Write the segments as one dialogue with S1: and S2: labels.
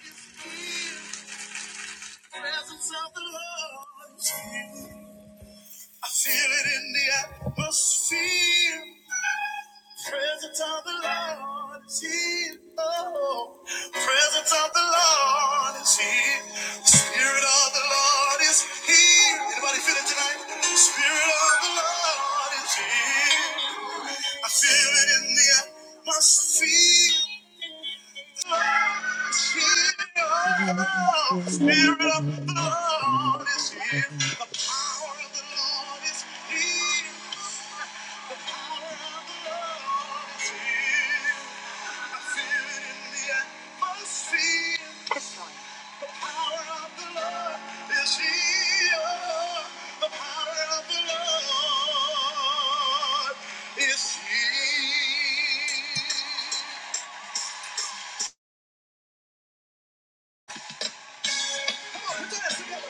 S1: Presence of the Lord. I feel it in the atmosphere. Presence of the Lord is here. Oh, presence of the Lord is here. Spirit of the Lord is here. Anybody feel it tonight? Spirit of the Lord is here. I feel it in the atmosphere. Spirit of the
S2: Thank
S1: Lord is here. The power of the Lord is here. The power of the Lord is here. I feel it in the atmosphere. The power of the Lord is here. The power of the Lord is here. Come on, put your hands together.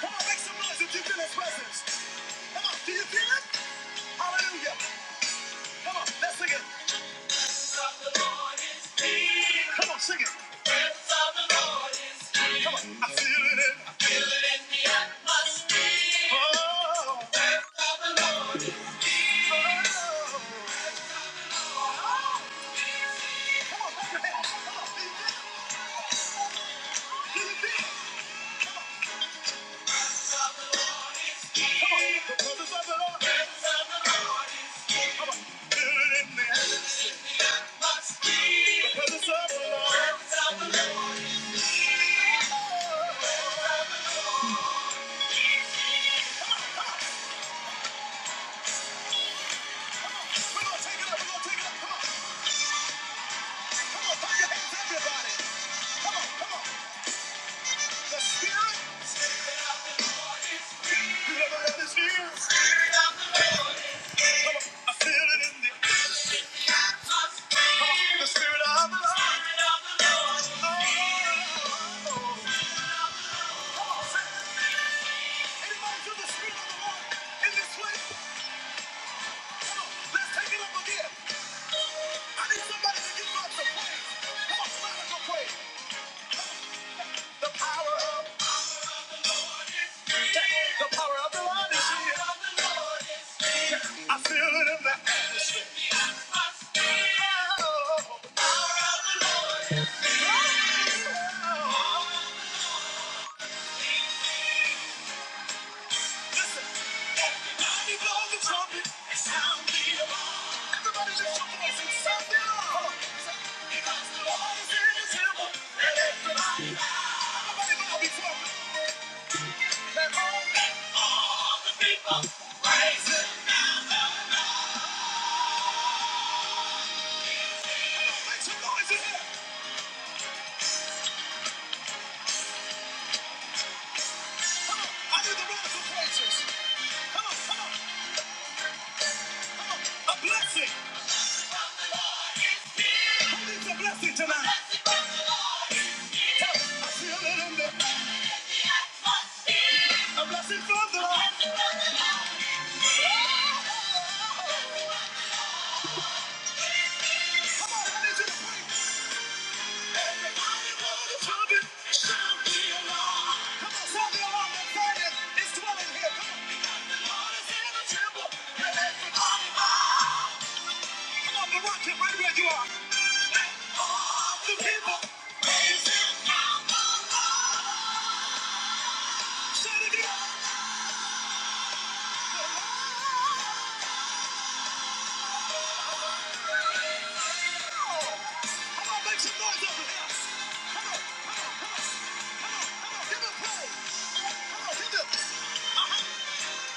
S1: Come on, make some noise if you feel his presence. Come on, do you feel it? Hallelujah. Come on, let's sing it. the Lord is here. Come on, sing it. Presence of the Lord is here. Come on, I feel it in. I feel it in the atmosphere. Oh, presence of the Lord is here. oh. Come on, clap your hands. Come on, do you feel it? Do you feel it? The feel the Spirit of the Lord in this place. The power of the power of the Lord I feel it in the atmosphere. Oh, the power of the Lord Oh, listen. Everybody blow the trumpet and sound the alarm. Everybody lift your voice and sound the alarm. Come on, I need you to pray.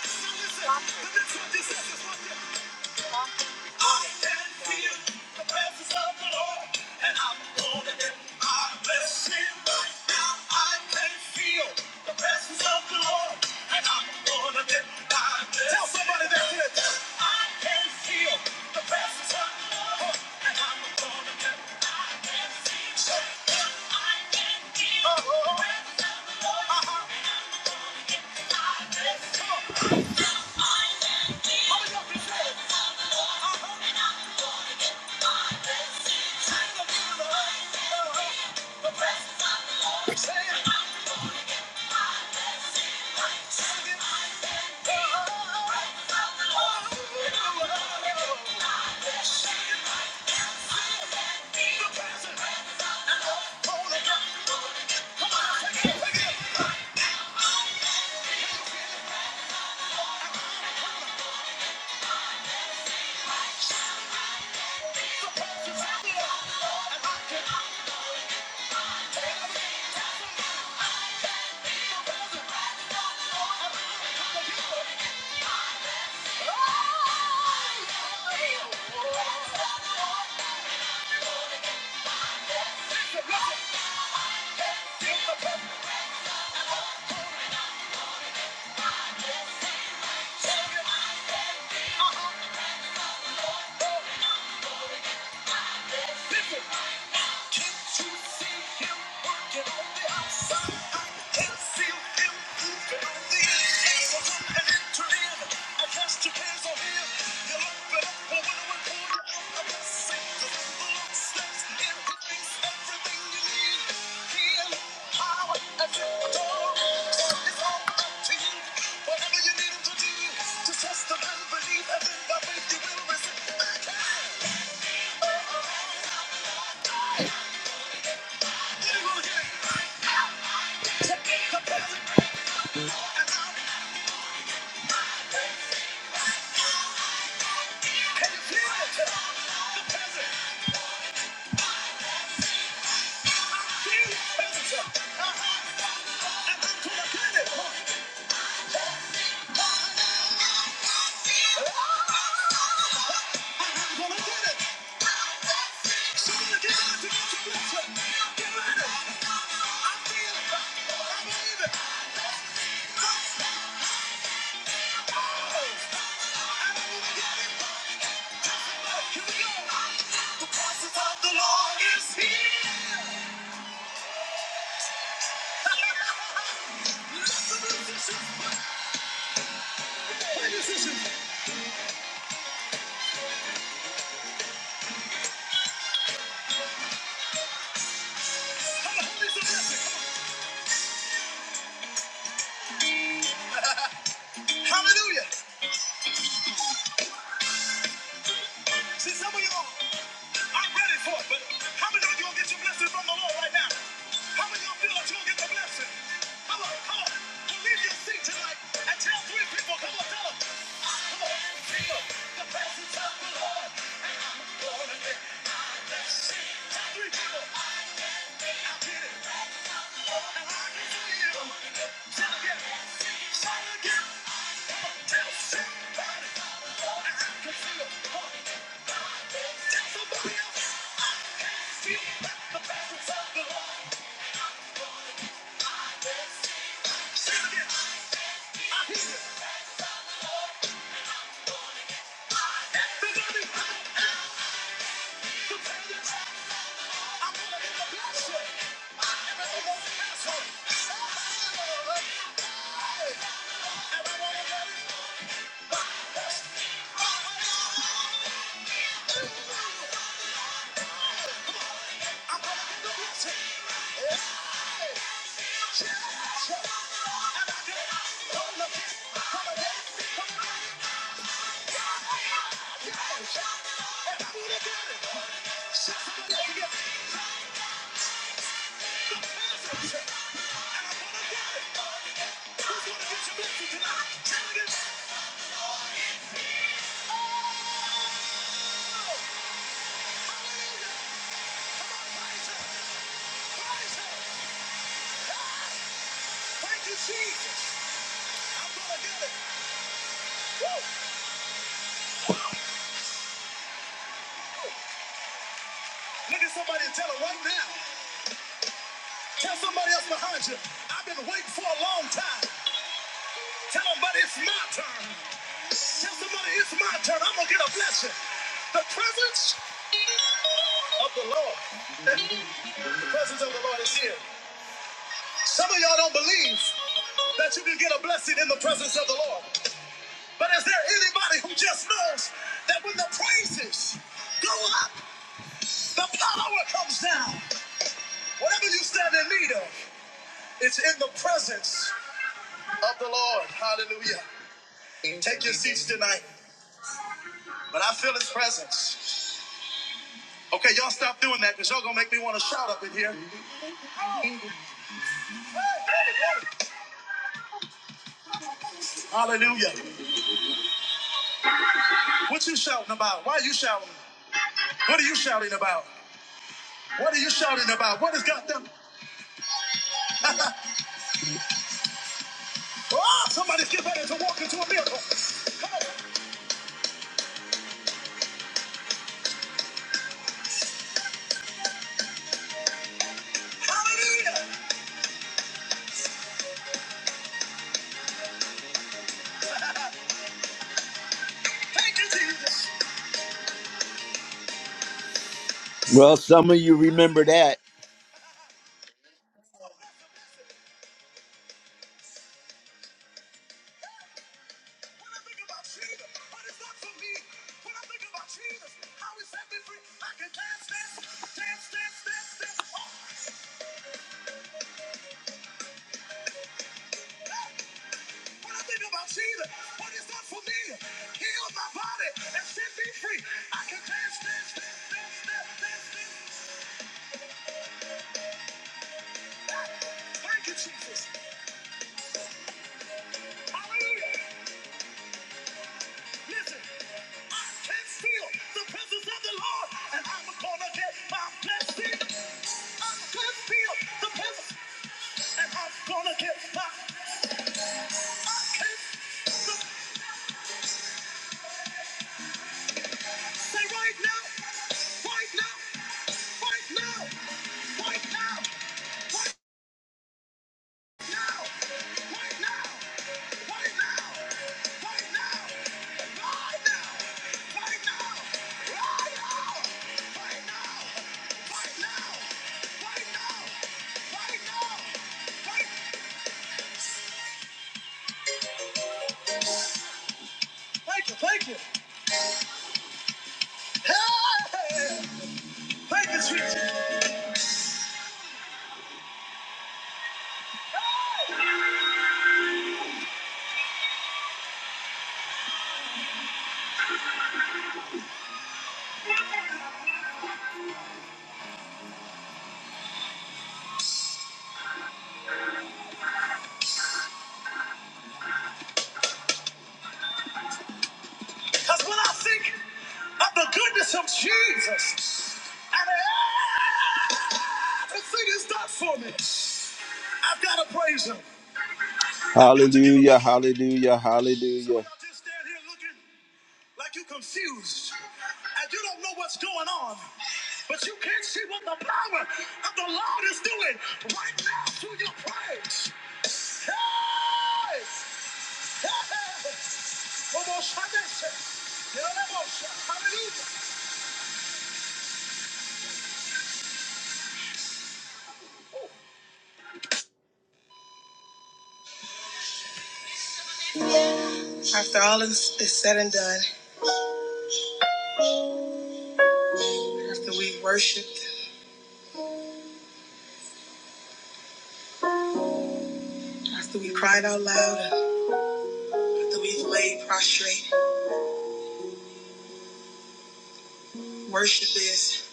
S1: Listen, the next one just says this right there. I can feel the presence of the Lord, and I'm holding it. I bless Him right now. I can feel the presence of the Lord, and I'm holding it. I bless Tell somebody that's I can feel the presence of the Lord. How many of you say it? Uh-huh. And I'm holding it. I bless Him. Sing the name of the Lord. Uh-huh. The presence of the Lord. Uh-huh. The presence of the Lord. Uh-huh. Oh, Whatever you need him to do, just trust him and believe, and then by faith you will receive. Get him on here. Take it, compare it, and Hallelujah. See some of y'all. I'm ready for it, but how many of you going get your blessing from the Lord right now? How many of you feel that you'll get the blessing? Come on, come on. Well, leave your seat tonight and tell three people, come on, tell them. Come on, feel the presence of the Lord. Glory to God. Tell three people, I get it. And I can feel. Tell again. Tell again. Come on, tell somebody. I'm gonna get the blessing. Everything gonna pass on. Oh, oh, oh, oh. And I wanna let it go. Look at somebody and tell them right now. Tell somebody else behind you. I've been waiting for a long time. Tell them, buddy, it's my turn. Tell somebody it's my turn. I'm gonna get a blessing. The presence of the Lord. the presence of the Lord is here. Some of y'all don't believe that you can get a blessing in the presence of the Lord. But is there anybody who just knows that when the praises go up, the power comes down? Whatever you stand in need of, it's in the presence of the Lord. Hallelujah. Take your seats tonight. But I feel his presence. Okay, y'all stop doing that because y'all gonna make me want to shout up in here. Hallelujah. What you shouting about? Why are you shouting? What are you shouting about? What are you shouting about? What has got them? oh, somebody's getting ready to walk into a miracle. Come on. Hallelujah. Thank you, Jesus. Well, some of you remember that. When I think about Jesus, what it's done for me. When I think about Jesus, how he set me free, I can dance, dance, dance, dance, dance, dance. Oh, God. When I think about Jesus, what it's done for me, healed my body and set me free, I can dance, dance, dance, dance, dance, dance, dance. God, thank you, Jesus. Hallelujah. Listen, I can feel the presence of the Lord, and I'm gonna get my blessing. I feel the presence, and I'm gonna get my. I know, I know, I know. Thank you, thank you. Hey, thank you, Jesus. Because when I think of the goodness of Jesus, and everything is done for me, I've got to praise Him. Hallelujah, hallelujah, hallelujah. like you confused and you don't know what's going on but you can't see what the power of the lord is doing right now through your praise hey! Hey! after all is, is said and done after we worshiped after we cried out loud after we've laid prostrate worship is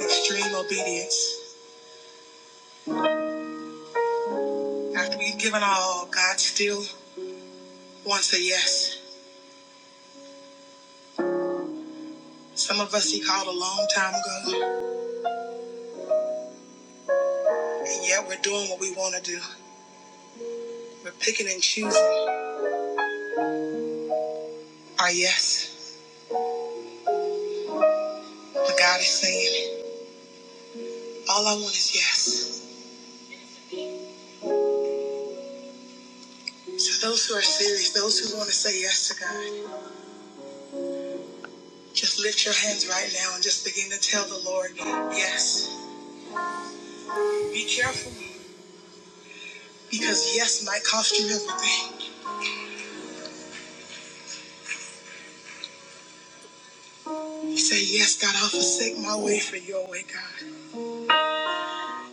S1: extreme obedience after we've given all god still wants a yes. Some of us he called a long time ago, and yet we're doing what we want to do. We're picking and choosing our yes. But God is saying, all I want is yes. So those who are serious, those who want to say yes to God, just lift your hands right now and just begin to tell the Lord, yes. Be careful, because yes might cost you everything. You Say, yes, God, I'll forsake my way for your way, God.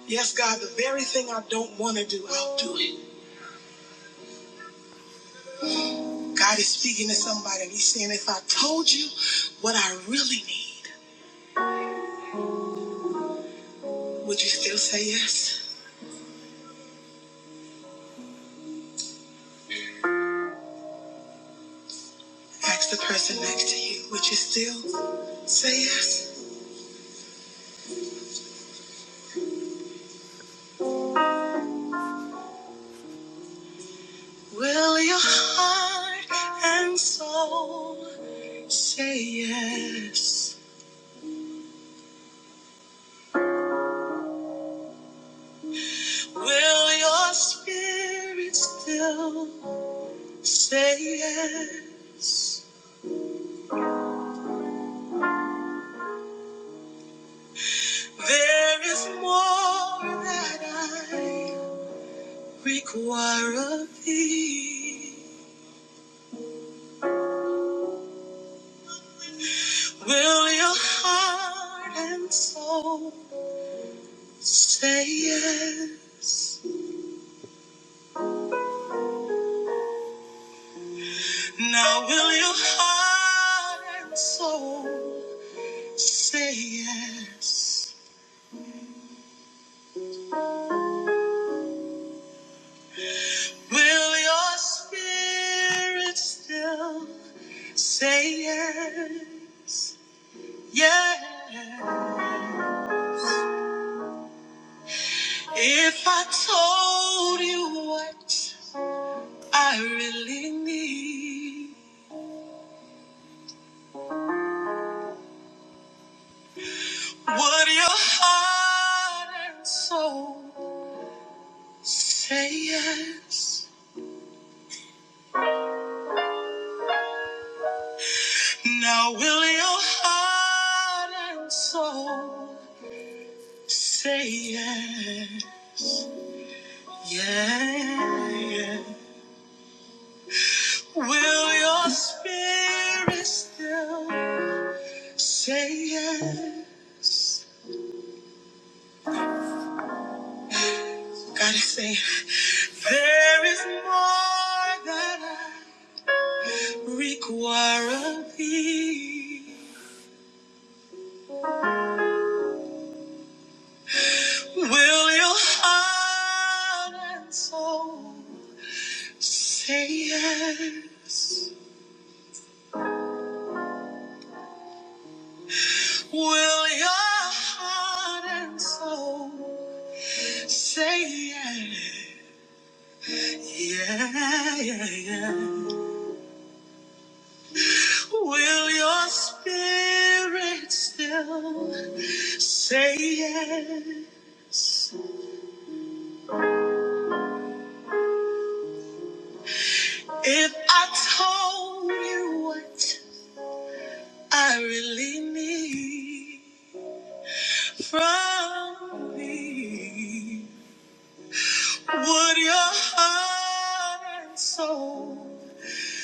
S1: Yes, God, the very thing I don't want to do, I'll do it. God is speaking to somebody and he's saying, if I told you what I really need, would you still say yes? Ask the person next to you, would you still say yes? Will your heart and soul say yes? Will your spirit still say yes? There is more that I require of thee. Will your heart and soul say yes? Now, will your heart and soul say yes? Will your spirit still say yes? Yeah. If I told you what, would your heart and soul say yes? Now, will your heart and soul? Say yeah, yeah, yeah. Will your spirit still say yeah? God is saying, there is more that I require of thee. Will your heart and soul say yes? Will your heart and soul say yes? Yeah, yeah, yeah. Will your spirit still say yes? If I told you what I really need from me, would your heart and soul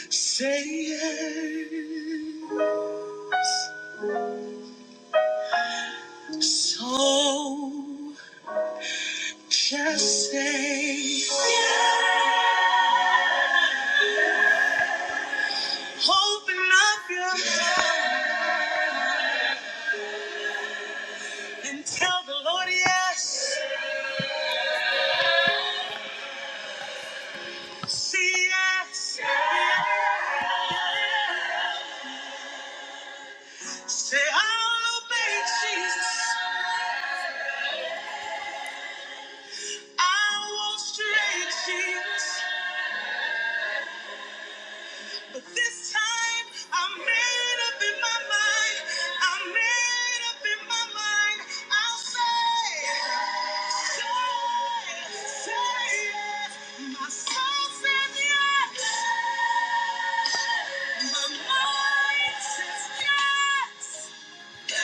S1: say yes? So just say yes. Open up. And tell the Lord yes, see yes, yes. Say I'll obey Jesus, I won't stray Jesus. But this time I'm made up in my mind, I'm made up in my mind. I'll say, say, say yes. My soul says yes, my mind says yes. What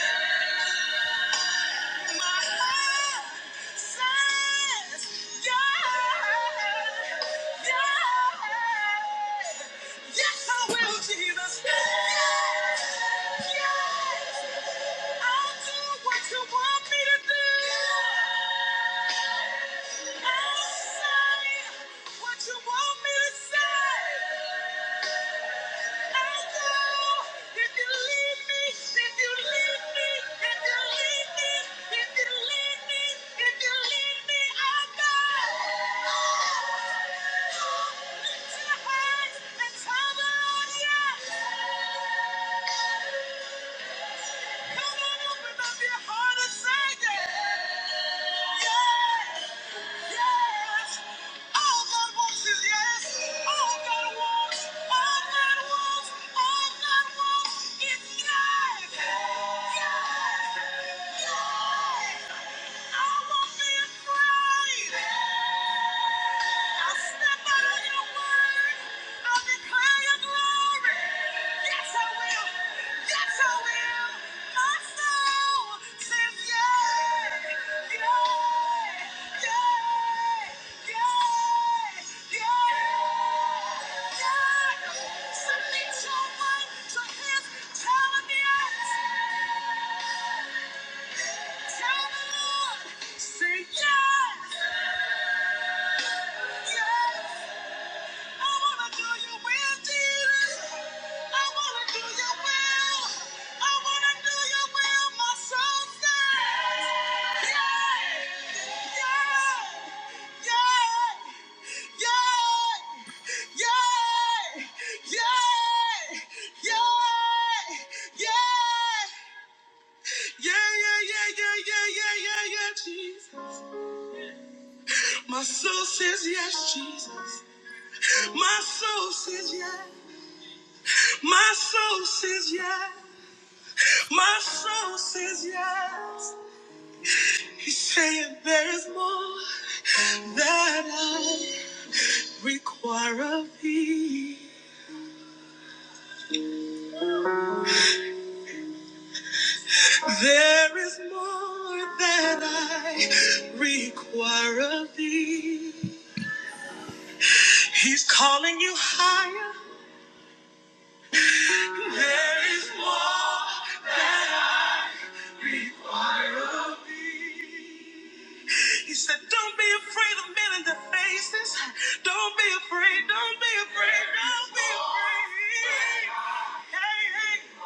S1: you want me to say? Come on, open up your heart and say it. Yeah. yes. All God wants is yes. All God wants, all God wants, all God wants is yes. Yes. Yes. Submit your mind to his talent. My soul says yes. My soul says yes. My soul says yeah, my soul says you say it that all that I require of thee. That I'll be free. Hey, hey.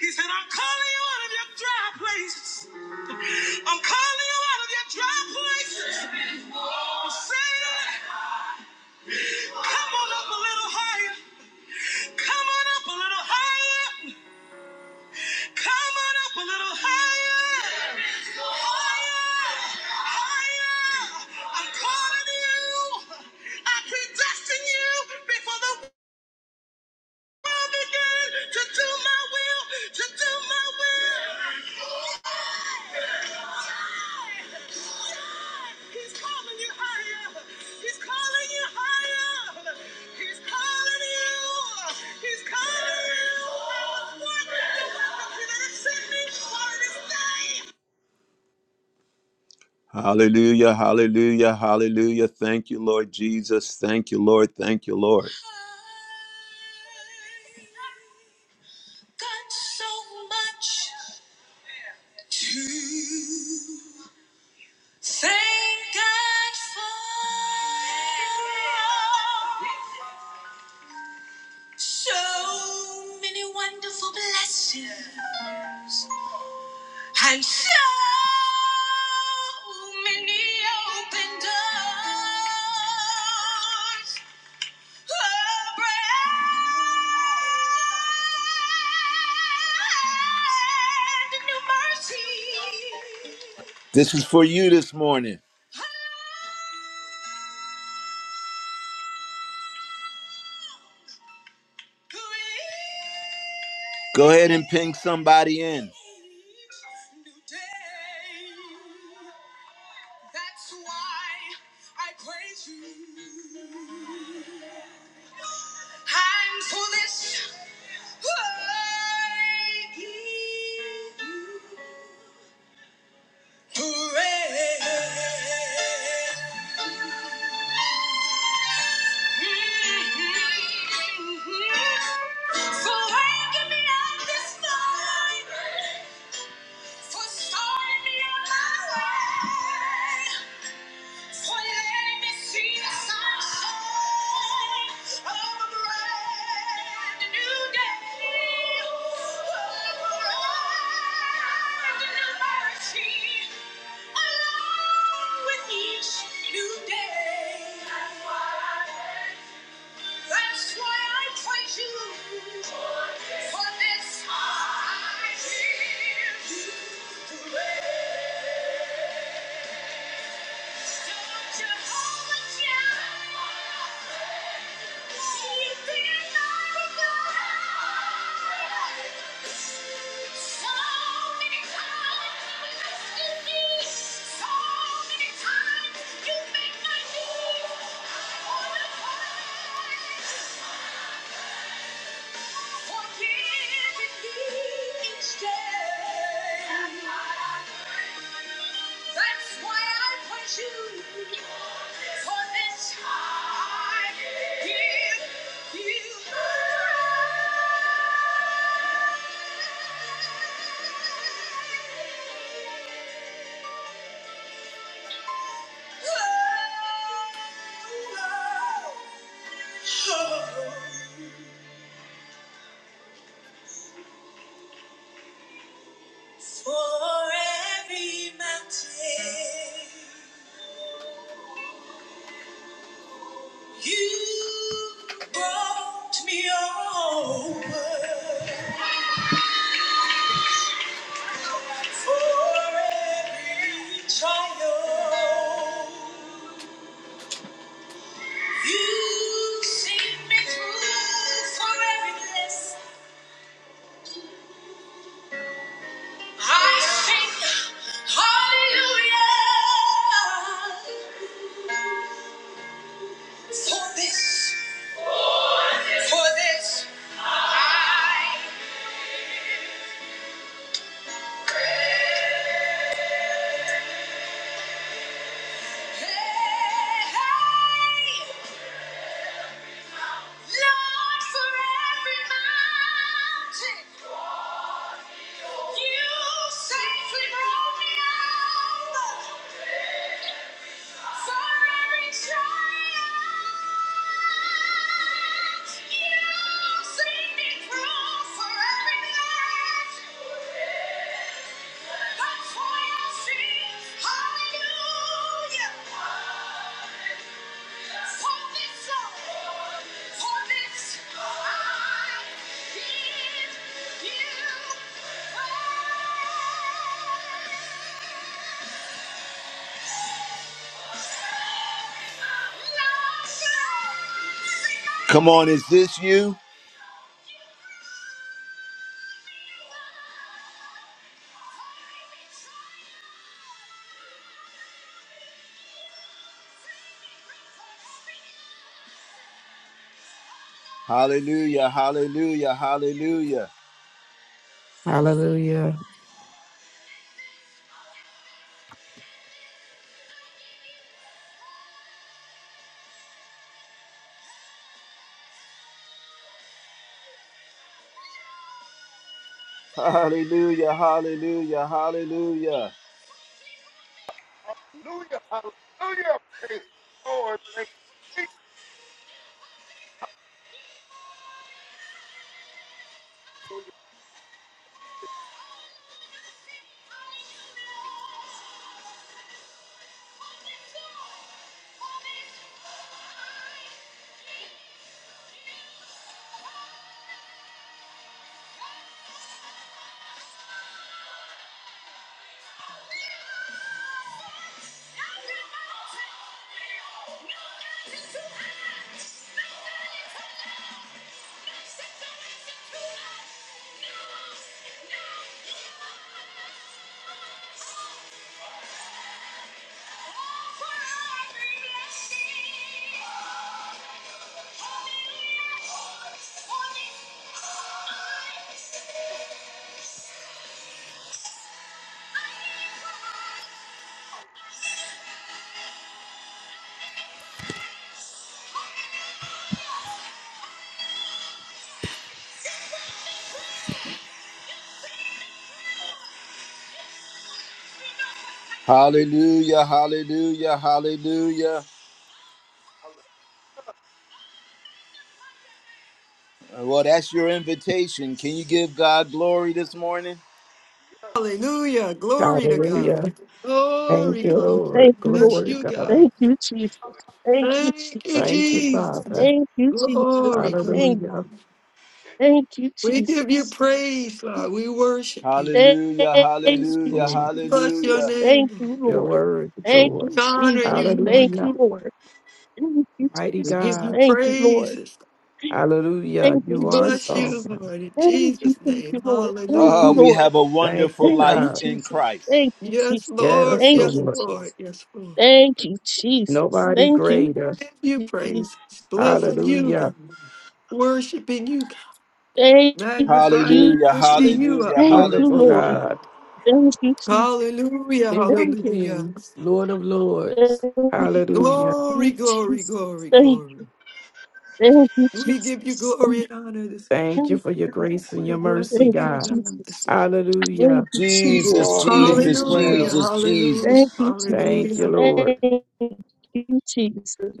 S1: He said, I'm calling you out of your dry places. I'm calling you out of your dry places. I'm saying, come on up a little higher. Come on up a little higher. Come on up a little higher. Higher. Higher. I'm calling you. He's calling you. He's calling you. Send me for this thing. Hallelujah, hallelujah, hallelujah. Thank you, Lord Jesus. Thank you, Lord. Thank you, Lord. God, show show many open doors. This is for you this morning. Go ahead and ping somebody in. For waking me up this morning, for starting me on my way, for letting me see the sunshine of a brand new day, of a brand new mercy. with each new day. That's why I praise you for this. Don't you hold You've my God. So many times you me. So many times you make my knees. I wanna cry. That's why I put you for this I give you to me. That's why I sing hallelujah. Come on, is this you? Hallelujah, hallelujah, hallelujah.
S3: Hallelujah.
S1: Hallelujah, hallelujah, hallelujah. Hallelujah, hallelujah, hallelujah. Well, that's your invitation. Can you give God glory this morning?
S4: Hallelujah. Glory to
S3: Hallelujah.
S4: God. Glory,
S3: Thank you,
S4: glory.
S3: Lord.
S2: you,
S3: Glory
S4: Bless
S2: Lord.
S4: you,
S3: to God.
S4: God.
S2: Thank you, Jesus. Thank you,
S4: Thank you,
S3: Thank
S2: Jesus.
S3: you,
S4: Jesus.
S3: Father.
S2: Thank you, Jesus.
S4: Glory, God.
S2: Thank,
S3: Hallelujah.
S2: thank you,
S4: We give you
S2: Jesus.
S4: praise, Lord. We worship you.
S2: Thank
S1: Hallelujah,
S3: Yes,
S2: you,
S1: hallelujah,
S3: Lord.
S4: Bless your
S2: Jesus.
S1: hallelujah.
S4: name,
S2: Thank
S4: Lord.
S2: you,
S3: Your
S2: Lord.
S3: word,
S2: Thank you,
S3: Lord.
S4: We honor
S2: Jesus.
S4: you, Lord.
S2: Thank you,
S3: Hallelujah.
S2: Lord. Thank you,
S3: Mighty
S4: We
S2: Jesus.
S4: give you
S3: God.
S2: Thank you, Lord.
S4: praises.
S3: Hallelujah.
S2: Thank you,
S4: We
S3: You are
S4: bless you,
S2: Jesus.
S3: sovereign.
S4: Lord, in
S2: Thank you,
S4: Jesus'
S2: thank
S4: name.
S2: you, Lord. Thank
S1: Oh,
S2: you,
S1: we
S4: Hallelujah.
S2: Lord.
S1: have a
S3: Thank
S1: wonderful
S3: you,
S2: Thank you,
S1: life
S3: God.
S1: in
S2: Jesus.
S1: Christ.
S2: Thank you,
S4: Yes,
S2: Jesus.
S4: Lord.
S3: Yes,
S2: Thank
S4: Yes,
S2: you,
S3: Lord.
S4: Lord.
S2: Jesus.
S4: Yes, Lord.
S2: Thank you, Jesus.
S3: Nobody
S2: Thank you,
S3: greater.
S4: Give you
S2: Jesus.
S4: praises. Blessing you,
S3: Hallelujah.
S4: God. Worshiping you,
S2: Thank
S4: magnifying,
S2: you,
S1: Hallelujah,
S4: lifting
S2: Jesus.
S4: you
S1: hallelujah,
S4: up,
S2: Thank
S4: Lord
S2: you,
S3: Wonderful
S4: God.
S2: Lord.
S1: hallelujah.
S3: God.
S2: Thank you, Jesus.
S4: Hallelujah,
S3: King of
S2: Thank
S4: hallelujah.
S3: kings, Lord of lords.
S2: you,
S3: Hallelujah.
S4: Glory, glory,
S2: Jesus.
S4: glory,
S2: Thank you,
S4: glory.
S2: thank you,
S4: We give you
S2: Jesus. Thank
S4: glory and honor this
S3: Thank
S4: morning.
S3: you
S2: you,
S3: for your grace and
S4: We're
S3: your mercy,
S4: blessing
S2: thank you,
S4: you,
S3: God.
S4: God, this
S2: Jesus.
S4: morning.
S3: Hallelujah.
S2: Thank you,
S3: You
S1: Jesus,
S2: Jesus.
S3: all
S2: Thank you,
S3: things
S1: Jesus,
S4: Hallelujah,
S3: well.
S2: Jesus.
S1: Jesus,
S4: hallelujah,
S2: Thank
S1: Jesus.
S2: you,
S3: Thank
S2: Jesus.
S3: you,
S4: hallelujah.
S3: Lord.
S2: Thank you,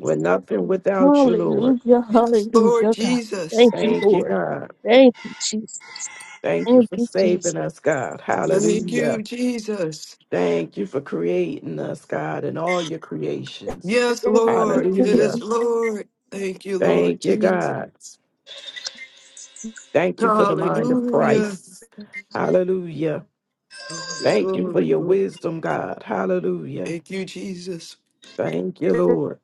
S3: We're nothing without you, Lord.
S2: Hallelujah,
S4: Yes, Lord
S2: hallelujah, God.
S4: Jesus.
S2: Thank you,
S3: Thank you,
S2: Lord.
S3: God.
S2: Thank you, Jesus.
S3: Thank you
S2: Thank
S3: for
S2: you, Jesus.
S3: saving us, God.
S4: Thank you,
S3: Hallelujah.
S4: Jesus.
S3: Thank you for creating us, God, and all your creations.
S4: Yes,
S2: Thank
S4: Lord. Yes,
S3: Hallelujah.
S4: Lord. Thank you, Lord
S3: Thank you,
S4: Jesus.
S3: God. Thank you for the mind of
S4: Hallelujah.
S3: Christ. Hallelujah.
S4: Glory,
S3: Thank you for
S4: glory,
S3: your
S4: glory.
S3: wisdom, God. Hallelujah.
S4: Thank you, Jesus.
S3: Thank you, Lord.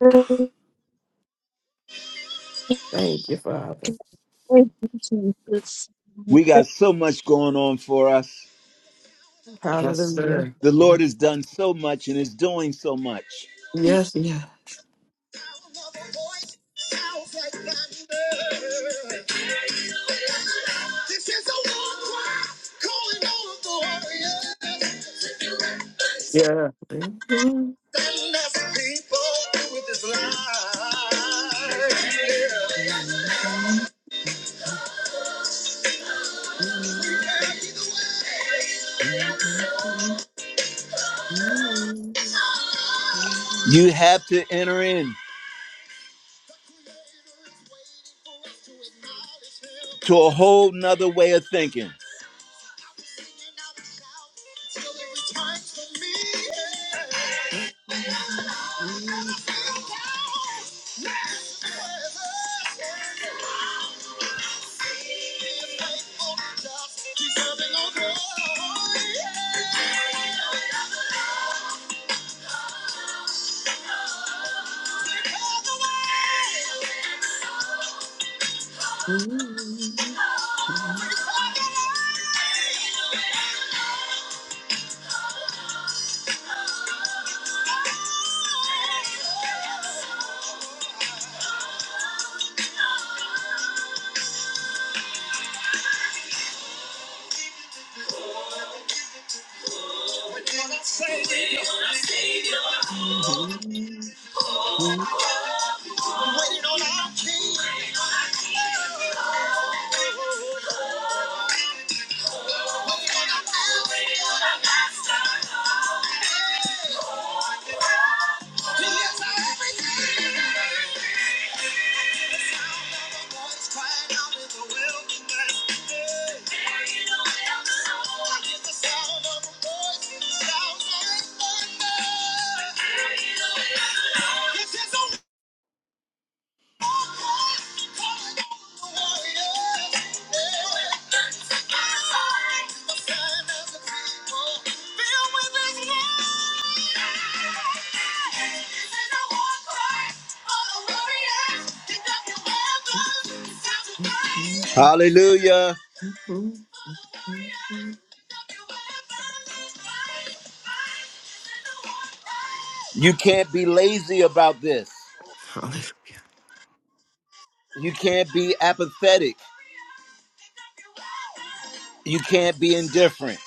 S3: Thank you, Father.
S2: you, Jesus.
S1: We
S2: Amen.
S1: got so much going on for us.
S4: Yes,
S3: Hallelujah.
S4: sir.
S1: The
S4: Yeah.
S1: Lord has done so much and is doing so much.
S4: Yes, yeah. Yeah.
S1: You have to enter in. to a whole nother way of thinking. Waiting on our king. Waiting on our king. Waiting on our master. Waiting on our master. Hey, He is our everything. The voice crying out in the wilderness. Hey. There in the wilderness. I hear the sound of a voice. The sound of thunder. There in the wilderness. It is a Hallelujah. You can't be lazy about this.
S4: Hallelujah.
S1: You can't be apathetic. You can't be indifferent.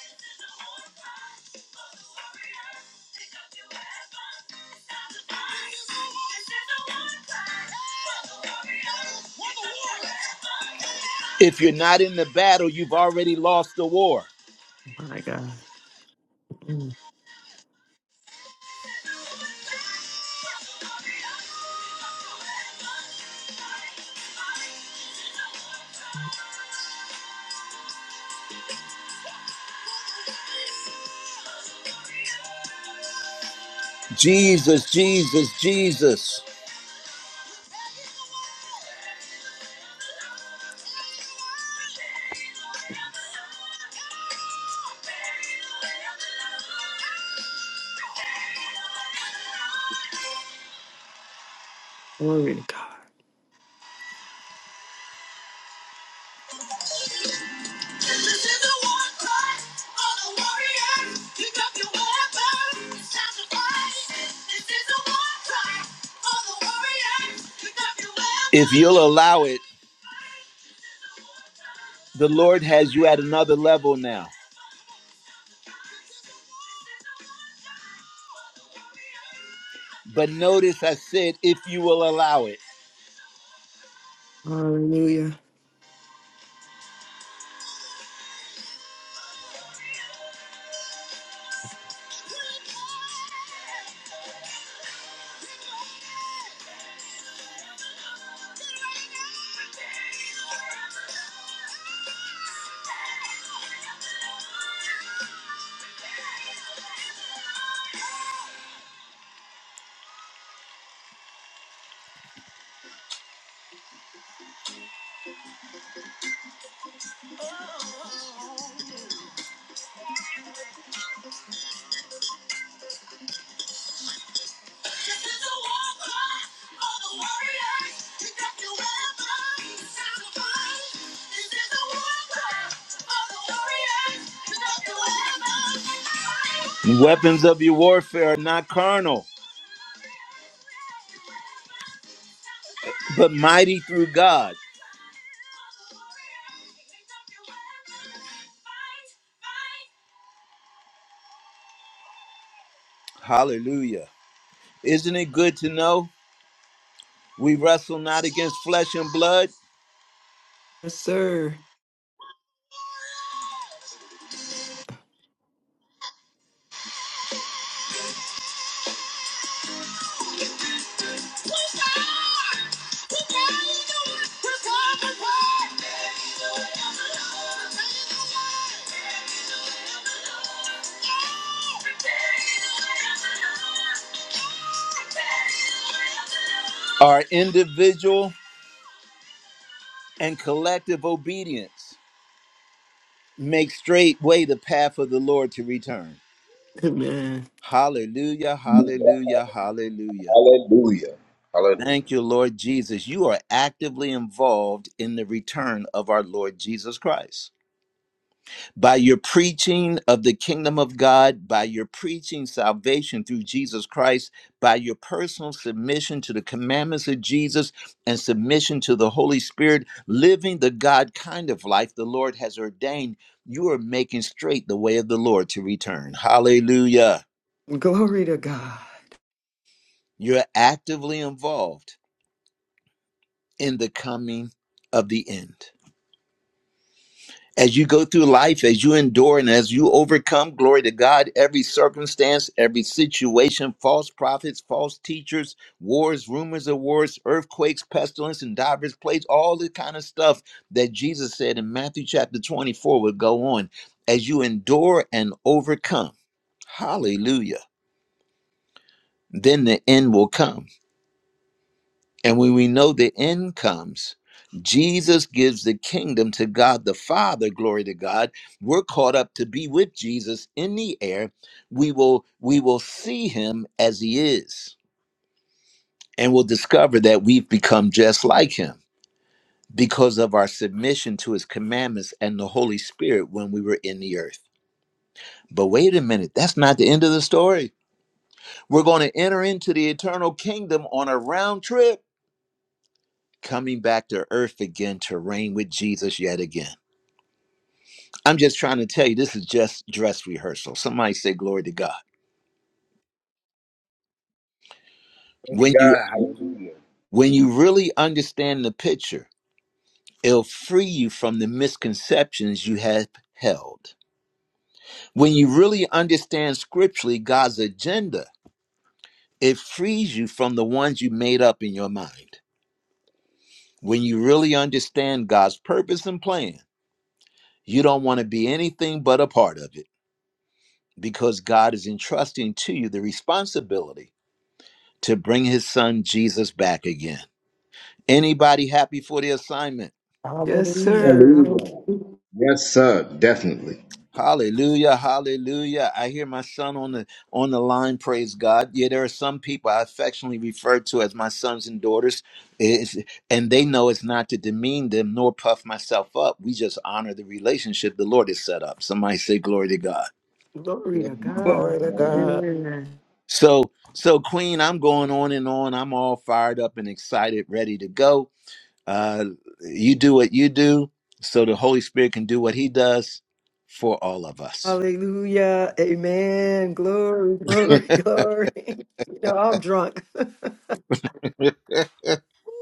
S1: If you're not in the battle, you've already lost the war.
S4: My God. Mm.
S1: Jesus, Jesus, Jesus.
S4: Glory to God.
S1: If you'll allow it, the Lord has you at another level now. But notice I said, if you will allow it.
S4: Hallelujah.
S1: The Weapons of your warfare are not carnal, but mighty through God. Hallelujah. Isn't it good to know we wrestle not against flesh and blood?
S4: Yes, sir.
S1: Our individual and collective obedience make straight way the path of the Lord to return.
S4: Amen.
S1: Hallelujah, hallelujah, hallelujah.
S5: Hallelujah. Hallelujah.
S1: Thank you, Lord Jesus. You are actively involved in the return of our Lord Jesus Christ. By your preaching of the kingdom of God, by your preaching salvation through Jesus Christ, by your personal submission to the commandments of Jesus and submission to the Holy Spirit, living the God kind of life the Lord has ordained, you are making straight the way of the Lord to return. Hallelujah.
S4: Glory to God.
S1: You're actively involved in the coming of the end. As you go through life, as you endure and as you overcome, glory to God, every circumstance, every situation, false prophets, false teachers, wars, rumors of wars, earthquakes, pestilence, and divers plagues, all the kind of stuff that Jesus said in Matthew chapter 24 would go on. As you endure and overcome, hallelujah, then the end will come. And when we know the end comes, Jesus gives the kingdom to God the Father, glory to God. We're caught up to be with Jesus in the air. We will we will see him as he is and we'll discover that we've become just like him because of our submission to his commandments and the Holy Spirit when we were in the earth. But wait a minute, that's not the end of the story. We're going to enter into the eternal kingdom on a round trip coming back to earth again to reign with Jesus yet again. I'm just trying to tell you this is just dress rehearsal. Somebody say glory to God.
S5: Glory to
S1: When you
S5: God. Hallelujah.
S1: when you really understand the picture, it'll free you from the misconceptions you have held. When you really understand scripturally God's agenda, it frees you from the ones you made up in your mind. When you really understand God's purpose and plan, you don't want to be anything but a part of it. because God is entrusting to you the responsibility to bring his son Jesus back again. Anybody happy for the assignment?
S4: Yes,
S3: Hallelujah.
S4: sir.
S5: Hallelujah.
S4: Hallelujah.
S5: Yes, sir. Definitely.
S1: Hallelujah, hallelujah. I hear my son on the on the line, praise God. Yeah, there are some people I affectionately refer to as my sons and daughters. It's- and they know it's not to demean them nor puff myself up. We just honor the relationship the Lord has set up. Somebody say glory to God.
S4: Glory to God.
S3: Glory to
S5: Hallelujah.
S3: God.
S4: Amen.
S1: So so Queen, I'm going on and on. I'm all fired up and excited, ready to go Uh, you do what you do so the Holy Spirit can do what he does for all of us.
S4: Hallelujah. Amen. Glory, glory, glory. You know, I'm drunk.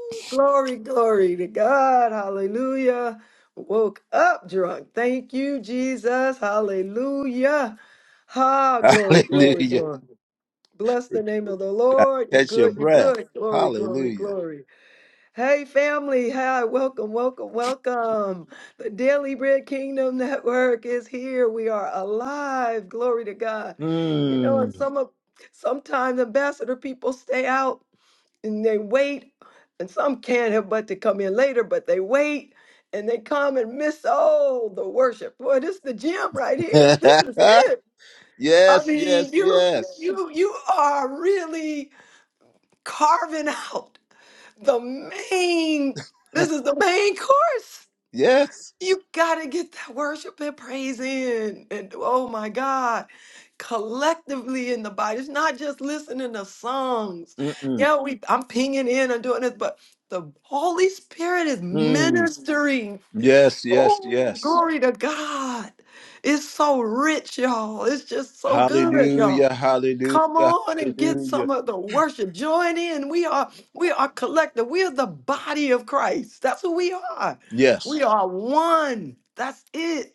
S4: glory, glory to God. Hallelujah. Woke up drunk. Thank you, Jesus. Hallelujah. Ha, glory, glory,
S1: Hallelujah.
S4: glory. Bless the name of the Lord. You're
S1: Catch your
S4: good. You're
S1: breath.
S4: good. Glory, glory,
S1: Hallelujah.
S4: glory. Hey, family. Hi, welcome, welcome, welcome. The Daily Bread Kingdom Network is here. We are alive. Glory to God. You know, and
S1: Mm.
S4: some of sometimes ambassador people stay out and they wait, and some can't help but to come in later, but they wait and they come and miss all the worship. Boy, this is the gym right here. This is it. I
S1: yes,
S4: mean,
S1: yes,
S4: you
S1: yes.
S4: you you are really carving out the main this is the main course
S1: Yes.
S4: you gotta get that worship and praise in and oh my god collectively in the body it's not just listening to songs
S1: Mm-mm.
S4: yeah we i'm pinging in and doing this but the holy spirit is
S1: Mm.
S4: ministering
S1: Yes, yes,
S4: oh
S1: yes.
S4: glory to god it's so rich y'all it's just so good y'all
S1: Hallelujah, hallelujah,
S4: Come on and get
S1: hallelujah.
S4: some of the worship. Join in. We are we are collective. We are the body of Christ. That's who we are.
S1: Yes.
S4: We are one. That's it.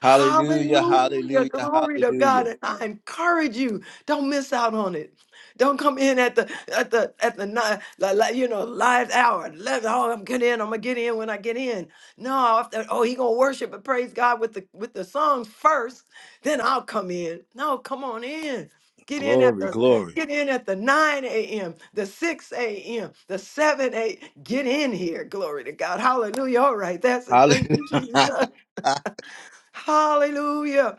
S1: Hallelujah,
S4: Hallelujah.
S1: hallelujah,
S4: Glory to God.
S1: hallelujah.
S4: And I encourage you, don't miss out on it. Don't come in at the at the at the night, you know, live hour. Let, oh, I'm getting in. I'm gonna get in when I get in. No, after, oh, he gonna worship and praise God with the with the songs first. Then I'll come in. No, come on in. Get in at
S1: Glory,
S4: the
S1: glory.
S4: get in at the 9 a.m., the 6 a.m., the 7 a. Get in here. Glory to God. Hallelujah. All right. That's it. Thank
S1: Hallelujah.
S4: you, Jesus. Hallelujah.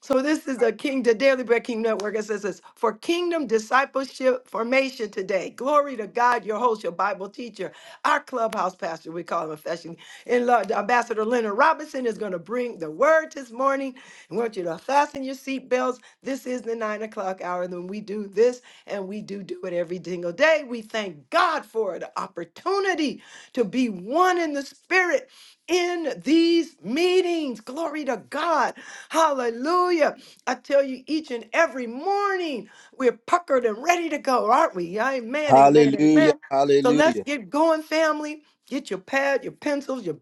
S4: So this is the King the Daily Bread Kingdom Network. It says this for kingdom discipleship formation today. Glory to God, your host, your Bible teacher, our clubhouse pastor, we call him affectionately. In love, Ambassador Leonard Robinson is going to bring the word this morning. I want you to fasten your seatbelts. This is the nine o'clock hour. And when we do this, and we do do it every single day, we thank God for the opportunity to be one in the spirit in these meetings. Glory to God. Hallelujah. I tell you, each and every morning, we're puckered and ready to go, aren't we? Amen, amen,
S1: Hallelujah.
S4: amen. So let's
S1: Hallelujah.
S4: get going, family. Get your pad, your pencils, your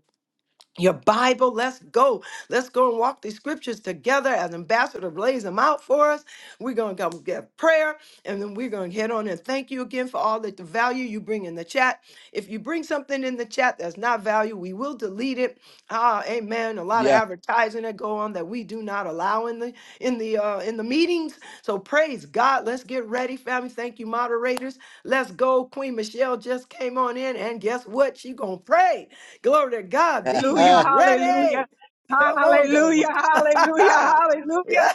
S4: your Bible. Let's go. Let's go and walk these scriptures together as ambassador lays them out for us. We're going to come get prayer and then we're going to head on and thank you again for all that the value you bring in the chat. If you bring something in the chat that's not value, we will delete it. Ah, amen. A lot of
S1: Yeah.
S4: advertising that go on that we do not allow in the in the uh in the meetings. So praise God. Let's get ready, family. Thank you, moderators. Let's go. Queen Michelle just came on in and guess what? She going to pray. Glory to God. Be
S6: Hallelujah,
S4: ye ready.
S6: hallelujah,
S4: Come on, come
S6: hallelujah, hallelujah,
S4: on.
S6: hallelujah,
S4: yeah.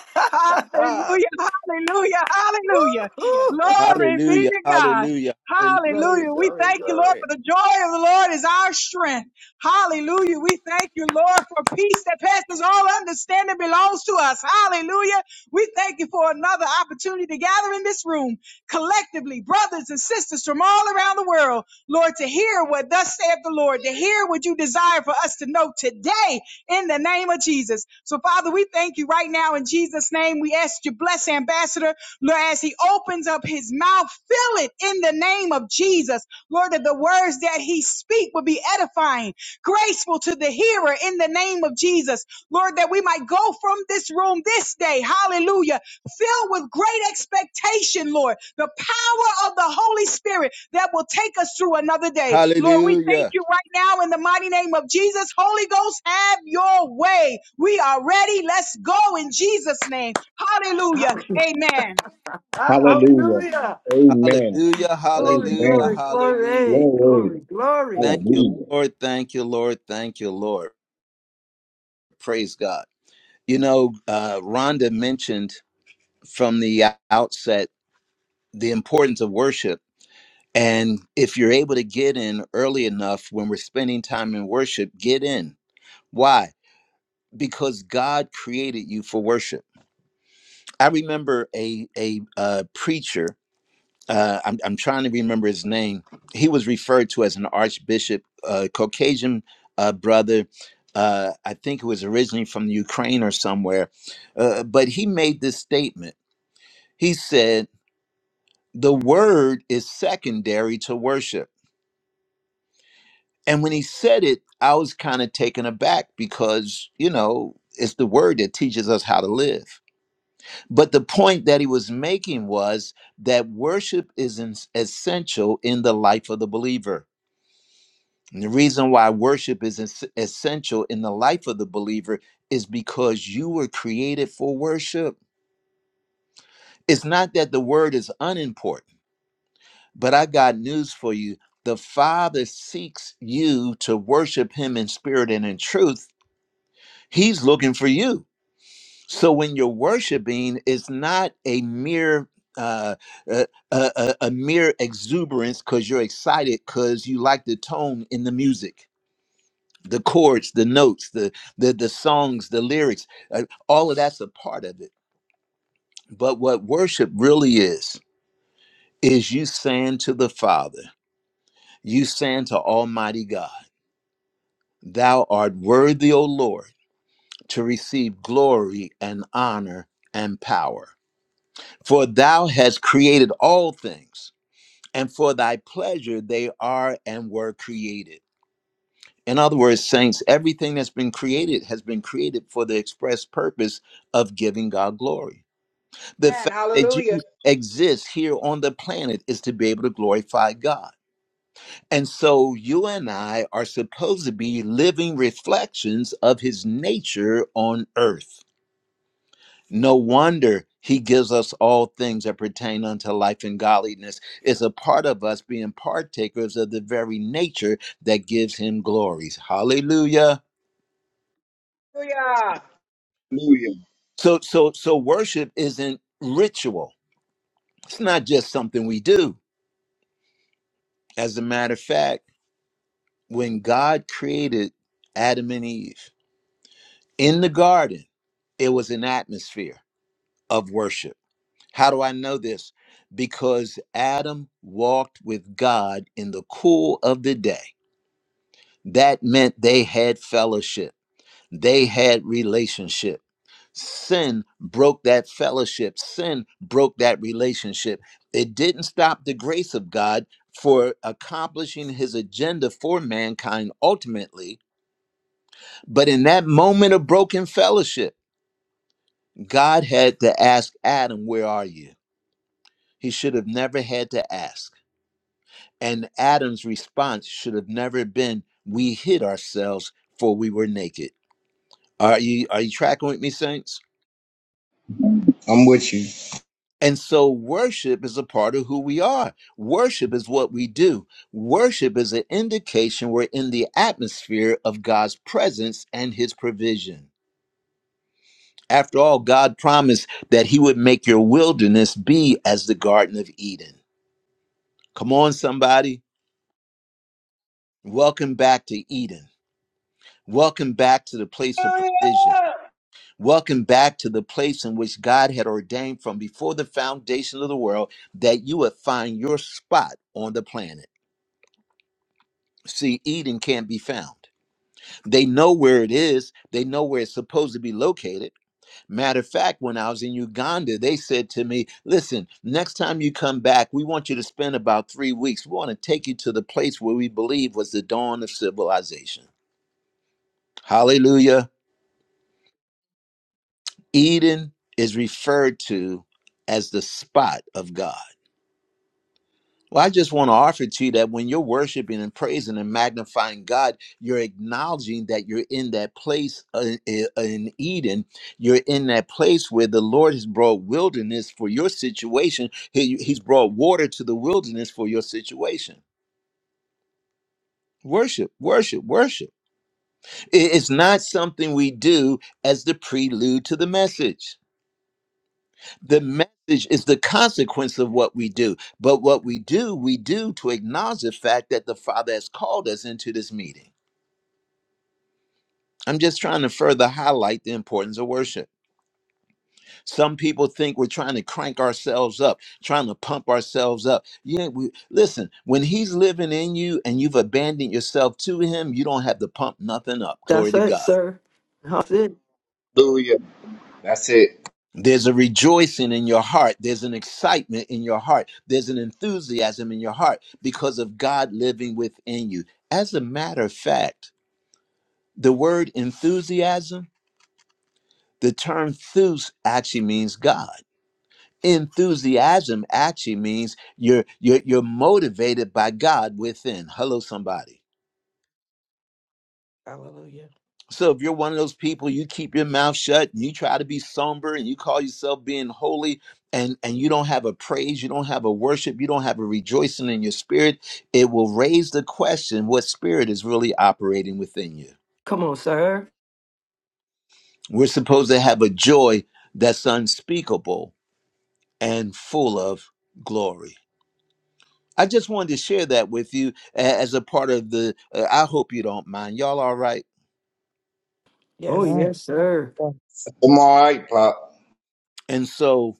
S6: hallelujah, hallelujah, hallelujah.
S4: Woo-hoo.
S6: Glory be
S1: hallelujah.
S6: to God.
S1: Hallelujah. Hallelujah.
S4: Glory,
S6: Hallelujah. We
S4: glory,
S6: thank you, Lord,
S4: glory.
S6: for the joy of the Lord is our strength. Hallelujah. We thank you, Lord, for peace that passes all understanding belongs to us. Hallelujah. We thank you for another opportunity to gather in this room collectively, brothers and sisters from all around the world, Lord, to hear what thus saith the Lord, to hear what you desire for us to know today in the name of Jesus. So, Father, we thank you right now in Jesus' name. We ask you, bless Ambassador, Lord, as he opens up his mouth, fill it in the name of Jesus. Lord, that the words that he speak will be edifying graceful to the hearer in the name of Jesus. Lord, that we might go from this room this day, hallelujah, filled with great expectation, Lord, the power of the Holy Spirit that will take us through another day. Lord, we thank
S1: Hallelujah.
S6: you right now in the mighty name of Jesus. Holy Ghost, have your way. We are ready. Let's go in Jesus' name. Hallelujah.
S4: Hallelujah.
S6: Amen.
S4: Ah,
S5: Hallelujah.
S4: Hallelujah.
S5: Amen.
S1: Hallelujah.
S4: Glory,
S1: Hallelujah.
S4: glory,
S5: Amen.
S1: Hallelujah.
S4: glory.
S5: Glory.
S4: Glory, glory.
S1: Thank you,
S5: Hallelujah.
S1: Lord. Thank you, Lord. Thank you, Lord. Praise God. You know, uh, Rhonda mentioned from the outset the importance of worship. And if you're able to get in early enough when we're spending time in worship, get in. Why? Because God created you for worship. I remember a a uh, preacher. Uh, I'm I'm trying to remember his name. He was referred to as an archbishop, uh, Caucasian uh, brother. Uh, I think it was originally from Ukraine or somewhere, uh, but he made this statement. He said the word is secondary to worship, and when he said it, I was kind of taken aback because you know it's the word that teaches us how to live. But the point that he was making was that worship is ens- essential in the life of the believer. And the reason why worship is es- essential in the life of the believer is because you were created for worship. It's not that the word is unimportant, but I got news for you. The Father seeks you to worship him in spirit and in truth. He's looking for you. So when you're worshiping, it's not a mere uh, a, a, a a mere exuberance because you're excited because you like the tone in the music, the chords, the notes, the the the songs, the lyrics. uh, all of that's a part of it. But what worship really is is you saying to the Father, you saying to Almighty God, Thou art worthy, O Lord, to receive glory and honor and power. For thou hast created all things, and for thy pleasure they are and were created. In other words, saints, everything that's been created has been created for the express purpose of giving God glory. The
S6: And
S1: fact that you
S6: hallelujah.
S1: exist here on the planet is to be able to glorify God. And so you and I are supposed to be living reflections of his nature on earth. No wonder he gives us all things that pertain unto life and godliness. It's a part of us being partakers of the very nature that gives him glories. Hallelujah.
S6: Hallelujah.
S5: Hallelujah.
S1: So so so worship isn't ritual. It's not just something we do. As a matter of fact, when God created Adam and Eve in the garden, it was an atmosphere of worship. How do I know this? Because Adam walked with God in the cool of the day. That meant they had fellowship, they had relationship. Sin broke that fellowship, sin broke that relationship. It didn't stop the grace of God for accomplishing his agenda for mankind ultimately, but in that moment of broken fellowship, God had to ask Adam, Where are you? He should have never had to ask And Adam's response should have never been, We hid ourselves for we were naked. Are you are you tracking with me, Saints?
S5: I'm with you.
S1: And so worship is a part of who we are. Worship is what we do. Worship is an indication we're in the atmosphere of God's presence and his provision. After all, God promised that he would make your wilderness be as the Garden of Eden. Come on, somebody. Welcome back to Eden. Welcome back to the place of provision
S6: Hallelujah.
S1: Welcome back to the place in which God had ordained from before the foundation of the world that you would find your spot on the planet. See, Eden can't be found. They know where it is, they know where it's supposed to be located. Matter of fact, when I was in Uganda, they said to me, Listen, next time you come back, we want you to spend about three weeks. We want to take you to the place where we believe was the dawn of civilization. Hallelujah. Eden is referred to as the spot of God. Well, I just want to offer to you that when you're worshiping and praising and magnifying God, you're acknowledging that you're in that place uh, i- uh, in Eden. You're in that place where the Lord has brought wilderness for your situation. He- He's brought water to the wilderness for your situation. Worship, worship, worship. I- It's not something we do as the prelude to the message. the message is the consequence of what we do. But what we do, we do to acknowledge the fact that the Father has called us into this meeting. I'm just trying to further highlight the importance of worship. Some people think we're trying to crank ourselves up, trying to pump ourselves up. Yeah, we listen, when he's living in you and you've abandoned yourself to him, you don't have to pump nothing up. Glory
S4: That's
S1: to
S4: it,
S1: God.
S4: sir. That's it.
S5: Hallelujah. That's it.
S1: There's a rejoicing in your heart. There's an excitement in your heart. There's an enthusiasm in your heart because of God living within you. As a matter of fact, the word enthusiasm, the term thus actually means God. Enthusiasm actually means you're, you're, you're motivated by God within. Hello, somebody.
S3: Hallelujah.
S1: So if you're one of those people, you keep your mouth shut and you try to be somber and you call yourself being holy and and you don't have a praise, you don't have a worship, you don't have a rejoicing in your spirit, it will raise the question what spirit is really operating within you.
S4: Come on, sir.
S1: We're supposed to have a joy that's unspeakable and full of glory. I just wanted to share that with you a- as a part of the uh, I hope you don't mind. Y'all all right?
S4: Oh,
S3: Yes.
S2: Yes.
S4: yes, sir.
S5: I'm all right, Pop.
S1: And so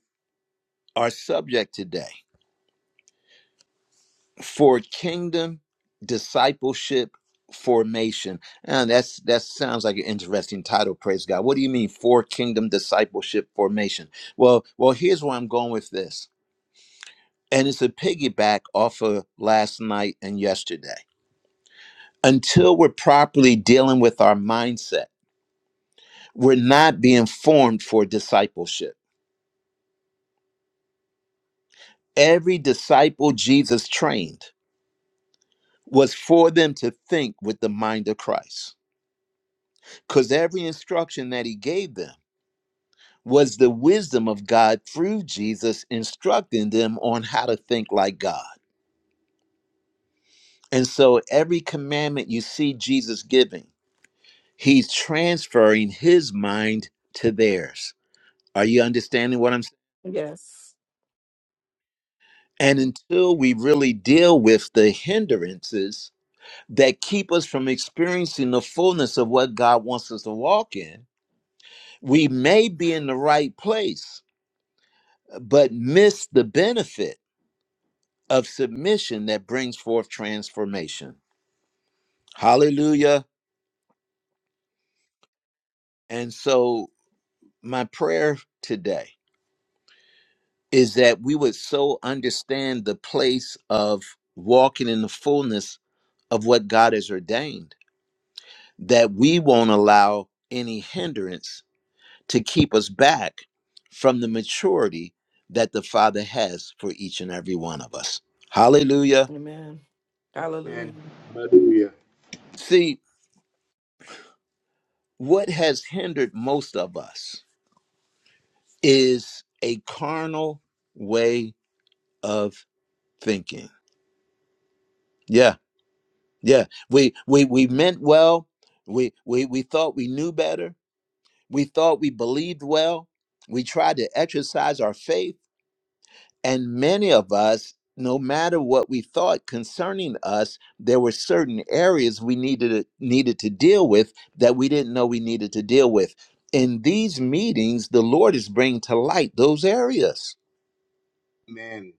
S1: our subject today for kingdom discipleship formation. And that's that sounds like an interesting title, praise God. What do you mean for kingdom discipleship formation? Well, well, here's where I'm going with this. And it's a piggyback off of last night and yesterday. Until we're properly dealing with our mindset, we're not being formed for discipleship. Every disciple Jesus trained was for them to think with the mind of Christ. Because every instruction that he gave them was the wisdom of God through Jesus instructing them on how to think like God. And so every commandment you see Jesus giving, he's transferring his mind to theirs. Are you understanding what I'm saying?
S3: Yes.
S1: And until we really deal with the hindrances that keep us from experiencing the fullness of what God wants us to walk in, we may be in the right place, but miss the benefit of submission that brings forth transformation. Hallelujah. And so, my prayer today is that we would so understand the place of walking in the fullness of what God has ordained that we won't allow any hindrance to keep us back from the maturity that the Father has for each and every one of us. Hallelujah.
S3: Amen.
S5: Amen.
S3: Hallelujah.
S5: Hallelujah.
S1: See, what has hindered most of us is a carnal way of thinking. Yeah. Yeah, we we we meant well. We we we thought we knew better. We thought we believed well. We tried to exercise our faith, and many of us, no matter what we thought concerning us, there were certain areas we needed to, needed to deal with that we didn't know we needed to deal with. In these meetings, the Lord is bringing to light those areas.
S5: Amen.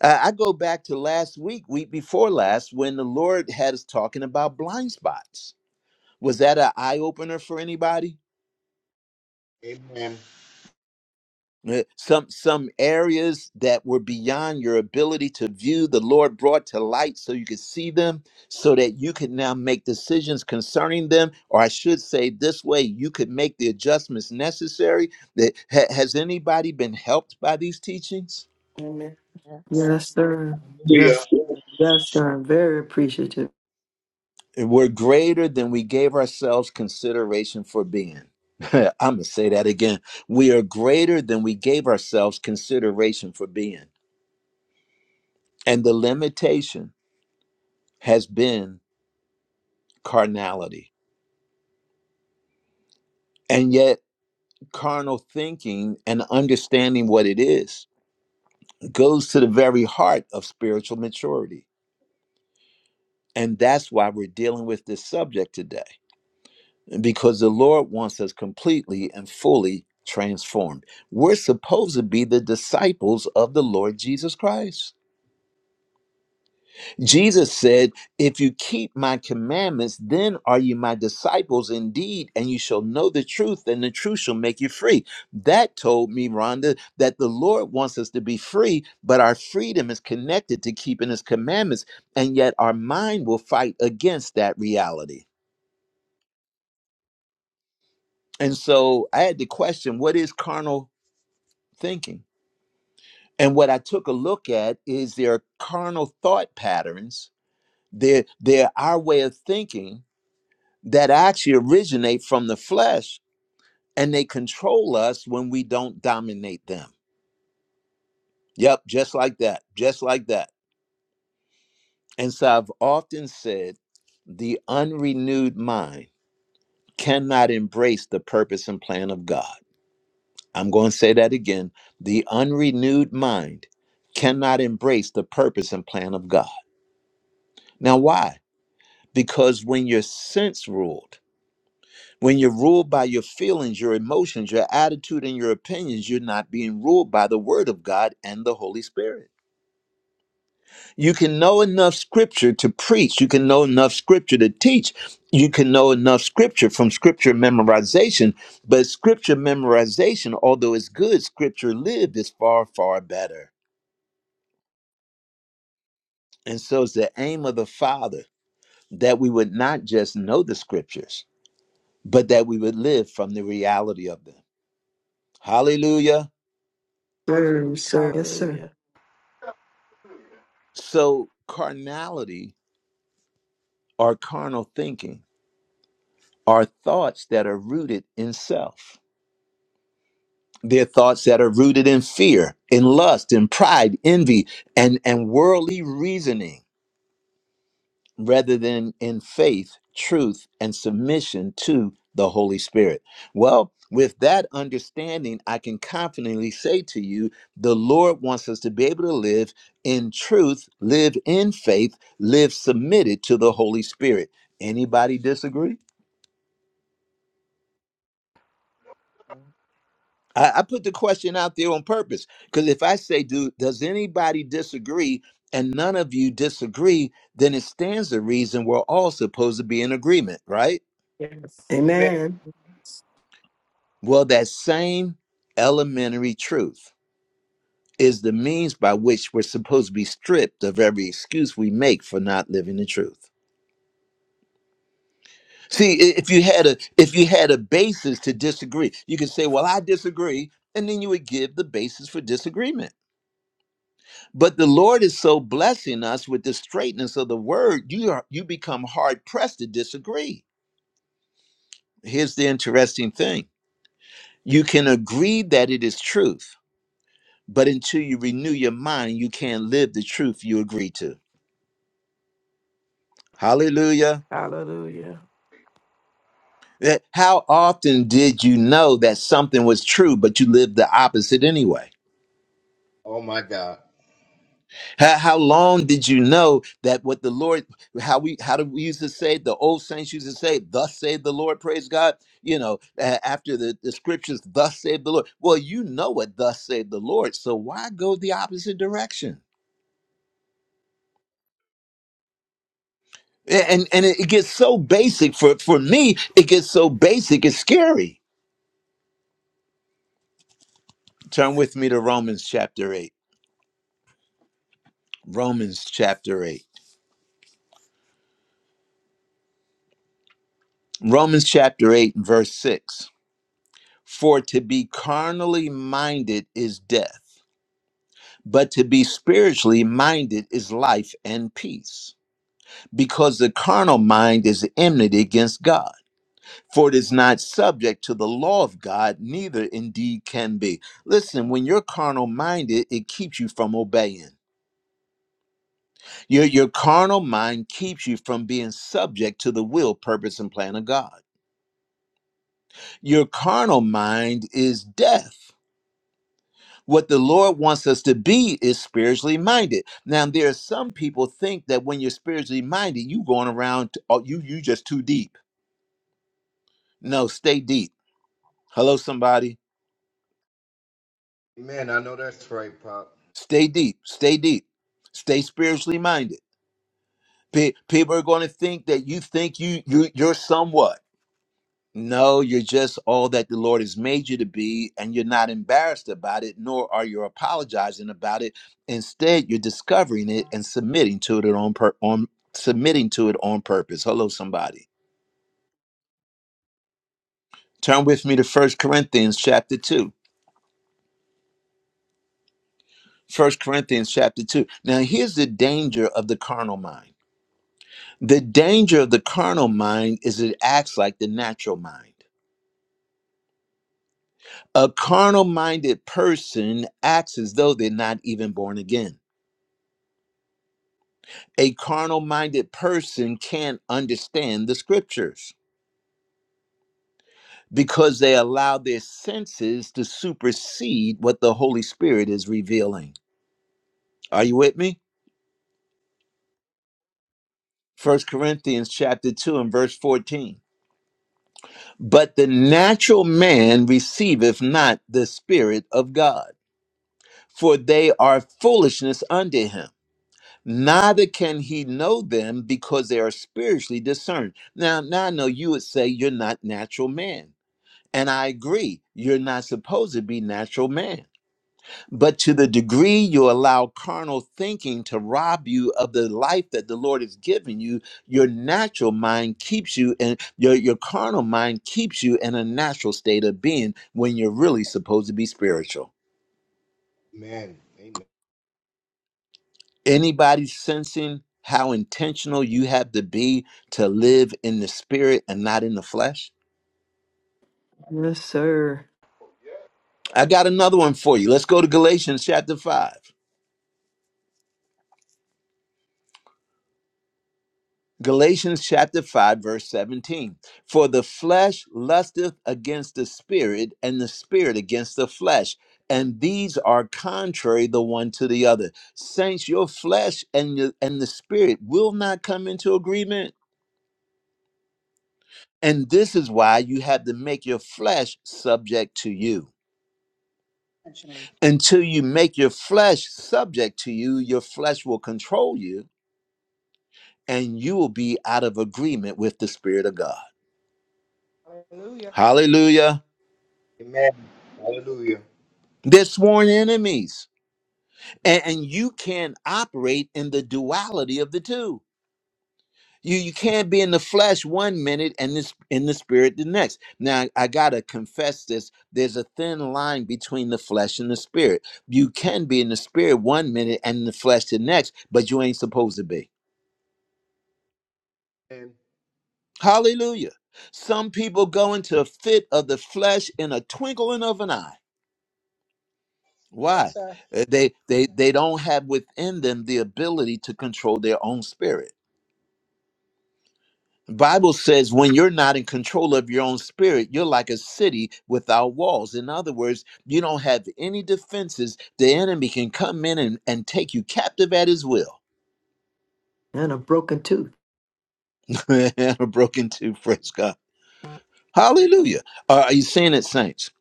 S1: Uh, I go back to last week, week before last, when the Lord had us talking about blind spots was that an eye opener for anybody?
S5: Amen. Amen.
S1: Uh, Some some areas that were beyond your ability to view, the Lord brought to light so you could see them, so that you could now make decisions concerning them, or I should say this way, you could make the adjustments necessary. That ha- has anybody been helped by these teachings?
S3: Amen.
S2: Yes.
S4: Yes, sir.
S5: Hallelujah.
S4: Yes, yes, sir. I'm very appreciative.
S1: We're greater than we gave ourselves consideration for being. I'm gonna say that again. We are greater than we gave ourselves consideration for being. And the limitation has been carnality. And yet, carnal thinking and understanding what it is goes to the very heart of spiritual maturity. And that's why we're dealing with this subject today, because the Lord wants us completely and fully transformed. We're supposed to be the disciples of the Lord Jesus Christ. Jesus said, If you keep my commandments, then are you my disciples indeed, and you shall know the truth, and the truth shall make you free. That told me, Rhonda, that the Lord wants us to be free, but our freedom is connected to keeping his commandments, and yet our mind will fight against that reality. And so I had to question what is carnal thinking? And what I took a look at is there are carnal thought patterns, they're, they're our way of thinking that actually originate from the flesh and they control us when we don't dominate them. Yep, just like that, just like that. And so I've often said the unrenewed mind cannot embrace the purpose and plan of God. I'm going to say that again. The unrenewed mind cannot embrace the purpose and plan of God. Now, why? Because when you're sense ruled, When you're ruled by your feelings, your emotions, your attitude, and your opinions, you're not being ruled by the Word of God and the Holy Spirit. You can know enough Scripture to preach. You can know enough Scripture to teach. You can know enough Scripture from Scripture memorization. But Scripture memorization, although it's good, Scripture lived is far, far better. And so it's the aim of the Father that we would not just know the Scriptures, but that we would live from the reality of them. Hallelujah.
S4: Very, sir. Yes, sir.
S3: Hallelujah.
S1: So, carnality or carnal thinking are thoughts that are rooted in self. They're thoughts that are rooted in fear, in lust, in pride, envy, and, and worldly reasoning. rather than in faith, truth, and submission to the Holy Spirit. Well, with that understanding, I can confidently say to you the Lord wants us to be able to live in truth, live in faith, live submitted to the Holy Spirit. Anybody disagree?
S2: Go
S1: I, I put the question out there on purpose because if I say, do, does anybody disagree? And none of you disagree, then it stands to reason we're all supposed to be in agreement, right?
S3: Yes.
S5: Amen.
S4: Amen.
S1: Well, that same elementary truth is the means by which we're supposed to be stripped of every excuse we make for not living the truth. See, i- if you had a if you had a basis to disagree, you could say, "Well, I disagree." And then you would give the basis for disagreement. But the Lord is so blessing us with the straightness of the word, you are you become hard pressed to disagree. Here's the interesting thing. You can agree that it is truth, But until you renew your mind, you can't live the truth you agree to. Hallelujah.
S3: Hallelujah.
S1: Eh, How often did you know that something was true, but you lived the opposite anyway?
S5: Oh my God.
S1: How, how long did you know that what the Lord, how we, how do we used to say, the old saints used to say, thus saith the Lord, praise God, you know, a- after the, the scriptures, thus saith the Lord. Well, you know what thus saith the Lord, so why go the opposite direction? And and it gets so basic for for me. It gets so basic. It's scary. Turn with me to Romans chapter eight. Romans chapter eight. Romans chapter eight and verse six. For to be carnally minded is death, but to be spiritually minded is life and peace. Because the carnal mind is enmity against God, for it is not subject to the law of God, neither indeed can be. Listen, when you're carnal minded, it keeps you from obeying Your, your carnal mind keeps you from being subject to the will, purpose, and plan of God. Your carnal mind is death. What the Lord wants us to be is spiritually minded. Now, there are some people think that when you're spiritually minded, you going around, t- oh, you you just too deep. No, stay deep. Hello, somebody.
S5: Amen. I know that's right, Pop.
S1: Stay deep. Stay deep. Stay spiritually minded. Pe- People are going to think that you think you you you're somewhat. No, you're just all that the Lord has made you to be, and you're not embarrassed about it, nor are you apologizing about it. Instead, you're discovering it and submitting to it on, pur- on submitting to it on purpose. Hello, somebody. Turn with me to First Corinthians chapter 2. First Corinthians chapter 2. Now, here's the danger of the carnal mind. The danger of the carnal mind is it acts like the natural mind. A carnal minded person acts as though they're not even born again. a carnal minded person can't understand the scriptures because they allow their senses to supersede what the holy spirit is revealing are you with me First corinthians chapter 2 and verse 14 but the natural man receiveth not the spirit of god for they are foolishness unto him neither can he know them because they are spiritually discerned now now i know you would say you're not natural man And I agree, you're not supposed to be natural man. But to the degree you allow carnal thinking to rob you of the life that the Lord has given you, your natural mind keeps you and your, your carnal mind keeps you in a natural state of being when you're really supposed to be spiritual.
S5: Amen. Amen.
S1: Anybody sensing how intentional you have to be to live in the spirit and not in the flesh?
S4: Yes, sir.
S1: I got another one for you. Let's go to Galatians chapter 5. Galatians chapter 5, verse 17. For the flesh lusteth against the spirit, and the spirit against the flesh. And these are contrary the one to the other. Saints, your flesh and, your, and the spirit will not come into agreement. And this is why you have to make your flesh subject to you.
S6: Intentionally.
S1: Until you make your flesh subject to you, your flesh will control you, and you will be out of agreement with the spirit of God.
S6: Hallelujah.
S1: Hallelujah.
S5: Amen. Hallelujah.
S1: They're sworn enemies. And, and you can't operate in the duality of the two. You, you can't be in the flesh one minute and this in the spirit the next. Now I gotta confess this. There's a thin line between the flesh and the spirit. You can be in the spirit one minute and in the flesh the next, but you ain't supposed to be. Hallelujah. Some people go into a fit of the flesh in a twinkling of an eye Why? Uh, They they they don't have within them the ability to control their own spirit. Bible says when you're not in control of your own spirit, you're like a city without walls. In other words, you don't have any defenses. The enemy can come in and, and take you captive at his will.
S4: And a broken tooth.
S1: I'm Broken to praise God. Hallelujah. Uh, are you seeing it, saints?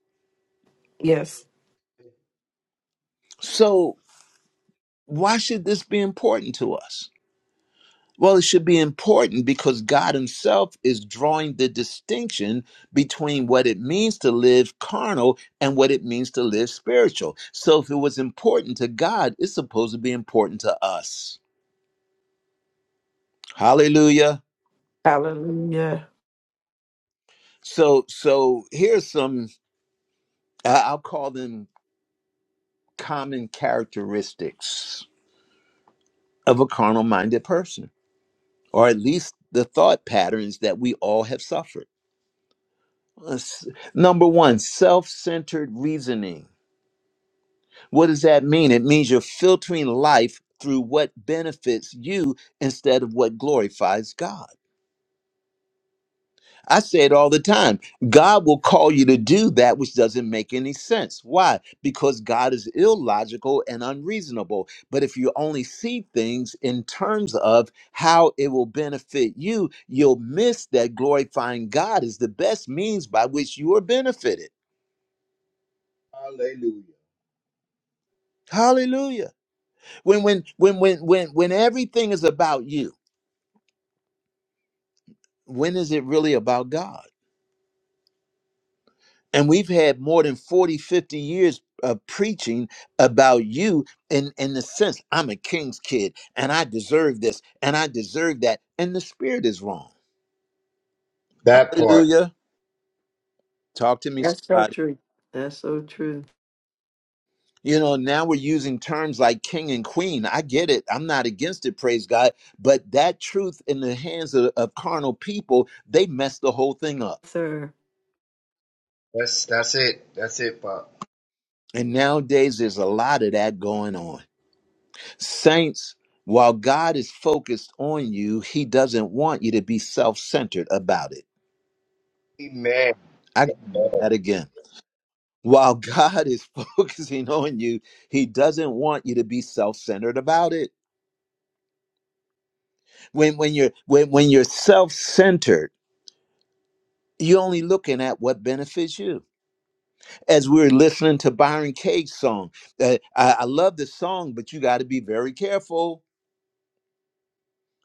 S3: Yes.
S1: So why should this be important to us? Well, it should be important because God Himself is drawing the distinction between what it means to live carnal and what it means to live spiritual. So, if it was important to God, it's supposed to be important to us. Hallelujah.
S3: Hallelujah.
S1: So, so here's some I- I'll call them common characteristics of a carnal-minded person, or at least the thought patterns that we all have suffered. Let's- Number one, self-centered reasoning. What does that mean? It means you're filtering life through what benefits you instead of what glorifies God. I say it all the time. God will call you to do that which doesn't make any sense. Why? Because God is illogical and unreasonable. But if you only see things in terms of how it will benefit you, you'll miss that glorifying God is the best means by which you are benefited.
S5: Hallelujah.
S1: Hallelujah. When when when when when when everything is about you when is it really about God? And we've had more than 40, 50 years of preaching about you in, in the sense, I'm a king's kid and I deserve this and I deserve that. And the spirit is wrong.
S5: That part.
S1: Hallelujah. Talk to me,
S4: That's so
S1: somebody.
S4: true. That's so true,
S1: You know, now we're using terms like king and queen. I get it. I'm not against it, praise God. But that truth in the hands of, of carnal people, they messed the whole thing up.
S4: sir.
S5: That's that's it. That's it, Pop.
S1: And nowadays, there's a lot of that going on. Saints, while God is focused on you, he doesn't want you to be self centered about it.
S5: Amen.
S1: I got
S5: Amen. That-
S1: that again. While God is focusing on you, he doesn't want you to be self centered about it. When, when you're, when, when you're self centered, you're only looking at what benefits you. As we were listening to Byron Cage's song, uh, I, I love the song, but you got to be very careful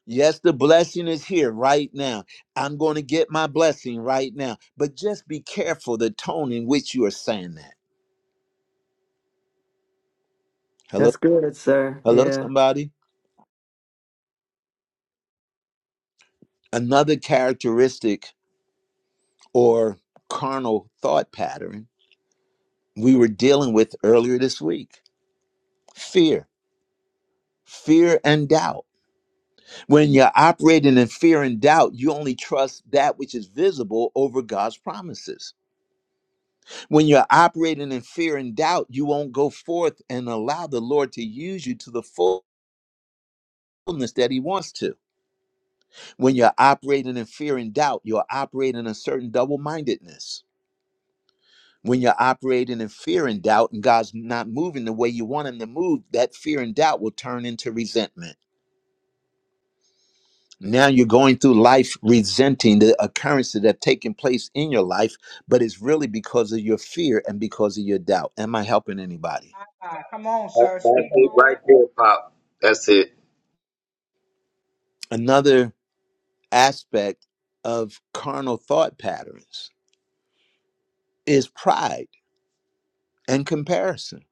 S1: Yes, the blessing is here right now. I'm going to get my blessing right now. But just be careful the tone in which you are saying that. Hello?
S4: That's good, sir.
S1: Hello,
S4: Yeah.
S1: somebody? Another characteristic or carnal thought pattern we were dealing with earlier this week fear, fear, and doubt. When you're operating in fear and doubt, you only trust that which is visible over God's promises. When you're operating in fear and doubt, you won't go forth and allow the Lord to use you to the fullness that He wants to. When you're operating in fear and doubt, you're operating in a certain double mindedness. When you're operating in fear and doubt and God's not moving the way you want Him to move, that fear and doubt will turn into resentment. Now you're going through life resenting the occurrences that have taken place in your life, but it's really because of your fear and because of your doubt. Am I helping anybody?
S6: God. Come on, sir.
S5: That's
S6: Speak,
S5: it
S6: Lord.
S5: right there, Pop. That's it.
S1: Another aspect of carnal thought patterns is pride and comparison.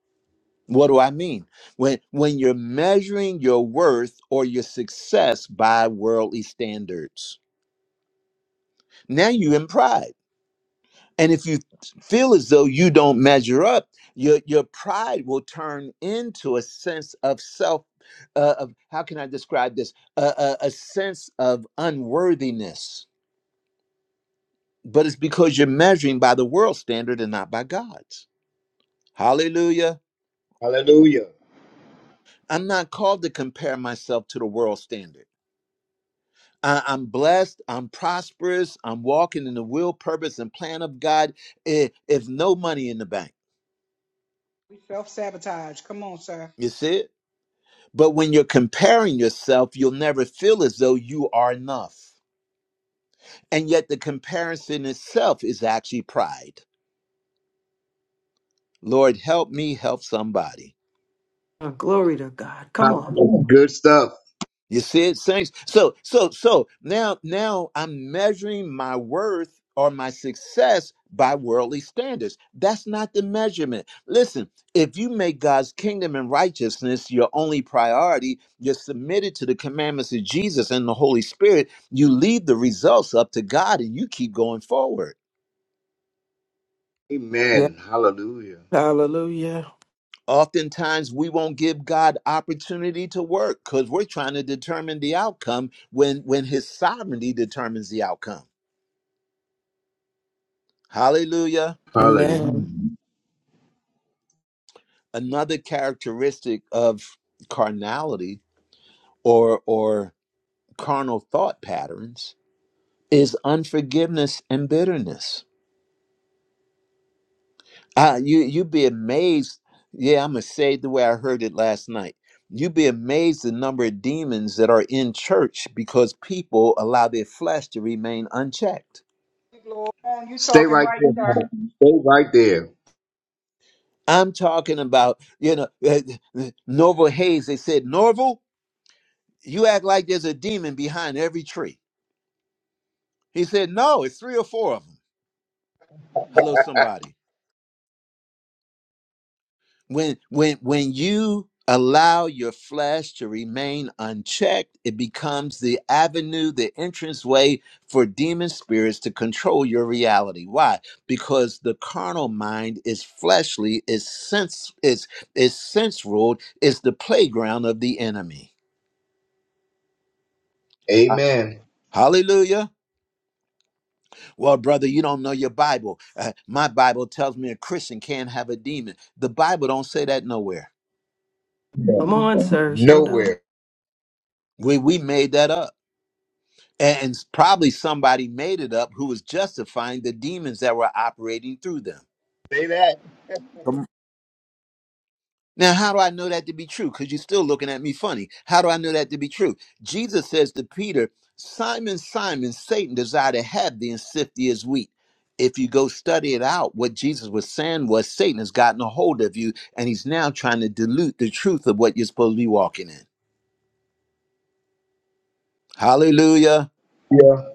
S1: What do I mean? When when you're measuring your worth or your success by worldly standards, now you in pride. And if you feel as though you don't measure up, your your pride will turn into a sense of self. Uh, of how can I describe this? Uh, a a- a sense of unworthiness. But it's because you're measuring by the world standard and not by God's. Hallelujah.
S5: Hallelujah.
S1: I'm not called to compare myself to the world standard. I- I'm blessed. I'm prosperous. I'm walking in the will, purpose, and plan of God. If, if no money in the bank,
S6: We self sabotage. Come on, sir.
S1: you see it? But when you're comparing yourself, you'll never feel as though you are enough. And yet the comparison itself is actually pride. Lord, help me help somebody.
S4: Oh, glory to God. Come on.
S5: Hallelujah. Good stuff.
S1: You see it, saints. So, so, so now, now I'm measuring my worth or my success by worldly standards. That's not the measurement. Listen, if you make God's kingdom and righteousness your only priority, you're submitted to the commandments of Jesus and the Holy Spirit. You leave the results up to God, and you keep going forward.
S3: Yes.
S5: Amen. Hallelujah.
S3: Hallelujah.
S1: Oftentimes, we won't give God opportunity to work because we're trying to determine the outcome when when His sovereignty determines the outcome. Hallelujah.
S5: Hallelujah.
S3: Amen.
S1: Another characteristic of carnality or or carnal thought patterns is unforgiveness and bitterness. Uh, you you'd be amazed. Yeah, I'm gonna say it the way I heard it last night. You'd be amazed the number of demons that are in church because people allow their flesh to remain unchecked.
S6: Speak, Lord. Come on, you
S5: Stay
S6: talking
S5: right
S6: right,
S5: there,
S6: sir.
S5: Pop. Stay right there.
S1: I'm talking about, you know, uh, Norval Hayes. They said, Norval, you act like there's a demon behind every tree. He said, "No, it's three or four of them." Hello, somebody. When when when you allow your flesh to remain unchecked, it becomes the avenue, the entrance way for demon spirits to control your reality. Why? Because the carnal mind is fleshly, is sense, is is sense ruled, is the playground of the enemy.
S5: Amen.
S1: Hallelujah. Well, brother, you don't know your Bible. Uh, my Bible tells me a Christian can't have a demon. The Bible don't say that nowhere.
S4: Come on, sir. Show down.
S5: Nowhere.
S1: We we made that up. And and probably somebody made it up who was justifying the demons that were operating through them.
S5: Say that.
S1: Come- Now, how do I know that to be true? Because you're still looking at me funny. How do I know that to be true? Jesus says to Peter, Simon, Simon, Satan desired to have thee and sift thee as wheat. If you go study it out, what Jesus was saying was Satan has gotten a hold of you and he's now trying to dilute the truth of what you're supposed to be walking in. Hallelujah.
S5: Yeah.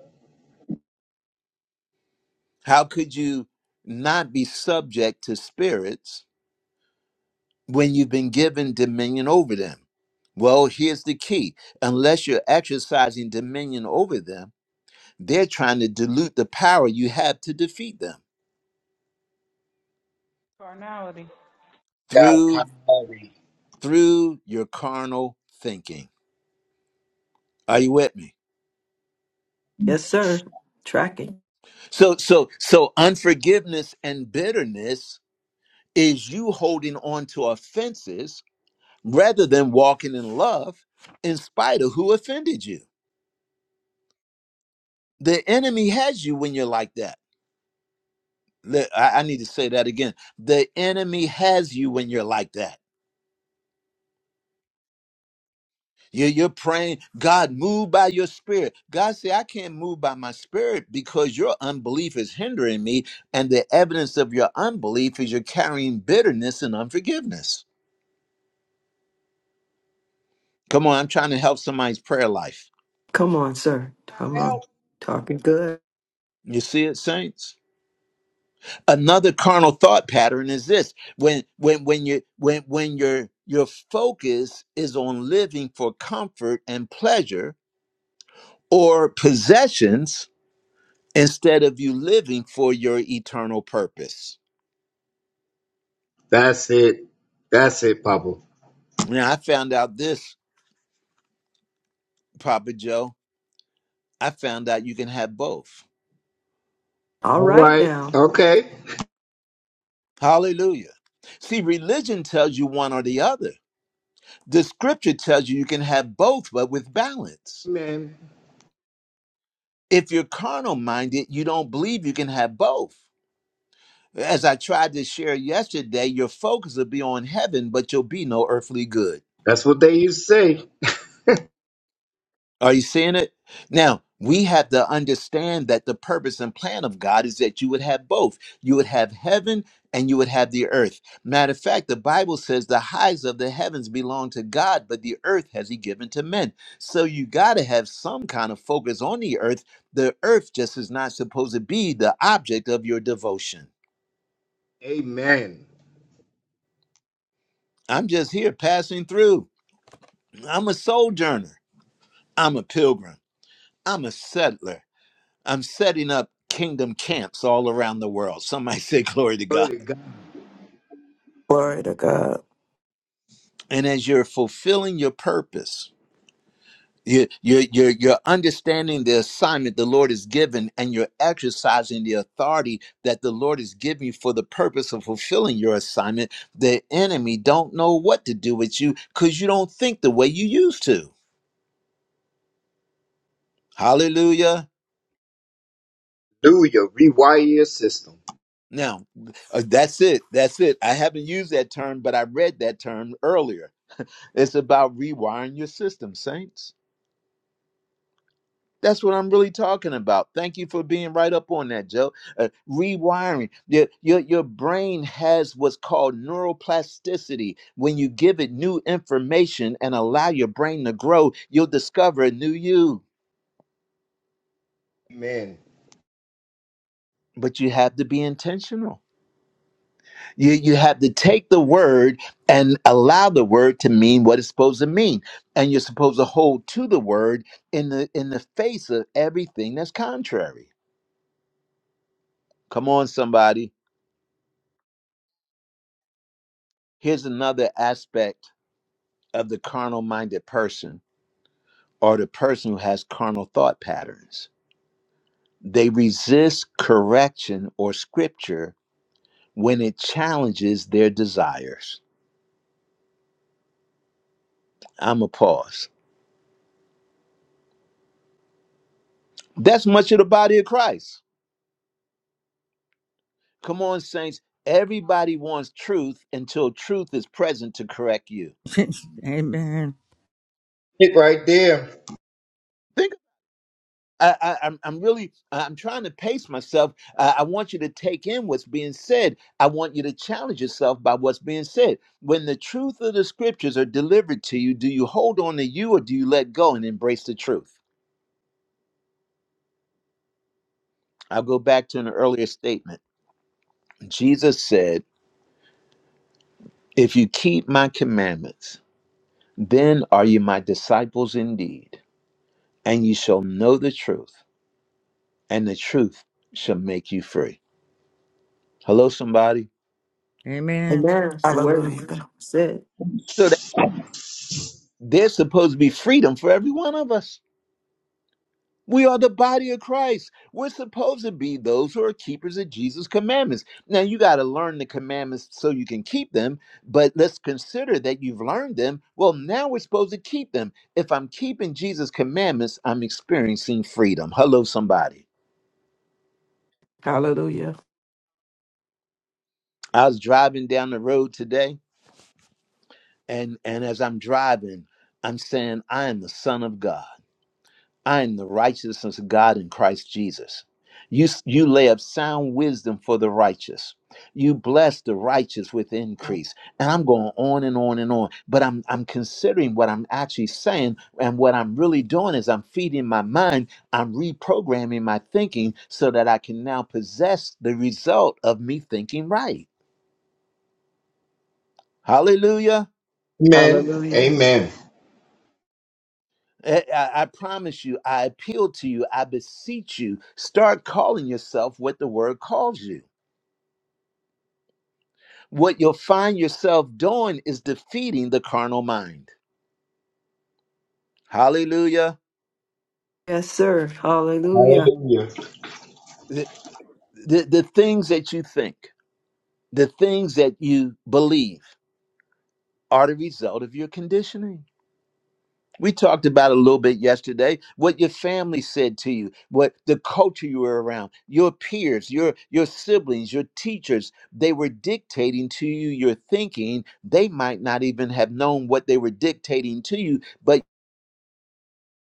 S1: How could you not be subject to spirits when you've been given dominion over them? Well, here's the key unless you're exercising dominion over them, they're trying to dilute the power you have to defeat them
S6: Carnality.
S5: God,
S1: through
S5: Calvary.
S1: through your carnal thinking. Are you with me?
S4: Yes, sir. Tracking.
S1: So so so unforgiveness and bitterness is you holding on to offenses rather than walking in love in spite of who offended you. The enemy has you when you're like that. Le- I I need to say that again. The enemy has you when you're like that. You- You're praying, God, move by your spirit. God say, I can't move by my spirit because your unbelief is hindering me. And the evidence of your unbelief is you're carrying bitterness and unforgiveness. Come on, I'm trying to help somebody's prayer life.
S6: God.
S4: Come on, sir. Come
S6: Now
S4: on.
S6: help.
S4: Talking good.
S1: You see it, saints? another carnal thought pattern is this when when when you when when your your focus is on living for comfort and pleasure or possessions instead of you living for your eternal purpose
S5: That's it. That's it, Papa.
S1: now i found out this papa joe i found out you can have both
S4: All
S5: All
S4: right
S5: right.
S4: now.
S5: Okay.
S1: hallelujah see religion tells you one or the other the scripture tells you you can have both but with balance
S5: Amen.
S1: if you're carnal minded you don't believe you can have both As I tried to share yesterday, your focus will be on heaven, but you'll be no earthly good.
S5: That's what they used to say.
S1: Are you seeing it? Now, we have to understand that the purpose and plan of God is that you would have both. You would have heaven and you would have the earth. Matter of fact, the Bible says the highs of the heavens belong to God, but the earth has He given to men. So you got to have some kind of focus on the earth. The earth just is not supposed to be the object of your devotion.
S5: Amen.
S1: I'm just here passing through, I'm a sojourner. I'm a pilgrim. I'm a settler. I'm setting up kingdom camps all around the world. Somebody say glory to
S5: Glory
S1: God.
S5: to
S3: Glory to God.
S1: And as you're fulfilling your purpose, you- you- you're, you're understanding the assignment the Lord has given, and you're exercising the authority that the Lord has given you for the purpose of fulfilling your assignment. The enemy don't know what to do with you because you don't think the way you used to. Hallelujah.
S5: Hallelujah. Rewire your system.
S1: Now, uh, that's it. That's it. I haven't used that term, but I read that term earlier It's about rewiring your system, saints. That's what I'm really talking about. Thank you for being right up on that, Joe. Uh, rewiring. Your, your, your brain has what's called neuroplasticity. When you give it new information and allow your brain to grow, you'll discover a new you.
S5: Amen.
S1: But you have to be intentional. You, you have to take the word and allow the word to mean what it's supposed to mean. And you're supposed to hold to the word in the in the face of everything that's contrary. Come on, somebody. Here's another aspect of the carnal minded person or the person who has carnal thought patterns. They resist correction or scripture when it challenges their desires. I'm a pause. That's much of the body of Christ. Come on, saints. Everybody wants truth until truth is present to correct you.
S7: Amen.
S5: It right there.
S1: Think. I, I, I'm, I'm really, I'm trying to pace myself. Uh, I want you to take in what's being said. I want you to challenge yourself by what's being said. When the truth of the scriptures are delivered to you, do you hold on to you or do you let go and embrace the truth? I'll go back to an earlier statement. Jesus said, If you keep my commandments, then are you my disciples indeed, and you shall know the truth, and the truth shall make you free. Hello, somebody.
S7: Amen.
S4: Amen. That's The word
S3: Hallelujah.
S4: said.
S1: So There's supposed to be freedom for every one of us. We are the body of Christ. We're supposed to be those who are keepers of Jesus' commandments. Now, you got to learn the commandments so you can keep them, but let's consider that you've learned them. Well, now we're supposed to keep them. If I'm keeping Jesus' commandments, I'm experiencing freedom. Hello, somebody.
S3: Hallelujah.
S1: I was driving down the road today, and, and as I'm driving, I'm saying, I am the Son of God. I am the righteousness of God in Christ Jesus. You, you lay up sound wisdom for the righteous. You bless the righteous with increase. And I'm going on and on and on. But I'm, I'm considering what I'm actually saying. And what I'm really doing is I'm feeding my mind, I'm reprogramming my thinking so that I can now possess the result of me thinking right. Hallelujah.
S5: Amen.
S3: Hallelujah.
S5: Amen.
S1: I, I I promise you, I appeal to you, I beseech you, start calling yourself what the word calls you. what you'll find yourself doing is defeating the carnal mind. Hallelujah.
S4: Yes, sir. Hallelujah.
S5: Hallelujah.
S1: The, the, the things that you think, the things that you believe are the result of your conditioning. We talked about it a little bit yesterday what your family said to you, what the culture you were around, your peers, your, your siblings, your teachers, they were dictating to you your thinking. They might not even have known what they were dictating to you, but.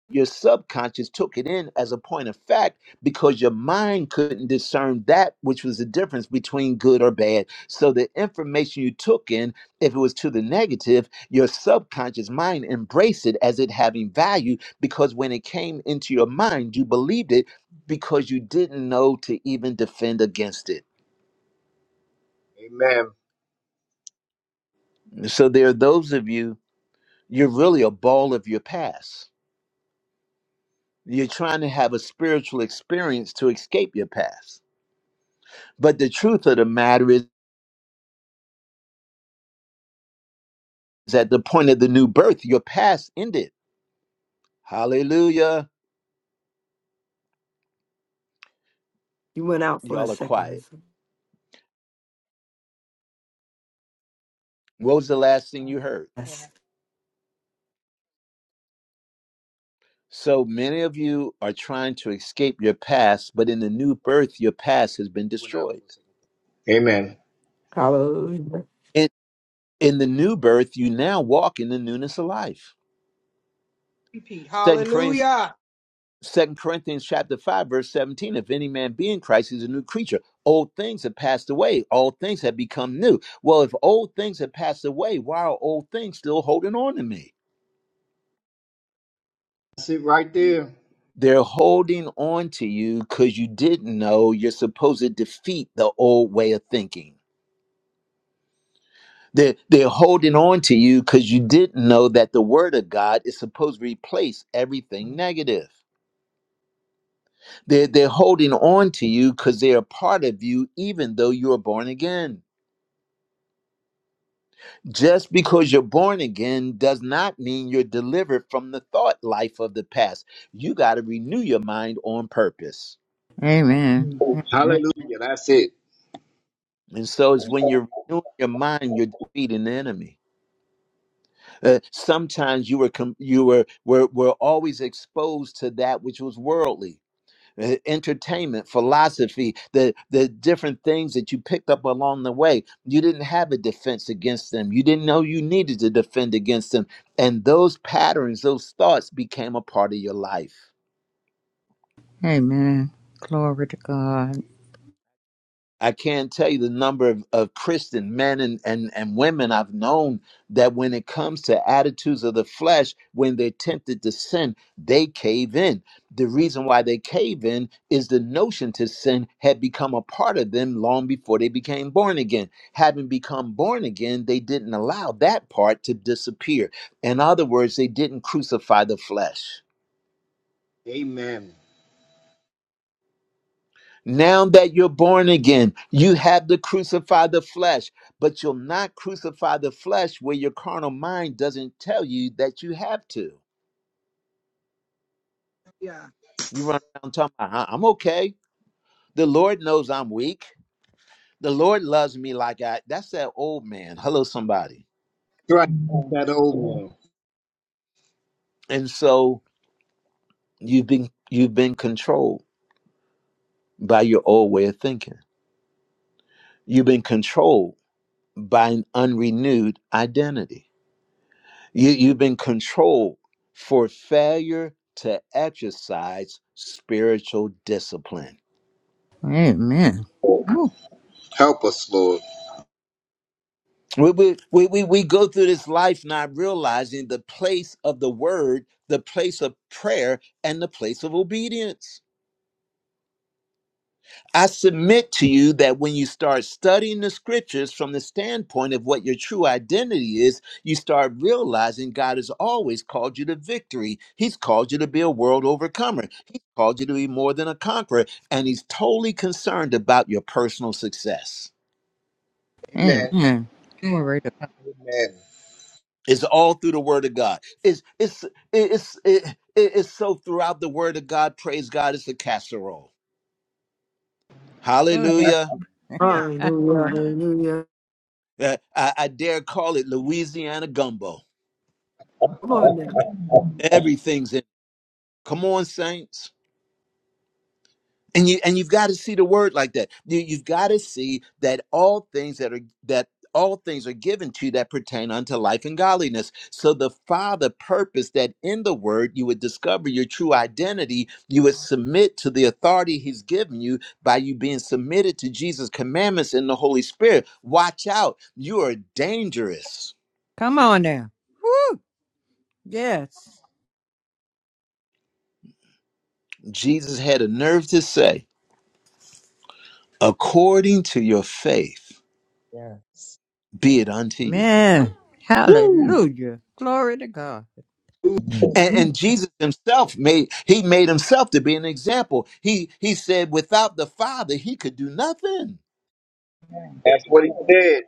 S1: your subconscious took it in as a point of fact because your mind couldn't discern that which was the difference between good or bad. So the information you took in, if it was to the negative, your subconscious mind embraced it as it having value because when it came into your mind, you believed it because you didn't know to even defend against it.
S5: Amen.
S1: So there are those of you, you're really a ball of your past. You're trying to have a spiritual experience to escape your past But the truth of the matter is, is at the point of the new birth, your past ended. Hallelujah.
S4: You went out for a
S1: Y'all are quiet.
S4: second.
S1: What was the last thing you heard?
S4: Yes.
S2: ahead.
S1: So many of you are trying to escape your past, but in the new birth, your past has been
S5: You went out
S1: destroyed.
S5: for a second. Amen.
S3: Hallelujah.
S1: In, in the new birth, you now walk in the newness of life.
S6: Repeat.
S1: 2 Corinthians
S6: Hallelujah.
S1: Second Corinthians chapter 5, verse 17. If any man be in Christ, he's a new creature. Old things have passed away. All things have become new. Well, if old things have passed away, why are old things still holding on to me?
S5: That's it right there.
S1: They're holding on to you because you didn't know you're supposed to defeat the old way of thinking. They're, they're holding on to you because you didn't know that the word of God is supposed to replace everything negative. They're, they're holding on to you because they are part of you, even though you are born again Just because you're born again does not mean you're delivered from the thought life of the past. You got to renew your mind on purpose.
S7: Amen.
S5: Hallelujah. That's it.
S1: And so it's when you're renewing your mind, you're defeating the enemy. Uh, sometimes you were com- you were, were were always exposed to that which was worldly. uh, entertainment, philosophy, the the different things that you picked up along the way. You didn't have a defense against them. You didn't know you needed to defend against them. And those patterns, those thoughts became a part of your life.
S7: Amen. Glory to God.
S1: I can't tell you the number of, of Christian men and, and, and women I've known that when it comes to attitudes of the flesh, when they're tempted to sin, they cave in. The reason why they cave in is the notion to sin had become a part of them long before they became born again. Having become born again, they didn't allow that part to disappear. In other words, they didn't crucify the flesh.
S5: Amen.
S1: Now that you're born again, you have to crucify the flesh, but you'll not crucify the flesh where your carnal mind doesn't tell you that you have to.
S6: Yeah.
S1: You run around talking about, "I- I'm okay. The Lord knows I'm weak. The Lord loves me like I that's that old man. Hello, somebody.
S5: Right. That old
S1: And so you've been you've been controlled by your old way of thinking. You've been controlled by an unrenewed identity. You, you've been controlled for failure to exercise spiritual discipline.
S7: Amen.
S5: man.
S7: Oh,
S5: Help us, Lord.
S1: We, we, we, we we go through this life not realizing the place of the word, the place of prayer, and the place of obedience. I submit to you that when you start studying the scriptures from the standpoint of what your true identity is, you start realizing God has always called you to victory. He's called you to be a world overcomer. He's called you to be more than a conqueror. And He's totally concerned about your personal success.
S5: Amen.
S7: amen. Glory to God.
S5: Amen.
S1: It's all through the Word of God. It's, it's, it's, it, it's so throughout the Word of God. Praise God, it's a casserole.
S7: Go ahead.
S1: Hallelujah.
S6: Yeah.
S7: Uh,
S4: Hallelujah. Hallelujah.
S1: Uh, I, I dare call it Louisiana gumbo.
S4: Come on now.
S1: Everything's in. Come on, saints. And you and you've got to see the word like that. You, you've got to see that all things that are that all things are given to you that pertain unto life and godliness. So the Father purposed that in the word you would discover your true identity, you would submit to the authority he's given you by you being submitted to Jesus' commandments in the Holy Spirit. Watch out, you are dangerous.
S7: Come on now. Woo. Yes.
S1: Jesus had a nerve to say, according to your faith,
S2: Yes.
S1: be it unto you.
S7: Amen.
S1: Woo!
S7: Hallelujah. Glory to God.
S1: And, and Jesus himself made he made himself to be an example. He he said without the Father he could do nothing.
S5: That's what he said.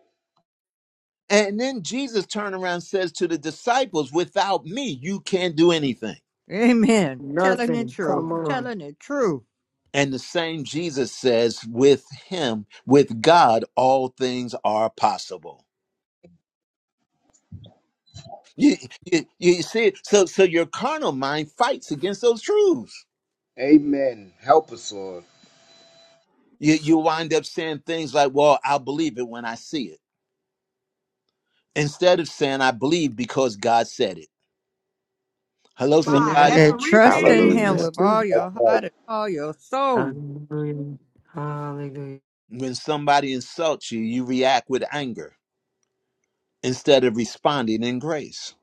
S1: And then Jesus turned around and says to the disciples, without me you can't do anything.
S7: Amen. Telling the
S4: Nothing.
S7: truth.
S4: Come on.
S7: Telling the truth.
S1: And the same Jesus says with him with God all things are possible. You, you, you see it? so so your carnal mind fights against those truths.
S5: Amen. Help us, Lord.
S1: You you wind up saying things like, "Well, I'll believe it when I see it." Instead of saying, "I believe because God said it." Hello,
S6: My.
S1: somebody.
S6: That's
S3: Amen.
S6: a
S7: That trust
S5: That's
S7: in
S6: repeat.
S7: Him
S4: That's
S3: Hallelujah.
S7: with all
S4: true.
S7: your
S5: right.
S7: heart and all your soul.
S4: Hallelujah. Hallelujah.
S1: When somebody insults you, you react with anger instead of responding in grace.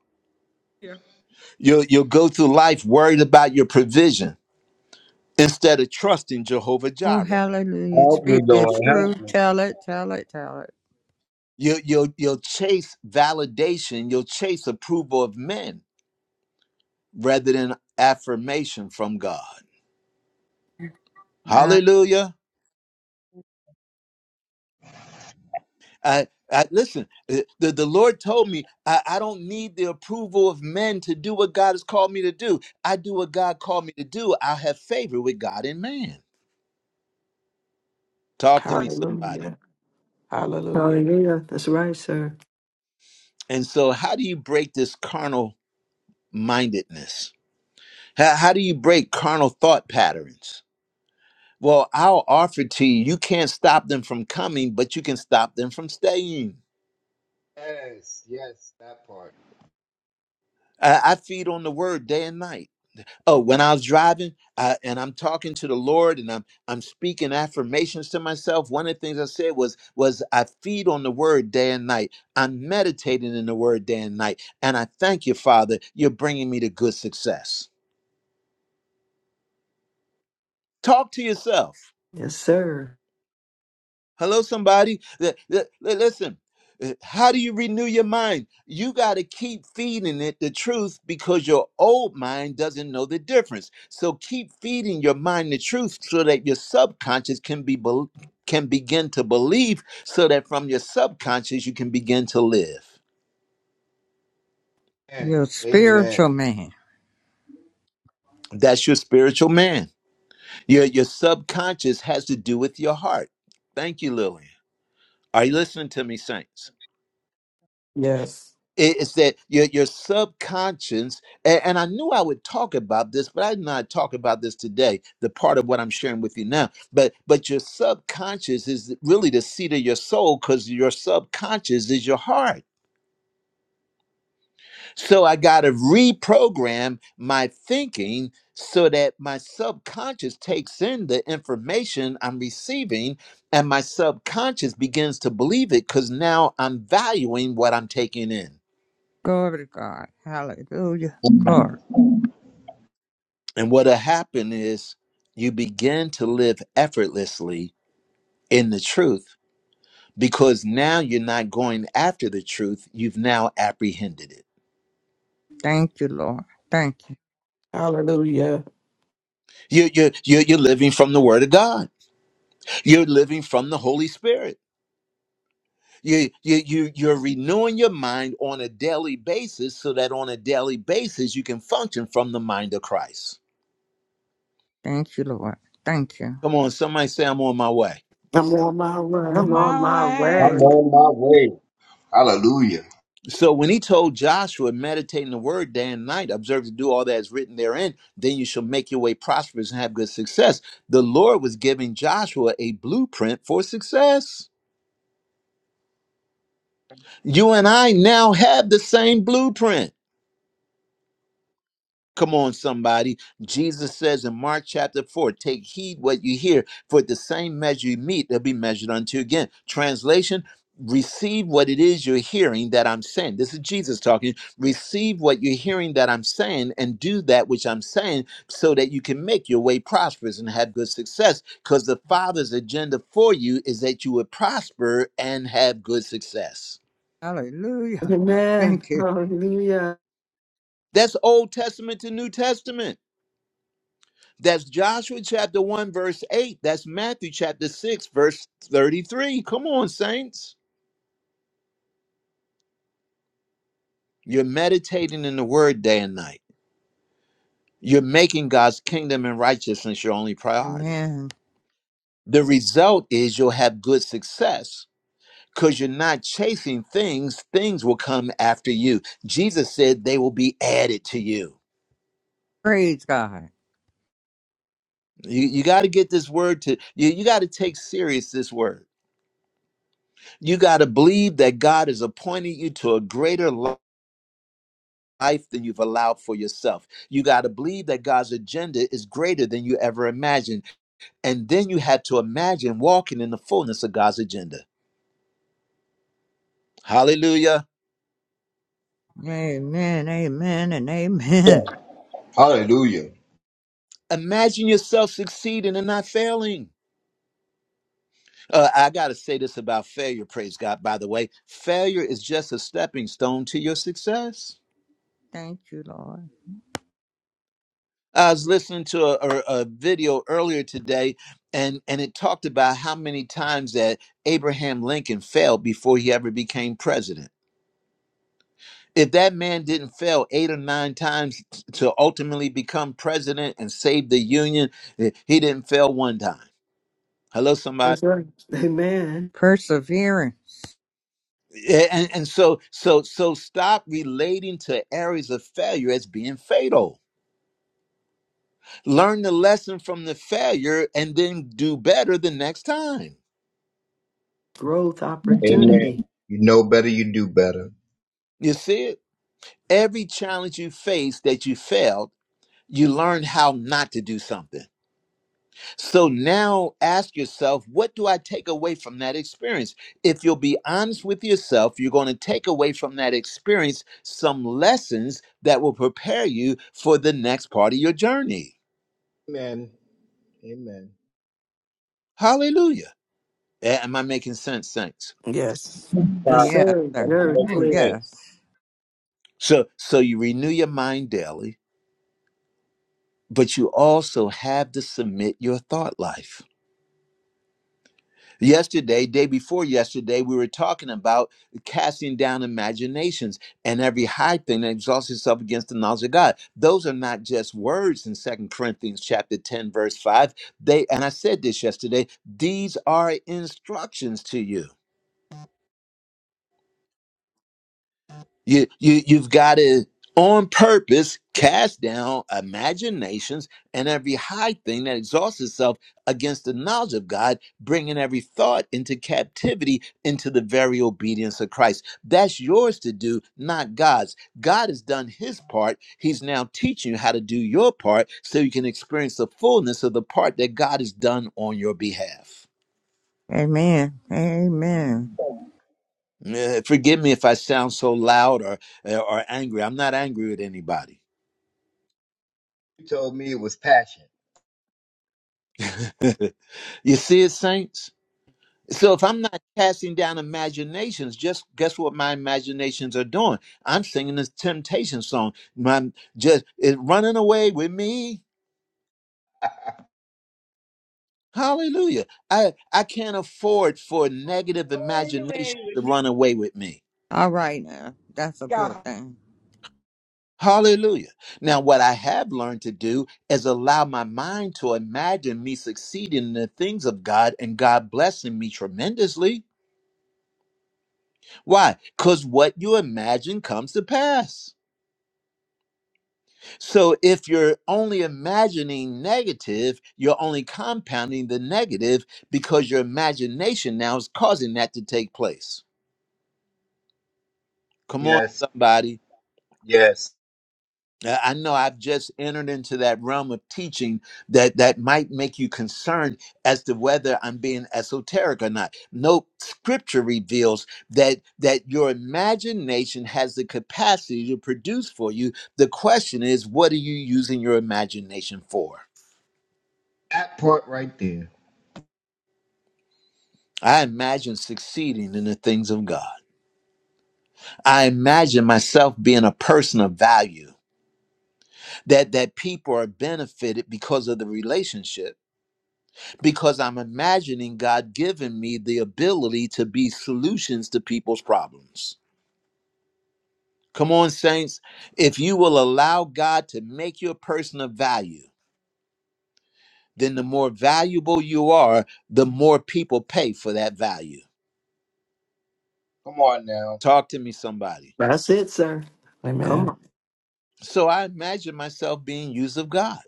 S6: Yeah.
S1: You'll, you'll go through life worried about your provision instead of trusting Jehovah
S7: Oh,
S1: Jireh.
S7: hallelujah.
S5: Help me,
S7: Speak the
S5: Lord.
S7: truth.
S5: Help me.
S7: Tell it. Tell it. Tell
S1: You'll, you'll, you'll chase validation, you'll chase approval of men rather than affirmation from God.
S7: it.
S1: Hallelujah. I, I listen. uh, The, the Lord told me I, I don't need the approval of men to do what God has called me to do. I do what God called me to do. I have favor with God and man. Talk to me,
S6: Sir.
S1: somebody.
S3: Hallelujah. Hallelujah.
S4: Hallelujah. That's right, sir.
S1: And so, how do you break this carnal mindedness? How, how do you break carnal thought patterns? Well, I'll offer to you. You can't stop them from coming, but you can stop them from staying.
S5: Yes, yes, that part.
S1: I, I feed on the word day and night. Oh, when I was driving uh, and I'm talking to the Lord and I'm I'm speaking affirmations to myself, one of the things I said was was I feed on the Word day and night. I'm meditating in the Word day and night, and I thank you, Father. You're bringing me to good success. Talk to yourself.
S4: Yes, sir.
S1: Hello, somebody. Th- th- li- Listen, uh, how do you renew your mind? You got to keep feeding it the truth because your old mind doesn't know the difference. So keep feeding your mind the truth so that your subconscious can be, bel can begin to believe, so that from your subconscious you can begin to live.
S5: Amen.
S7: You're a spiritual
S5: Amen.
S7: man.
S1: That's your spiritual man. Your your subconscious has to do with your heart. Thank you, Lillian. Are you listening to me, saints?
S3: Yes.
S1: It- It's that your your subconscious, and, and I knew I would talk about this, but I did not talk about this today. The part of what I'm sharing with you now, but but your subconscious is really the seat of your soul, because your subconscious is your heart. So I got to reprogram my thinking so that my subconscious takes in the information I'm receiving, and my subconscious begins to believe it, because now I'm valuing what I'm taking in.
S7: Glory to God. Hallelujah. Glory.
S1: And what'll happen is you begin to live effortlessly in the truth because now you're not going after the truth. You've now apprehended it.
S7: Thank you, Lord. Thank you.
S3: Hallelujah.
S1: You, you, you, you're living from the Word of God, you're living from the Holy Spirit. You, you, you, you're renewing your mind on a daily basis so that on a daily basis you can function from the mind of Christ.
S7: Thank you, Lord. Thank you.
S1: Come on, somebody say, I'm on my way.
S3: I'm on my
S2: More
S3: way.
S4: I'm
S2: mountain.
S4: on
S6: My
S4: my
S6: way.
S4: way.
S5: I'm on my way. Hallelujah.
S1: So when he told Joshua, meditate in the word day and night, observe to do all that is written therein, then you shall make your way prosperous and have good success. The Lord was giving Joshua a blueprint for success. You and I now have the same blueprint. Come on, somebody. Jesus says in Mark chapter 4 take heed what you hear, for the same measure you meet, they'll be measured unto you again. Translation receive what it is you're hearing that I'm saying. This is Jesus talking. Receive what you're hearing that I'm saying and do that which I'm saying so that you can make your way prosperous and have good success. Because the Father's agenda for you is that you would prosper and have good success.
S7: Hallelujah.
S4: Amen.
S7: Thank you.
S4: Hallelujah.
S1: That's Old Testament to New Testament. That's Joshua chapter 1, verse 8. That's Matthew chapter 6, verse 33. Come on, saints. You're meditating in the word day and night. You're making God's kingdom and righteousness your only priority.
S7: Amen.
S1: The result is you'll have good success because you're not chasing things. Things will come after you. Jesus said they will be added to you.
S7: Praise God.
S1: You, you got to get this word to you. You got to take serious this word. You got to believe that God has appointed you to a greater life life than you've allowed for yourself. You got to believe that God's agenda is greater than you ever imagined. And then you had to imagine walking in the fullness of God's agenda. Hallelujah.
S7: Amen. Amen and
S5: Yeah.
S7: amen.
S5: Hallelujah.
S1: Imagine yourself succeeding and not failing. Uh, I got to say this about failure, praise God, by the way. Failure is just a stepping stone to your success.
S7: Thank you, Lord.
S1: I was listening to a, a, a video earlier today, and, and it talked about how many times that Abraham Lincoln failed before he ever became president if that man didn't fail eight or nine times to ultimately become president and save the union, eh, he didn't fail one time. Hello, somebody.
S4: That's right. Amen.
S7: Perseverance.
S1: Eh, And, and so, so, so, stop relating to areas of failure as being fatal. Learn the lesson from the failure, and then do better the next time.
S4: Growth opportunity.
S5: Amen. You know better, you do better.
S1: You see it. Every challenge you face that you failed, you learn how not to do something. So now ask yourself, what do I take away from that experience? If you'll be honest with yourself, you're going to take away from that experience some lessons that will prepare you for the next part of your journey.
S5: Amen. Amen.
S1: Hallelujah. A- Am I making sense? Thanks.
S3: Yes.
S7: Oh,
S4: Yes,
S5: God,
S7: yes,
S4: sir.
S7: sir.
S5: nothing
S4: Very
S5: making
S7: Oh,
S4: clear.
S5: sense.
S7: yes.
S1: So so you renew your mind daily, but you also have to submit your thought life Yesterday, day before yesterday, we were talking about casting down imaginations and every high thing that exalts itself against the knowledge of God. Those are not just words in Second Corinthians chapter 10, verse 5. They and I said this yesterday, these are instructions to you. You, you, you've got to, on purpose, cast down imaginations and every high thing that exhausts itself against the knowledge of God, bringing every thought into captivity into the very obedience of Christ. That's yours to do, not God's. God has done his part. He's now teaching you how to do your part so you can experience the fullness of the part that God has done on your behalf.
S7: Amen. Amen.
S1: Eh, Forgive me if I sound so loud or, or angry. I'm not angry with anybody.
S5: You told me it was passion.
S1: you see it, saints? So if I'm not casting down imaginations, just guess what my imaginations are doing? I'm singing this temptation song. My just it running away with me. Hallelujah. I, I can't afford for negative
S6: Going away
S1: imagination to
S6: with me.
S1: run away with me.
S7: All right now. That's a
S6: God.
S7: good thing.
S1: Hallelujah. Now, what I have learned to do is allow my mind to imagine me succeeding in the things of God and God blessing me tremendously. Why? Because what you imagine comes to pass. So if you're only imagining negative, you're only compounding the negative because your imagination now is causing that to take place. Come on,
S5: Yes.
S1: somebody.
S5: Yes.
S1: Uh, I know I've just entered into that realm of teaching that that might make you concerned as to whether I'm being esoteric or not. No scripture reveals that that your imagination has the capacity to produce for you. The question is, what are you using your imagination for?
S5: That part right there.
S1: I imagine succeeding in the things of God. I imagine myself being a person of value that that people are benefited because of the relationship because I'm imagining God giving me the ability to be solutions to people's problems. Come on, saints. If you will allow God to make you a person of value, then the more valuable you are, the more people pay for that value.
S5: Come on now.
S1: Talk to me, somebody.
S4: That's it, sir.
S3: Amen.
S4: Come on.
S1: So I imagine myself being used of God.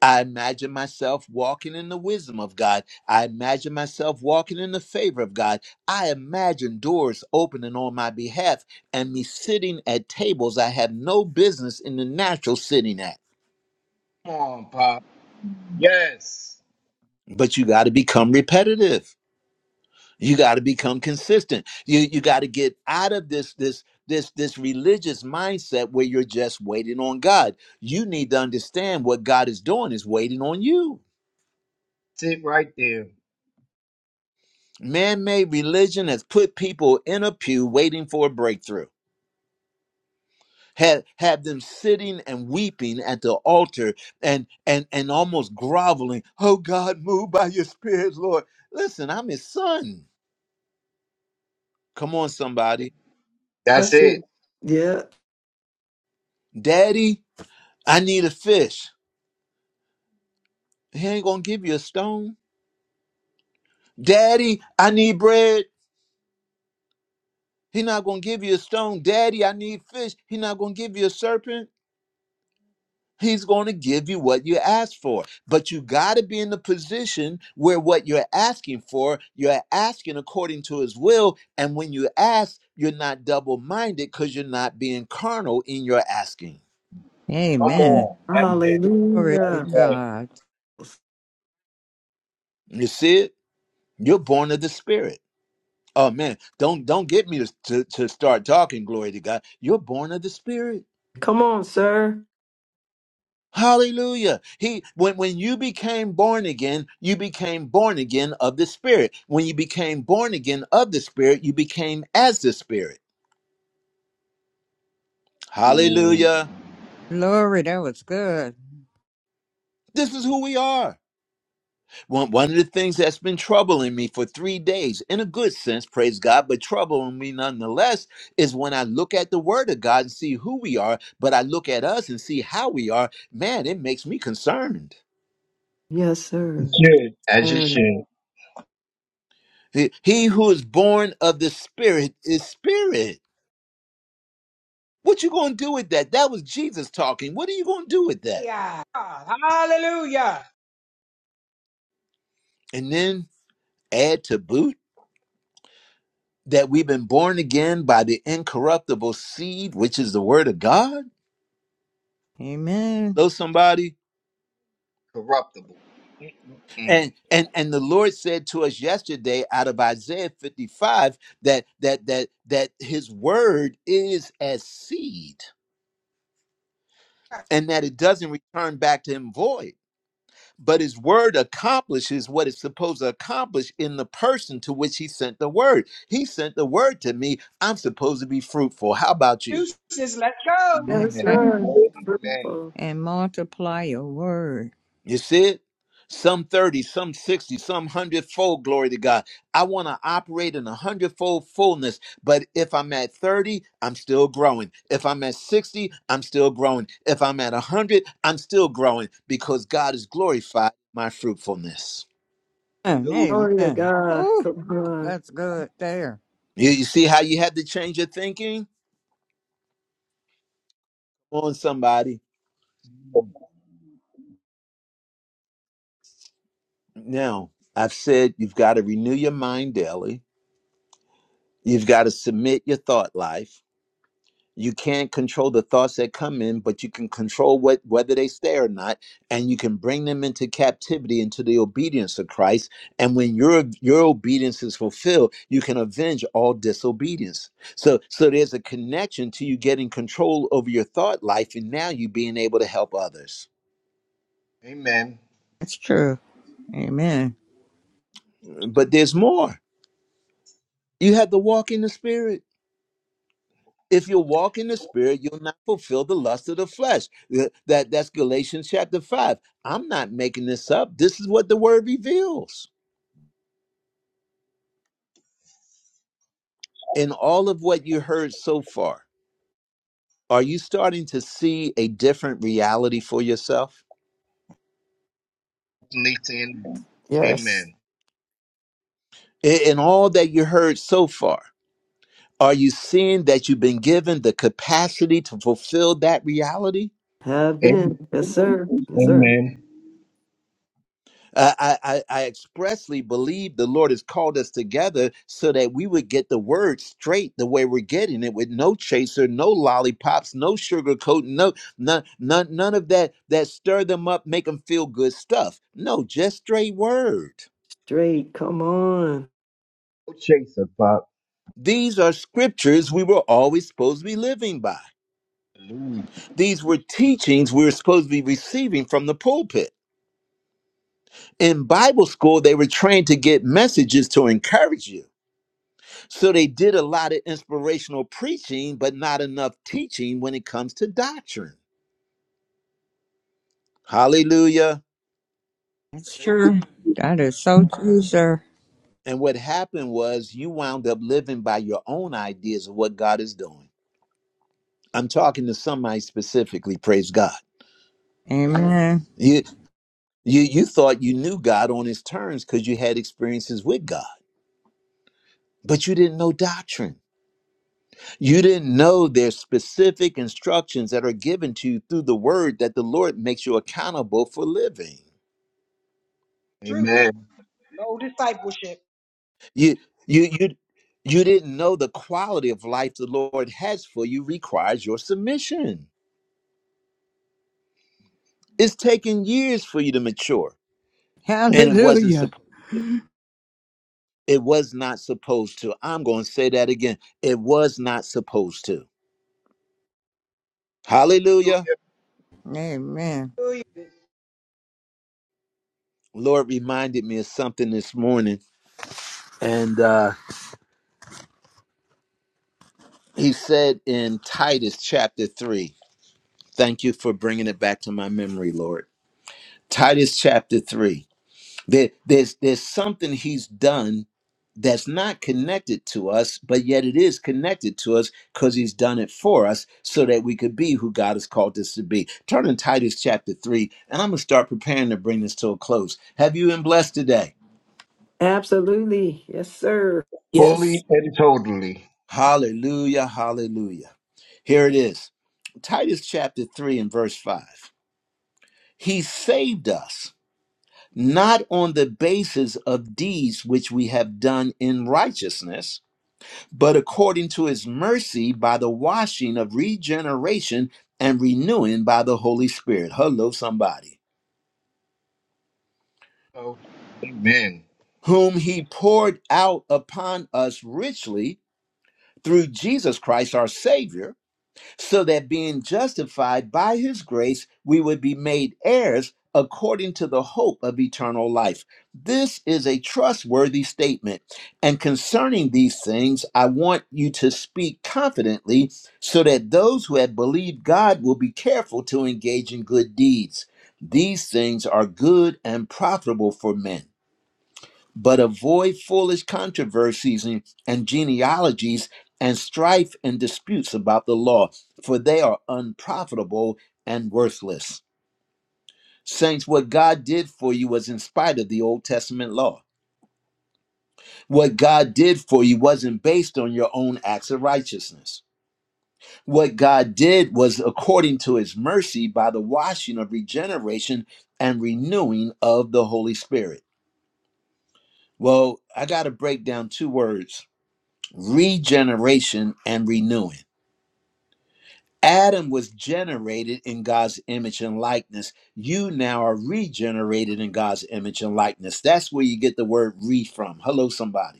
S1: I imagine myself walking in the wisdom of God. I imagine myself walking in the favor of God. I imagine doors opening on my behalf and me sitting at tables I have no business in the natural sitting at.
S5: Come on, Pop. Yes.
S1: But you got to become repetitive. You got to become consistent. You you got to get out of this this this this religious mindset where you're just waiting on God. You need to understand what God is doing is waiting on you.
S5: Sit right there.
S1: Man made religion has put people in a pew waiting for a breakthrough. Had had them sitting and weeping at the altar and and and almost groveling, oh God, move by your spirit, Lord. Listen, I'm his son. Come on, somebody.
S5: That's
S4: That's
S5: it.
S4: it. Yeah.
S1: Daddy, I need a fish. He ain't gonna give you a stone. Daddy, I need bread. He not gonna give you a stone. Daddy, I need fish. He not gonna give you a serpent. He's going to give you what you ask for. But you got to be in the position where what you're asking for, you're asking according to his will. And when you ask, you're not double minded because you're not being carnal in your asking.
S5: Come
S7: Amen.
S5: on. That's it.
S7: Glory to
S4: Hallelujah.
S5: That's right.
S7: God.
S1: You see it? You're born of the spirit. Oh man, don't don't get me to, to, to start talking, glory to God. You're born of the spirit.
S4: Come on, sir.
S1: Hallelujah. He when when you became born again, you became born again of the spirit. When you became born again of the spirit, you became as the spirit.
S5: Ooh,
S1: Hallelujah.
S7: Glory. That was good.
S1: This is who we are. One, one of the things that's been troubling me for three days, in a good sense, praise God, but troubling me nonetheless, is when I look at the Word of God and see who we are, but I look at us and see how we are. Man, it makes me concerned.
S4: Yes, sir.
S5: should. as you should.
S4: Mm.
S5: should.
S1: He he who is born of the Spirit is Spirit. What you gonna do with that? That was Jesus talking. What are you gonna do with that?
S6: Yeah. God. Hallelujah.
S1: And then add to boot that we've been born again by the incorruptible seed, which is the word of God.
S7: Amen.
S1: Hello, somebody.
S5: Corruptible. Mm.
S1: And and and the Lord said to us yesterday out of Isaiah 55 that that that that his word is as seed and that it doesn't return back to him void. but his word accomplishes what it's supposed to accomplish in the person to which he sent the word. He sent the word to me. I'm supposed to be fruitful. How about you?
S6: You just let go.
S7: That's
S4: Yes,
S7: right.
S5: Amen.
S4: sir.
S5: Amen.
S4: Fruitful.
S7: And multiply your word.
S1: You see it? Some 30, some 60, some hundredfold glory to God. I want to operate in a hundredfold fullness, but if I'm at 30, I'm still growing. If I'm at 60, I'm still growing. If I'm at 100, I'm still growing because God is glorified in my fruitfulness.
S5: Hallelujah.
S7: Amen.
S4: Glory to
S7: Amen.
S4: God.
S7: Whew,
S4: Come on.
S7: that's good there.
S1: You, you see how you had to change your thinking? On somebody. Now, I've said you've got to renew your mind daily. You've got to submit your thought life. You can't control the thoughts that come in, but you can control what whether they stay or not, and you can bring them into captivity into the obedience of Christ. And when your your obedience is fulfilled, you can avenge all disobedience. So so there's a connection to you getting control over your thought life and now you being able to help others.
S5: Amen.
S7: That's true. Amen.
S1: But there's more. You have to walk in the spirit. if you walk in the spirit you'll not fulfill the lust of the flesh Th- that that's galatians chapter 5 i'm not making this up this is what the word reveals in all of what you heard so far are you starting to see a different reality for yourself
S5: Listen.
S3: Yes.
S5: Amen.
S1: in, in all that you heard so far are you seeing that you've been given the capacity to fulfill that reality
S4: Have
S5: Amen.
S4: been. Yes,
S5: Amen.
S4: sir. Yes, sir.
S5: Amen.
S1: Uh, I, I, I expressly believe the Lord has called us together so that we would get the word straight the way we're getting it with no chaser, no lollipops, no sugarcoat, no none, none, none of that that stir them up, make them feel good stuff. No, just straight word.
S4: Straight. Come on.
S5: No chaser, Bob.
S1: These are scriptures we were always supposed to be living by.
S5: Hallelujah.
S1: These were teachings we were supposed to be receiving from the pulpit. In Bible school, they were trained to get messages to encourage you So they did a lot of inspirational preaching, but not enough teaching when it comes to doctrine. Hallelujah.
S7: That's true. That is so true, sir.
S1: And what happened was you wound up living by your own ideas of what God is doing. I'm talking to somebody specifically, praise God.
S7: Amen.
S1: You you you thought you knew God on his terms because you had experiences with God, but you didn't know doctrine. You didn't know there's specific instructions that are given to you through the word that the Lord makes you accountable for living.
S6: Truth.
S5: Amen.
S6: No discipleship.
S1: You you you you didn't know the quality of life the Lord has for you requires your submission. It's taken years for you to mature, and it wasn't
S7: Hallelujah.
S1: supposed. It was not supposed to. I'm going to say that again. It was not supposed to. Hallelujah.
S5: Hallelujah.
S7: Amen.
S6: Hallelujah.
S1: Lord reminded me of something this morning, and uh, He said in Titus chapter three. Thank you for bringing it back to my memory, Lord. Titus chapter three. There, there's there's something He's done that's not connected to us, but yet it is connected to us because he's done it for us so that we could be who God has called us to be. Turn in Titus chapter 3, and I'm going to start preparing to bring this to a close. Have you been blessed today?
S4: Absolutely. Yes, sir.
S3: Yes.
S5: Fully and totally.
S1: Hallelujah, hallelujah. Here it is Titus chapter 3 and verse 5. He saved us not on the basis of deeds which we have done in righteousness but according to his mercy by the washing of regeneration and renewing by the Holy Spirit. Hello, somebody.
S5: Oh, amen.
S1: Whom he poured out upon us richly through Jesus Christ our Savior so that being justified by his grace, we would be made heirs according to the hope of eternal life. This is a trustworthy statement. And concerning these things, I want you to speak confidently so that those who have believed God will be careful to engage in good deeds. These things are good and profitable for men but avoid foolish controversies and, and genealogies and strife and disputes about the law, for they are unprofitable and worthless. Saints, what God did for you was in spite of the Old Testament law. What God did for you wasn't based on your own acts of righteousness. What God did was according to his mercy by the washing of regeneration and renewing of the Holy Spirit. Well, I got to break down two words regeneration and renewing. Adam was generated in God's image and likeness. You now are regenerated in God's image and likeness. That's where you get the word re from. Hello, somebody.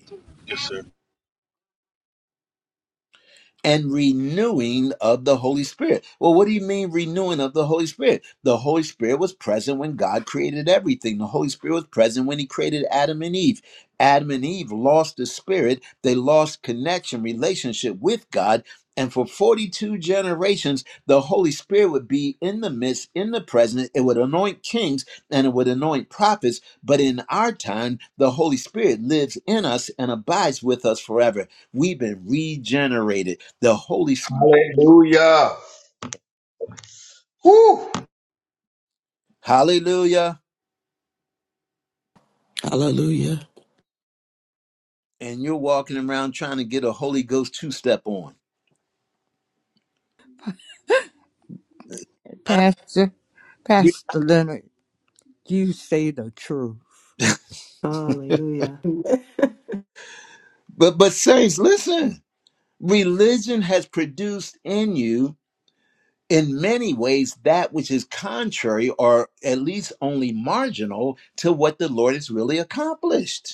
S1: and renewing of the Holy Spirit. Well, what do you mean renewing of the Holy Spirit? The Holy Spirit was present when God created everything. The Holy Spirit was present when he created Adam and Eve. Adam and Eve lost the spirit. They lost connection, relationship with God. And for 42 generations, the Holy Spirit would be in the midst, in the present. It would anoint kings and it would anoint prophets. But in our time, the Holy Spirit lives in us and abides with us forever. We've been regenerated. The Holy Spirit.
S5: Hallelujah. Woo.
S1: Hallelujah.
S3: Hallelujah.
S1: And you're walking around trying to get a Holy Ghost two step on. Uh,
S7: Pastor, Pastor Leonard, you say the truth.
S4: Hallelujah.
S1: But but saints, listen. Religion has produced in you in many ways that which is contrary or at least only marginal to what the Lord has really accomplished.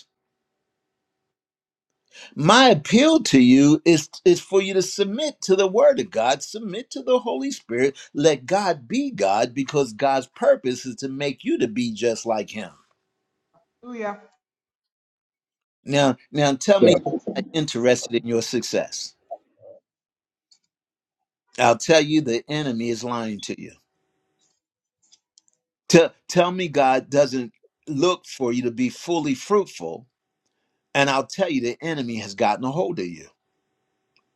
S1: My appeal to you is, is for you to submit to the Word of God, submit to the Holy Spirit, let God be God, because God's purpose is to make you to be just like Him.
S6: Hallelujah.
S1: Now, now tell me,
S5: Yeah.
S1: he's not interested in your success. I'll tell you, the enemy is lying to you. Tell, tell me, God doesn't look for you to be fully fruitful, and I'll tell you, the enemy has gotten a hold of you.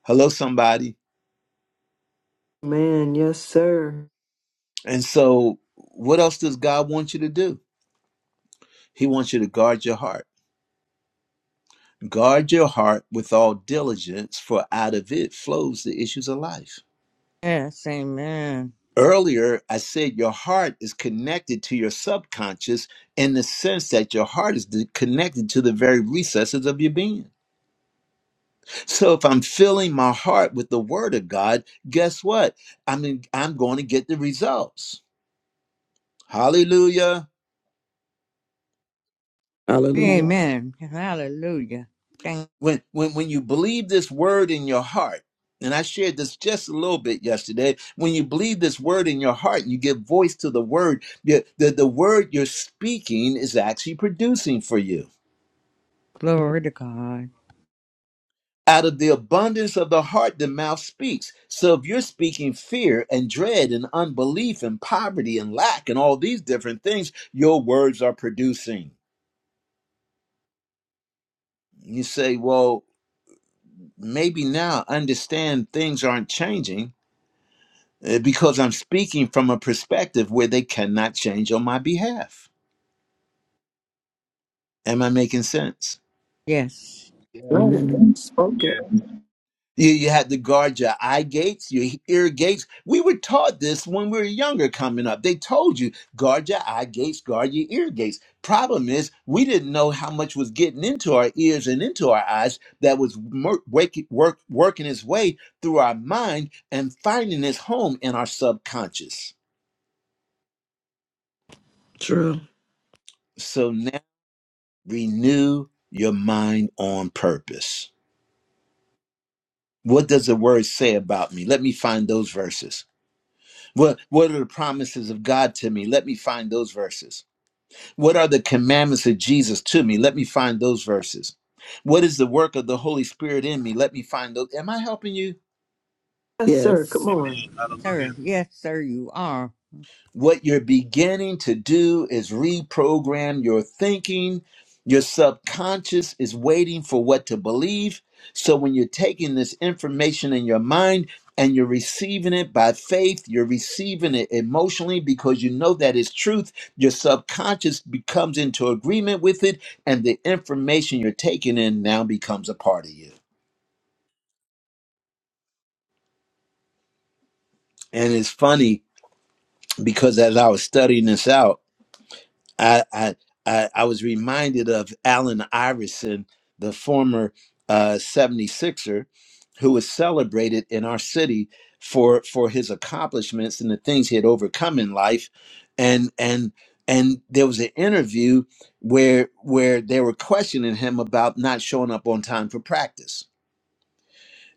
S1: Hello, somebody.
S4: Man, yes, sir.
S1: And so, what else does God want you to do? He wants you to guard your heart. Guard your heart with all diligence, for out of it flows the issues of life.
S7: Yes, amen.
S1: Earlier, I said your heart is connected to your subconscious in the sense that your heart is connected to the very recesses of your being. So if I'm filling my heart with the word of God, guess what? I mean, I'm going to get the results. Hallelujah.
S3: Hallelujah.
S7: Amen. Hallelujah. Thank
S1: when when when you believe this word in your heart and i shared this just a little bit yesterday when you believe this word in your heart you give voice to the word the, the, the word you're speaking is actually producing for you
S7: glory to God.
S1: out of the abundance of the heart the mouth speaks so if you're speaking fear and dread and unbelief and poverty and lack and all these different things your words are producing you say well maybe now I understand things aren't changing Uh, because I'm speaking from a perspective where they cannot change on my behalf. Am I making sense?
S7: Yes,
S5: Yeah.
S4: Right.
S3: Amen.
S4: Spoke
S5: yeah.
S4: it.
S1: You, you had to guard your eye gates, your ear gates. We were taught this when we were younger coming up. They told you, guard your eye gates, guard your ear gates. Problem is, we didn't know how much was getting into our ears and into our eyes that was mer- wake, work, working its way through our mind and finding its home in our subconscious.
S3: True.
S1: So Renew your mind on purpose. What does the word say about me? Let me find those verses. What what are the promises of God to me? Let me find those verses. What are the commandments of Jesus to me? Let me find those verses. What is the work of the Holy Spirit in me? Let me find those. Am I helping you?
S4: Yes, sir.
S3: Yes.
S4: Come on.
S7: sir. Yes, sir, you are.
S1: What you're beginning to do is reprogram your thinking. Your subconscious is waiting for what to believe. So when you're taking this information in your mind and you're receiving it by faith, you're receiving it emotionally because you know that it's truth. Your subconscious becomes into agreement with it, and the information you're taking in now becomes a part of you. And it's funny because as I was studying this out, I I I, I was reminded of Allen Iverson, the former uh, 76er, who was celebrated in our city for for his accomplishments and the things he had overcome in life, and and and there was an interview where where they were questioning him about not showing up on time for practice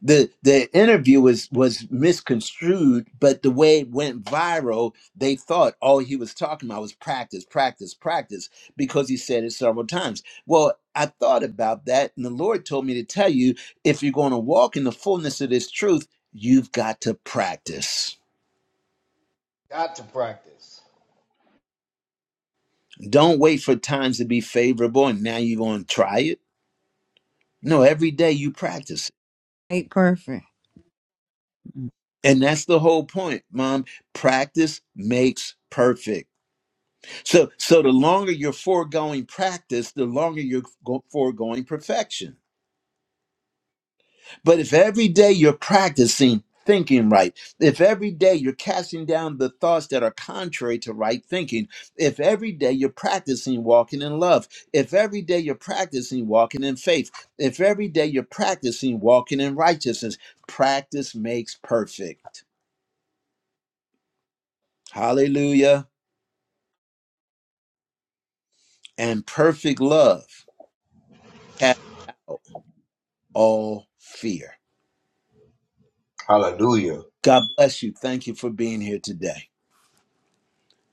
S1: the the interview was was misconstrued but the way it went viral they thought all he was talking about was practice practice practice because he said it several times well i thought about that and the lord told me to tell you if you're going to walk in the fullness of this truth you've got to practice
S5: Got to practice.
S1: don't wait for times to be favorable and now you're going to try it no every day you practice it.
S7: Ain't perfect.
S1: and that's the whole point mom practice makes perfect So, so the longer you're foregoing practice, the longer you're go- foregoing perfection. But if every day you're practicing thinking right, if every day you're casting down the thoughts that are contrary to right thinking, if every day you're practicing walking in love, if every day you're practicing walking in faith, if every day you're practicing walking in righteousness, practice makes perfect. Hallelujah. And perfect love casts out all fear.
S5: Hallelujah.
S1: God bless you. Thank you for being here today.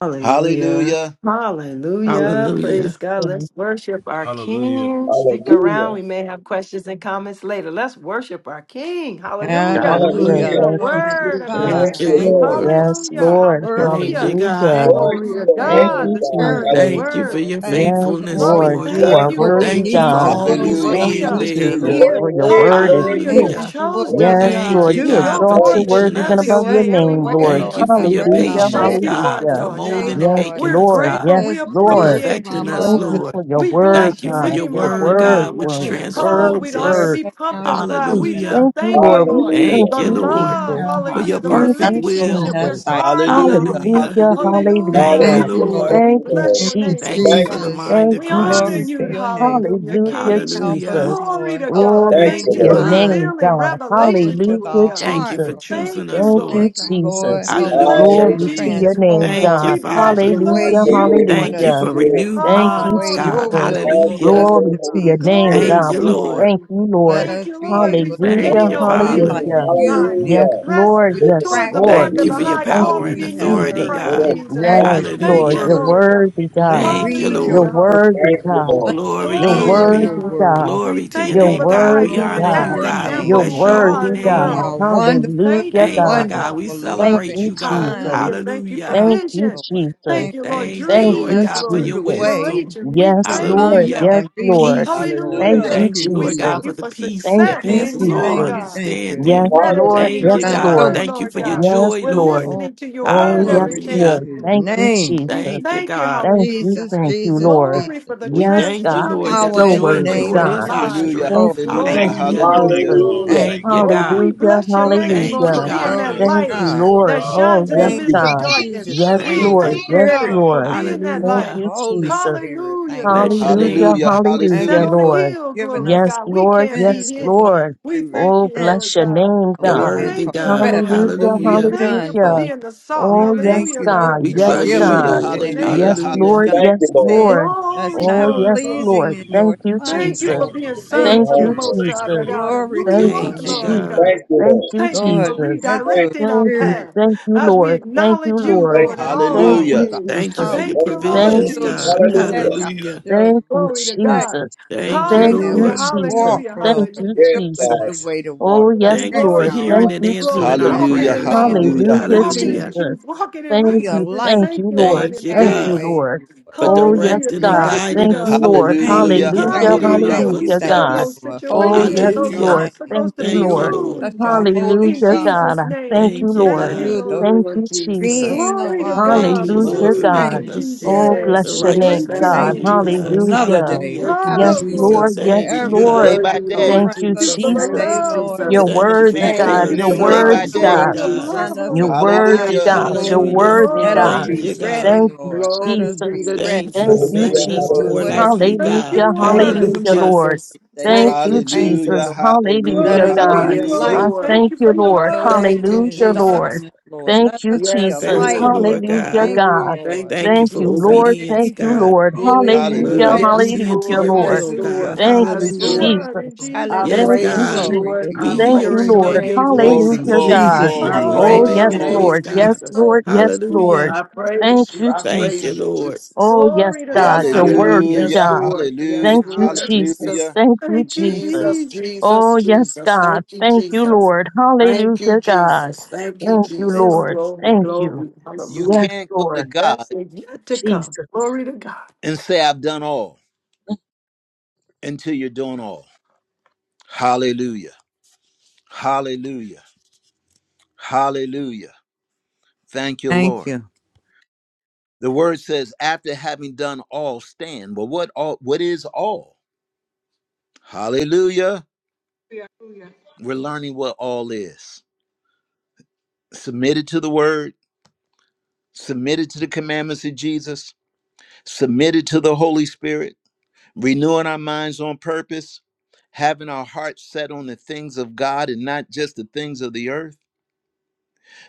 S4: Hallelujah.
S1: Hallelujah.
S4: Hallelujah.
S3: Hallelujah.
S4: Praise God. Let's worship our King. Stick around.
S5: Hallelujah.
S4: We may have questions and comments later. Let's worship our King. Hallelujah.
S2: Hallelujah.
S4: For
S7: Hallelujah.
S3: Hallelujah.
S5: Hallelujah.
S4: The
S2: Thank you,
S7: Glory to
S4: Word of
S2: Jesus.
S7: God.
S3: Thank
S5: Thank
S4: God.
S3: you,
S5: you,
S7: Thank
S5: Lord.
S7: you,
S3: Lord.
S7: Lord,
S2: Yes,
S7: for
S4: Hallelujah.
S7: your
S2: Lord.
S7: word.
S3: Thank you,
S4: Hallelujah.
S3: God.
S7: Thank
S2: Hallelujah.
S5: Glory
S7: you,
S4: Glory
S5: to
S4: to
S7: Lord,
S5: your
S7: for your
S2: Thank
S4: God.
S5: name,
S2: you,
S4: This
S5: God.
S4: Word, this
S7: encouragement,
S2: Jesus.
S3: Thank you for
S5: Hallelujah.
S4: Word.
S7: Lord.
S3: your
S7: Thank
S2: Yes,
S7: you,
S3: faithfulness,
S4: Lord,
S7: Lord,
S4: we
S2: Lord.
S3: Lord
S7: for
S2: You
S4: thank
S2: are
S3: God.
S5: Thank
S4: you
S7: what
S5: you,
S7: we
S2: worthy,
S4: for
S3: Thank
S4: it,
S3: you for
S7: need
S4: God.
S7: to
S2: God.
S7: know,
S3: always
S7: what
S1: Hallelujah.
S2: Thank
S7: we
S4: Hallelujah.
S3: being
S2: you,
S7: need
S3: there,
S7: to
S2: Jesus,
S1: Hallelujah.
S7: hear,
S3: Lord.
S2: for your
S7: Lord.
S5: Glory,
S2: word is
S5: glory,
S4: Hallelujah.
S2: truth.
S7: Thank
S4: You
S5: glory.
S7: you
S3: Hallelujah.
S7: for what
S4: chose
S7: we
S5: Hallelujah.
S4: us,
S2: Yes,
S7: need to
S3: Thank
S4: God.
S2: Lord,
S3: you,
S4: You
S2: you
S7: do,
S3: God,
S4: show
S3: for
S2: exalt
S7: Lord.
S2: your
S5: Thank
S4: forth
S5: you,
S4: it
S2: word
S3: teaching
S2: even
S4: every
S3: us.
S7: Show
S2: above your
S7: us
S4: day,
S7: the
S4: every
S2: name,
S7: way,
S2: Lord.
S3: Thank
S4: moment.
S7: Lord.
S3: you for your
S7: Direct
S4: We
S5: thank you,
S7: our
S2: Hallelujah,
S3: patience,
S4: thank
S5: Lord.
S7: path
S4: you for
S3: God,
S4: it,
S2: hallelujah.
S7: this
S3: for
S4: Lord
S7: day,
S3: molding
S4: God.
S3: and
S2: Yes,
S7: Lord.
S3: making
S4: We're
S3: us,
S2: Lord,
S7: Let
S3: God,
S4: grateful.
S2: yes,
S4: We
S7: us
S3: for
S2: Lord.
S7: words of
S4: appreciate you,
S7: our
S3: perfecting us,
S4: Lord
S2: Thank
S7: mouths
S2: you
S4: God.
S3: Lord.
S2: for your
S4: We
S2: word,
S3: Thank
S4: bless
S3: you
S4: your
S3: for
S2: God.
S3: your
S4: name.
S2: Your
S3: word,
S7: and
S2: word,
S3: God,
S4: Hallelujah.
S3: which
S2: word,
S7: hearts, Lord.
S2: word,
S4: Oh, we
S3: transforms
S4: don't
S7: The
S4: have to
S7: words
S3: us.
S2: word,
S4: be
S7: of
S4: pumped
S7: our
S4: up
S7: mouths
S4: pride.
S2: truth.
S4: We
S7: and
S4: just
S3: Hallelujah.
S2: Thank you,
S4: thank you,
S2: Lord. We
S4: Lord.
S2: thank
S5: Hallelujah.
S3: Thank
S4: The
S3: you,
S2: you,
S3: Lord,
S2: Jesus.
S4: love,
S7: our
S3: for
S4: hallelujah,
S3: your
S7: heart
S4: the
S7: be
S2: Thank
S3: perfect
S2: you,
S7: acceptable in
S4: relationship.
S3: will.
S7: thy
S4: We're
S2: Jesus.
S7: sight.
S4: guarding our
S1: Hallelujah.
S4: hearts.
S3: Hallelujah.
S2: Hallelujah,
S1: Hallelujah.
S7: We
S4: Hallelujah,
S3: Thank you,
S2: hallelujah.
S7: thank you,
S5: Hallelujah.
S4: hallelujah.
S3: Lord.
S7: Lord.
S5: Thank
S4: We
S2: Thank
S5: you,
S7: We
S2: you,
S4: bless
S5: Lord.
S7: thank
S4: your
S7: you,
S4: name,
S3: Thank
S2: Jesus.
S3: you
S4: Lord
S3: for
S5: Thank
S3: the
S5: you,
S4: God.
S7: Jesus.
S3: mind
S2: Thank
S3: of
S4: We
S2: you,
S4: honor
S7: Glory
S3: Christ.
S7: to
S4: you,
S2: Jesus.
S7: your name,
S4: hallelujah,
S7: Father.
S2: Hallelujah,
S4: King.
S7: Help us,
S3: Hallelujah.
S2: Jesus.
S4: Glory
S7: Lord.
S4: to
S7: Help us
S4: God.
S7: with
S2: Glory
S5: thank
S4: Thank
S7: this
S2: to
S3: Thank
S5: you,
S4: you
S3: you,
S2: your
S4: for
S5: Lord.
S7: mind.
S3: Lord.
S2: name,
S4: revealing
S2: God.
S7: Help us
S4: revelation
S7: with
S4: to us,
S2: Hallelujah,
S7: our
S4: God.
S3: Thank you
S7: heart,
S3: for
S2: Jesus.
S7: Lord.
S3: choosing
S4: Thank you,
S3: us,
S2: Thank
S3: Lord.
S2: you,
S4: Lord
S7: Thank you,
S4: God.
S7: Lord.
S2: Jesus.
S4: We
S7: Help us to
S4: bless you,
S3: Hallelujah.
S7: be
S2: Glory to
S5: Hallelujah.
S4: Jesus.
S2: your name,
S3: Thank
S7: transformed
S3: you,
S4: We
S2: God.
S4: bless
S3: Father.
S7: the
S4: you,
S7: way
S5: Have
S4: Lord
S2: Hallelujah,
S5: your
S7: you
S5: way,
S4: Jesus.
S7: want
S3: Thank
S5: Holy
S3: you
S2: hallelujah.
S7: us
S3: for
S7: to
S5: Spirit.
S7: be,
S3: renewed
S2: Thank
S7: the
S2: you,
S3: minds,
S7: way
S4: Oh,
S7: your
S3: God.
S4: glory.
S2: Jesus.
S7: will
S5: Have
S7: for
S5: your
S3: Hallelujah.
S7: us
S5: way,
S2: Glory
S7: to
S2: to
S5: Holy
S2: your
S7: be, to
S2: name,
S5: Spirit.
S4: Glory
S3: Thank
S7: do,
S2: God.
S3: you,
S4: to the
S2: We
S7: Lord.
S3: Lord.
S2: thank
S4: King.
S2: you,
S7: Let
S2: Lord.
S4: Thank
S7: us
S4: you,
S7: be
S4: Lord. We
S7: able to
S3: Thank
S4: forgetting
S2: Hallelujah,
S3: you,
S4: those
S5: Oh,
S7: be
S4: things
S3: Father.
S4: which
S7: like
S5: yeah.
S4: we
S2: hallelujah.
S7: you,
S4: behind. We
S7: dear
S4: are
S2: Yes,
S7: God.
S4: pressed
S2: Lord,
S5: Hallelujah.
S7: We
S2: yes,
S5: Deliverance.
S4: toward the
S7: practice
S4: mark
S2: Lord.
S3: Thank
S4: of
S3: you
S4: the
S3: for your
S5: Hallelujah.
S4: high
S2: Thank
S7: what
S3: power
S2: you,
S4: calling
S3: and
S7: we
S4: in you
S7: have
S4: in
S3: authority,
S2: Jesus.
S7: heard
S4: Christ
S7: when
S3: God.
S5: Oh,
S7: we
S4: Jesus.
S5: thank,
S2: Yes,
S5: you,
S7: practice your
S4: Thank
S2: Lord,
S4: you,
S3: Hallelujah.
S2: you're
S7: word,
S4: Lord God.
S2: worthy,
S7: le-
S2: God.
S3: Thank you,
S7: read
S2: You're
S4: Hallelujah,
S3: Lord.
S7: your word,
S4: hallelujah.
S2: worthy,
S5: thank you,
S2: God.
S5: Lord.
S3: Glory,
S2: You're
S4: Glory to
S7: understand
S3: glory,
S7: your
S2: worthy,
S4: God.
S7: word.
S2: God.
S4: We
S3: glory to your
S4: thank
S2: You're
S4: you
S7: Lord,
S4: for
S3: name,
S4: the
S3: God.
S4: life
S3: We
S2: worthy,
S4: and
S7: glory
S3: honor
S7: to
S3: you,
S2: God.
S4: pattern
S7: your
S3: God. We
S2: You're
S4: example
S7: name.
S4: who
S3: bless
S4: we
S3: your holy
S2: worthy,
S4: are in the
S7: You
S3: name.
S2: God.
S4: world.
S7: are
S4: We
S7: wonderful,
S4: thank
S2: Hallelujah,
S4: you,
S3: Thank you,
S4: Lord
S2: God.
S7: wonderful,
S3: God.
S4: God.
S3: We
S2: Thank
S7: loving,
S3: celebrate
S2: you,
S3: you, God.
S7: kind
S2: Jesus.
S4: Hallelujah. Thank you for
S3: Hallelujah.
S7: God,
S2: Thank you,
S4: vision.
S7: Lord.
S2: Jesus.
S4: Thank
S7: Thank
S4: you, Lord.
S7: you
S3: Thank you,
S2: Thank
S7: taking
S3: Lord
S4: Dreams,
S2: you,
S7: us
S3: God, for
S7: through
S4: glory,
S3: your
S7: the
S2: Jesus.
S7: way
S3: wisdom.
S4: inspiration. We
S7: to
S2: Yes,
S4: thank you,
S2: Lord.
S7: come
S4: God.
S3: Hallelujah.
S2: Yes,
S7: and be with
S2: Lord.
S3: Peace.
S7: you, Lord.
S2: Thank
S4: Hallelujah.
S2: you,
S1: Hallelujah.
S7: Thank
S3: Thank you,
S7: you,
S4: We
S3: Lord
S2: Jesus.
S3: God,
S4: thank
S7: Jesus.
S3: for
S4: you
S3: the
S4: for
S3: peace
S2: Thank
S3: that
S4: success
S2: you,
S7: Thank
S4: in
S3: passes
S7: you,
S3: all
S4: you,
S7: thank
S2: Jesus.
S7: you,
S4: God.
S7: thank you
S4: We're
S2: Yes,
S3: understanding.
S7: so much.
S2: Lord.
S4: meditating
S7: You've
S5: Hallelujah.
S3: Thank you,
S4: on
S2: Yes,
S4: your
S7: done
S3: God.
S7: so
S2: Lord.
S4: word,
S7: much
S3: Thank you
S4: Lord
S3: for your
S7: for
S4: God.
S7: us.
S2: Yes,
S3: joy,
S4: We're
S2: Lord.
S3: Lord.
S7: Oh.
S4: listening to your
S2: Oh,
S4: word every
S2: yes,
S7: Glory
S4: chance
S7: to
S3: Hallelujah.
S2: Lord.
S4: we
S7: his
S4: can,
S2: Thank
S4: Lord.
S2: you,
S7: name.
S2: Jesus.
S4: We
S3: Thank you,
S4: thank you,
S3: God.
S2: Thank you,
S4: hallelujah.
S7: Jesus,
S2: thank you,
S7: Jesus,
S2: Lord.
S4: Glory
S7: Jesus.
S4: for the
S3: We
S2: Yes,
S3: thank you,
S7: There's
S2: God. You're
S4: transforming
S3: Lord, that
S4: that's
S3: the
S7: power
S2: so
S7: in
S4: taking
S3: joy
S7: the
S3: of the
S2: worthy,
S4: place
S7: name
S4: in
S3: Lord
S7: of
S4: our
S3: is
S2: God.
S3: our
S7: Jesus.
S4: lives.
S1: Hallelujah.
S2: Thank
S7: Lord,
S3: strength.
S2: you,
S7: thank
S2: thank
S7: you.
S4: Glory,
S2: you,
S3: Hallelujah.
S4: glory,
S1: Hallelujah.
S2: Jesus.
S4: glory.
S5: Hallelujah.
S7: Thank
S3: Thank you,
S7: you.
S4: Oh, we
S3: God.
S2: Hallelujah,
S4: bless your
S7: Lord,
S4: name,
S3: Thank
S4: Lord, for
S3: you,
S2: hallelujah.
S4: being
S3: God.
S4: that
S7: glory to
S2: Thank
S4: light
S2: you,
S7: God.
S2: Lord.
S4: that
S2: Oh,
S4: shines in the
S2: yes,
S5: Thank
S7: Thank
S4: midst
S5: you,
S7: you,
S4: of
S2: God.
S5: Jesus.
S4: darkness.
S7: Jesus,
S2: Yes,
S7: for
S4: We
S3: Thank
S7: your
S2: Lord.
S3: you.
S4: thank you,
S2: Yes,
S7: spirit.
S4: God, for
S2: Lord.
S7: Thank
S4: being that
S7: you for
S2: Thank
S4: light.
S3: Hallelujah.
S7: the
S2: you,
S7: Holy
S2: Jesus.
S7: Spirit.
S4: Hallelujah,
S7: Thank you,
S1: Hallelujah.
S3: Bless
S4: glory
S3: your
S4: to
S7: Lord.
S4: God.
S2: Hallelujah,
S3: name.
S4: We
S7: Thank
S4: set
S2: hallelujah,
S1: Hallelujah.
S7: you
S4: on a
S7: for
S2: Lord.
S4: hill,
S7: giving
S4: glory to
S7: us
S2: Yes,
S4: God. We
S2: Lord,
S4: can't be
S7: offense
S2: yes,
S7: as long
S4: hidden.
S2: Lord.
S7: as we
S4: We thank
S2: Oh,
S4: you,
S7: repent
S4: Lord
S2: bless your
S4: God.
S2: name,
S3: You're
S7: oh,
S4: We
S2: God.
S7: and
S3: worthy,
S4: thank you,
S3: God.
S7: confess
S4: Lord.
S2: Hallelujah,
S7: what we
S4: We
S3: Hallelujah.
S7: have
S4: thank you
S7: done,
S4: for
S7: Lord.
S2: hallelujah.
S4: being the salt.
S7: We
S2: Oh,
S7: thank
S2: yes,
S4: Hallelujah. The
S7: you, Lord.
S2: God,
S4: earth.
S3: We
S2: yes,
S3: trust
S4: We
S7: Forgive us
S3: you,
S1: Hallelujah. Hallelujah.
S7: if
S2: God.
S4: bless your
S3: Lord.
S7: anything that
S1: Hallelujah.
S4: name,
S2: Yes,
S4: Jesus.
S7: we've
S3: Hallelujah.
S2: Lord,
S7: done,
S5: Thank you,
S2: yes,
S5: Lord.
S7: said
S2: Lord.
S7: that's
S4: Glory,
S2: Oh,
S7: not
S4: glory,
S2: yes,
S4: glory.
S7: pleasing
S2: Lord.
S7: in
S2: Thank
S7: your
S2: you,
S4: Thank
S7: sight,
S4: you
S2: Jesus.
S4: for
S7: Lord.
S4: being
S5: Come
S7: Thank
S2: Thank
S4: sons of the
S2: you,
S5: home,
S7: you.
S4: Most
S5: Lord.
S4: High the
S2: Jesus.
S4: God of
S7: Glory
S4: who
S7: to
S4: you
S2: Thank you,
S7: your
S4: are,
S3: Thank you,
S4: Lord
S7: name.
S2: Jesus.
S3: God.
S5: Thank
S4: God.
S5: you,
S2: Thank
S5: Lord.
S2: you,
S4: Thank you
S7: Lord,
S4: for
S2: Jesus.
S7: let
S5: Thank,
S7: your
S4: redirecting our
S2: Thank you,
S7: spirit
S4: path
S2: thank you,
S4: as we
S2: Lord. Thank
S4: acknowledge
S2: you,
S7: come
S4: you,
S5: thank
S2: Lord.
S7: through
S4: Lord, in
S7: our
S4: all
S2: Thank
S4: our
S2: you,
S7: homes,
S1: Hallelujah.
S5: Now,
S4: ways.
S7: our
S3: Thank you
S2: Jesus.
S3: for
S7: houses,
S3: your
S4: Thank
S5: praise
S4: you,
S5: the
S7: our
S4: Lord
S2: Thank
S5: Lord.
S3: provisions,
S2: you,
S7: children.
S3: God.
S4: Jesus.
S5: Hallelujah.
S7: Protect
S2: Jesus.
S7: our
S3: Hallelujah.
S2: Thank
S7: children.
S2: you,
S4: Glory to
S7: Protect
S4: God.
S2: Jesus.
S7: the
S3: Thank you,
S7: way
S2: Thank
S7: that
S2: you,
S4: Hallelujah,
S3: Lord.
S7: we
S2: Jesus.
S7: walk,
S4: hallelujah,
S7: Lord.
S2: Thank you,
S4: hallelujah.
S5: Yes,
S7: Show us
S5: God.
S7: the
S2: Jesus.
S7: way to walk.
S2: Oh,
S4: Glory,
S2: yes,
S3: Thank you
S7: Direct
S3: for
S2: Lord.
S4: glory,
S7: our
S3: hearing
S7: way.
S2: Thank
S3: and
S4: glory,
S2: you,
S1: Hallelujah. Hallelujah. Hallelujah.
S4: glory.
S3: answering our
S2: Jesus.
S7: At
S4: Walking
S7: that
S4: in
S1: Hallelujah.
S3: prayers,
S7: lamp
S4: love,
S3: Lord.
S7: at the
S2: Hallelujah,
S4: walking
S7: feet
S4: in
S3: Hallelujah.
S2: Jesus.
S4: truth, walking in
S2: Thank
S7: Be a
S2: you,
S4: righteousness.
S2: thank
S7: light
S4: Thank
S2: you,
S4: you,
S7: to our
S2: Lord.
S4: Lord,
S3: Thank
S4: in
S3: you,
S2: Thank you,
S3: God.
S4: peace.
S7: pathways,
S2: Lord.
S7: Lord.
S3: for
S2: Oh,
S7: Thank you,
S2: yes,
S4: Hallelujah.
S3: directing and
S2: God.
S7: Jesus.
S4: Thank you,
S3: guiding
S2: Thank you,
S3: us,
S4: God.
S2: Lord.
S3: Lord.
S7: Thank
S1: Hallelujah.
S7: you,
S3: Hallelujah.
S2: Hallelujah,
S7: thank you,
S3: Ordering our
S4: Hallelujah.
S1: Hallelujah.
S7: thank
S4: We
S7: you,
S2: hallelujah,
S7: thank
S4: tell
S1: Hallelujah.
S2: God.
S4: those
S3: footsteps.
S7: you, Lord. Holy
S2: Oh,
S8: you,
S4: situations,
S2: yes,
S7: is
S4: those
S7: your
S8: Jesus.
S3: Hallelujah.
S2: Lord.
S7: name.
S4: obstacles
S2: Thank
S4: to
S2: you,
S4: be
S3: Thank
S7: You
S3: you,
S7: are
S2: Lord.
S3: Lord.
S4: moved
S7: such a
S8: Thank you,
S4: in
S7: holy
S2: Hallelujah,
S7: God.
S2: God.
S4: Jesus'
S8: Jesus.
S2: I
S4: name.
S2: thank
S4: We
S2: you,
S3: Thank you,
S4: thank
S2: Lord.
S4: you,
S8: Thank
S3: God.
S7: You're the
S8: you,
S4: Lord.
S2: Thank
S8: Lord
S2: you,
S8: Jesus.
S2: Jesus.
S7: being of
S4: Glory to
S7: our
S8: Thank
S7: life,
S8: you,
S3: Thank
S4: God.
S3: you, Lord,
S2: Hallelujah,
S7: Lord.
S3: for
S8: Jesus.
S4: Move
S2: God.
S4: in
S3: making
S7: Thank you,
S3: us
S4: Jesus'
S2: Oh,
S7: Jesus.
S4: name.
S3: the
S8: Yes,
S2: bless
S4: We
S2: your name,
S8: Lord.
S4: thank
S3: righteousness
S8: Thank
S4: you,
S3: of
S2: God.
S7: Thank
S8: you,
S4: Lord.
S3: you,
S7: you for
S3: God.
S8: Jesus.
S7: another
S2: Hallelujah.
S7: day.
S3: Hallelujah.
S8: Thank you,
S1: This
S2: Yes,
S4: Oh,
S1: is
S4: glory,
S7: Hallelujah.
S2: Lord.
S8: Jesus.
S4: glory,
S2: Yes,
S3: Thank you,
S8: You
S7: Whatever
S4: glory.
S1: renewed day
S2: Lord.
S3: God.
S8: worthy,
S1: by
S7: that
S4: We
S1: day.
S8: Lord
S7: confronts
S2: Thank you,
S4: thank you
S7: us
S4: for
S8: Jesus.
S7: this
S4: the
S8: Thank
S7: day,
S8: you,
S2: Jesus.
S4: love,
S7: Lord,
S2: You're
S1: This
S8: Jesus.
S4: glory.
S1: inner
S3: Thank you for
S2: worthy,
S3: your
S1: man
S7: protect
S8: Thank
S1: is
S7: us,
S4: Thank
S2: God.
S4: you
S8: you
S2: You're
S4: for
S1: renewed
S7: be in
S8: so
S4: your
S1: day by
S7: front
S2: worthy,
S3: characteristics,
S8: much,
S7: of
S2: God.
S7: us,
S1: day.
S3: Lord
S8: Lord
S4: outpouring of
S3: God.
S7: behind
S8: Jesus.
S4: love
S7: us,
S4: on
S2: You're
S7: and
S4: us,
S8: I
S4: God.
S7: beside
S2: worthy,
S1: Hallelujah.
S8: praise
S7: us,
S8: your
S2: God. You're
S7: Lord.
S8: name
S3: Hallelujah.
S8: this
S2: worthy,
S7: Let us
S4: Oh,
S8: morning,
S2: God.
S3: Thank
S7: be
S3: you,
S4: glory,
S8: Jesus.
S3: God.
S7: ready,
S2: Thank
S4: glory.
S2: you,
S7: Lord. Let
S8: Glory
S7: us
S8: be
S7: be
S2: Jesus.
S8: to
S7: ready
S3: Thank you
S2: Thank
S3: for
S8: Jesus.
S2: you,
S8: Thank
S3: making
S5: Hallelujah.
S2: Jesus.
S3: us
S8: you,
S7: for
S3: more
S5: Hallelujah.
S3: like
S8: Jesus.
S7: whatever
S3: you,
S2: Hallelujah.
S4: Thank
S3: God.
S4: you,
S7: challenge that
S8: Thank
S7: comes
S4: Lord.
S2: Hallelujah,
S8: you,
S7: upon us
S3: Hallelujah.
S2: Lord.
S8: Jesus.
S7: this day,
S2: Thank
S7: Lord.
S8: Thank
S2: you,
S8: you,
S7: Thank you,
S2: Jesus.
S1: Hallelujah,
S8: Jesus.
S7: Lord.
S1: hallelujah,
S7: Let
S2: Hallelujah,
S4: Glory,
S7: us be
S8: Mm,
S2: God.
S7: a
S4: glory,
S8: yes,
S1: hallelujah,
S2: I
S4: glory.
S7: light
S8: Lord.
S4: Thank
S2: thank
S4: you for
S2: you,
S4: your
S7: to
S2: Lord.
S4: love,
S7: those
S8: Thank
S7: who are
S8: you,
S7: in
S2: Hallelujah, Lord.
S8: Jesus.
S7: darkness, Lord. Let
S2: Thank you,
S7: us be a
S8: Yes,
S2: Jesus.
S3: Thank you,
S7: light,
S8: Lord.
S3: Lord
S7: Lord.
S2: Hallelujah,
S3: God.
S7: Thank you,
S2: God.
S8: Mm,
S7: Lord.
S8: thank you,
S3: Thank you
S2: Thank
S3: for
S2: you, Lord.
S8: Jesus.
S3: obedience,
S2: Thank
S7: Praise
S2: you,
S3: God.
S7: your
S2: Lord.
S7: holy name.
S3: We're
S2: Hallelujah.
S8: Mm,
S1: hallelujah.
S7: Thank
S8: yes,
S7: you.
S3: obedient to
S2: Hallelujah,
S3: your
S8: Lord.
S2: Lord.
S8: Yes,
S3: will, God.
S7: Hallelujah.
S8: Lord.
S2: Thank you,
S8: Yes,
S4: to
S3: Hallelujah.
S8: Lord.
S7: Hallelujah.
S4: God, in
S2: Jesus.
S8: I
S4: Jesus'
S3: Yes,
S2: Thank
S4: name.
S7: Hallelujah.
S2: you,
S8: praise you,
S3: God.
S7: Glory
S8: Lord.
S2: Jesus.
S7: to
S8: I
S3: We
S7: your
S2: Thank
S3: hear
S2: you,
S8: praise
S7: holy
S3: and
S8: your
S3: know
S2: Lord.
S7: name.
S3: your
S8: name,
S3: voice.
S1: Glory,
S7: In
S3: We
S8: Jesus.
S2: Hallelujah,
S1: glory,
S3: listen
S2: God.
S3: to
S7: Jesus'
S3: your
S8: I
S1: glory,
S7: name.
S3: voice,
S7: Amen.
S2: Oh,
S1: glory,
S8: praise
S3: obey
S2: yes,
S8: your
S3: your
S1: glory.
S3: voice,
S8: name,
S2: Lord.
S7: Thank
S2: Yes,
S3: God.
S7: you,
S8: Jesus.
S4: Hallelujah.
S7: Lord.
S2: Lord. Yes, Lord.
S3: Hallelujah.
S8: I praise
S2: Thank
S8: you.
S2: you,
S8: I
S3: Thank you,
S8: praise
S2: Jesus.
S8: you,
S3: Lord.
S8: Jesus.
S2: Oh, yes,
S4: Glory to
S2: God.
S8: Yes,
S4: God.
S2: You're
S4: You-
S8: Lord.
S2: worthy,
S3: Hallelujah.
S8: Yes,
S1: Hallelujah,
S4: Jesus.
S2: God.
S8: Lord.
S1: hallelujah,
S8: Yes,
S2: Thank you,
S8: Lord.
S6: Hallelujah.
S2: Jesus.
S1: hallelujah.
S8: Jesus.
S2: Thank you,
S4: Thank you,
S2: Jesus.
S8: Jesus.
S4: Jesus.
S8: Jesus.
S2: Oh, yes,
S8: Jesus.
S2: God.
S8: Thank you,
S2: Thank you,
S8: Jesus.
S2: Lord.
S8: Thank you,
S2: Hallelujah, God.
S8: Jesus. Thank you,
S2: Thank you,
S4: Well,
S8: Jesus.
S2: Lord.
S4: just
S8: Glory,
S2: Thank
S4: be
S2: you.
S8: glory.
S1: You
S4: yes.
S8: Hallelujah.
S2: Yes,
S1: can't go to
S4: The
S2: Lord.
S1: God
S4: best is yet to come.
S2: Jesus.
S4: Glory to God.
S1: and say, I've done all until you're doing all. Hallelujah, hallelujah, hallelujah. Thank you,
S7: Thank
S1: Lord.
S7: you.
S1: The word says, after having done all, stand. Well, what all what is all? Hallelujah.
S6: Hallelujah.
S1: We're learning what all is. Submitted to the word submitted to the commandments of Jesus, submitted to the Holy Spirit, renewing our minds on purpose, having our hearts set on the things of God and not just the things of the earth,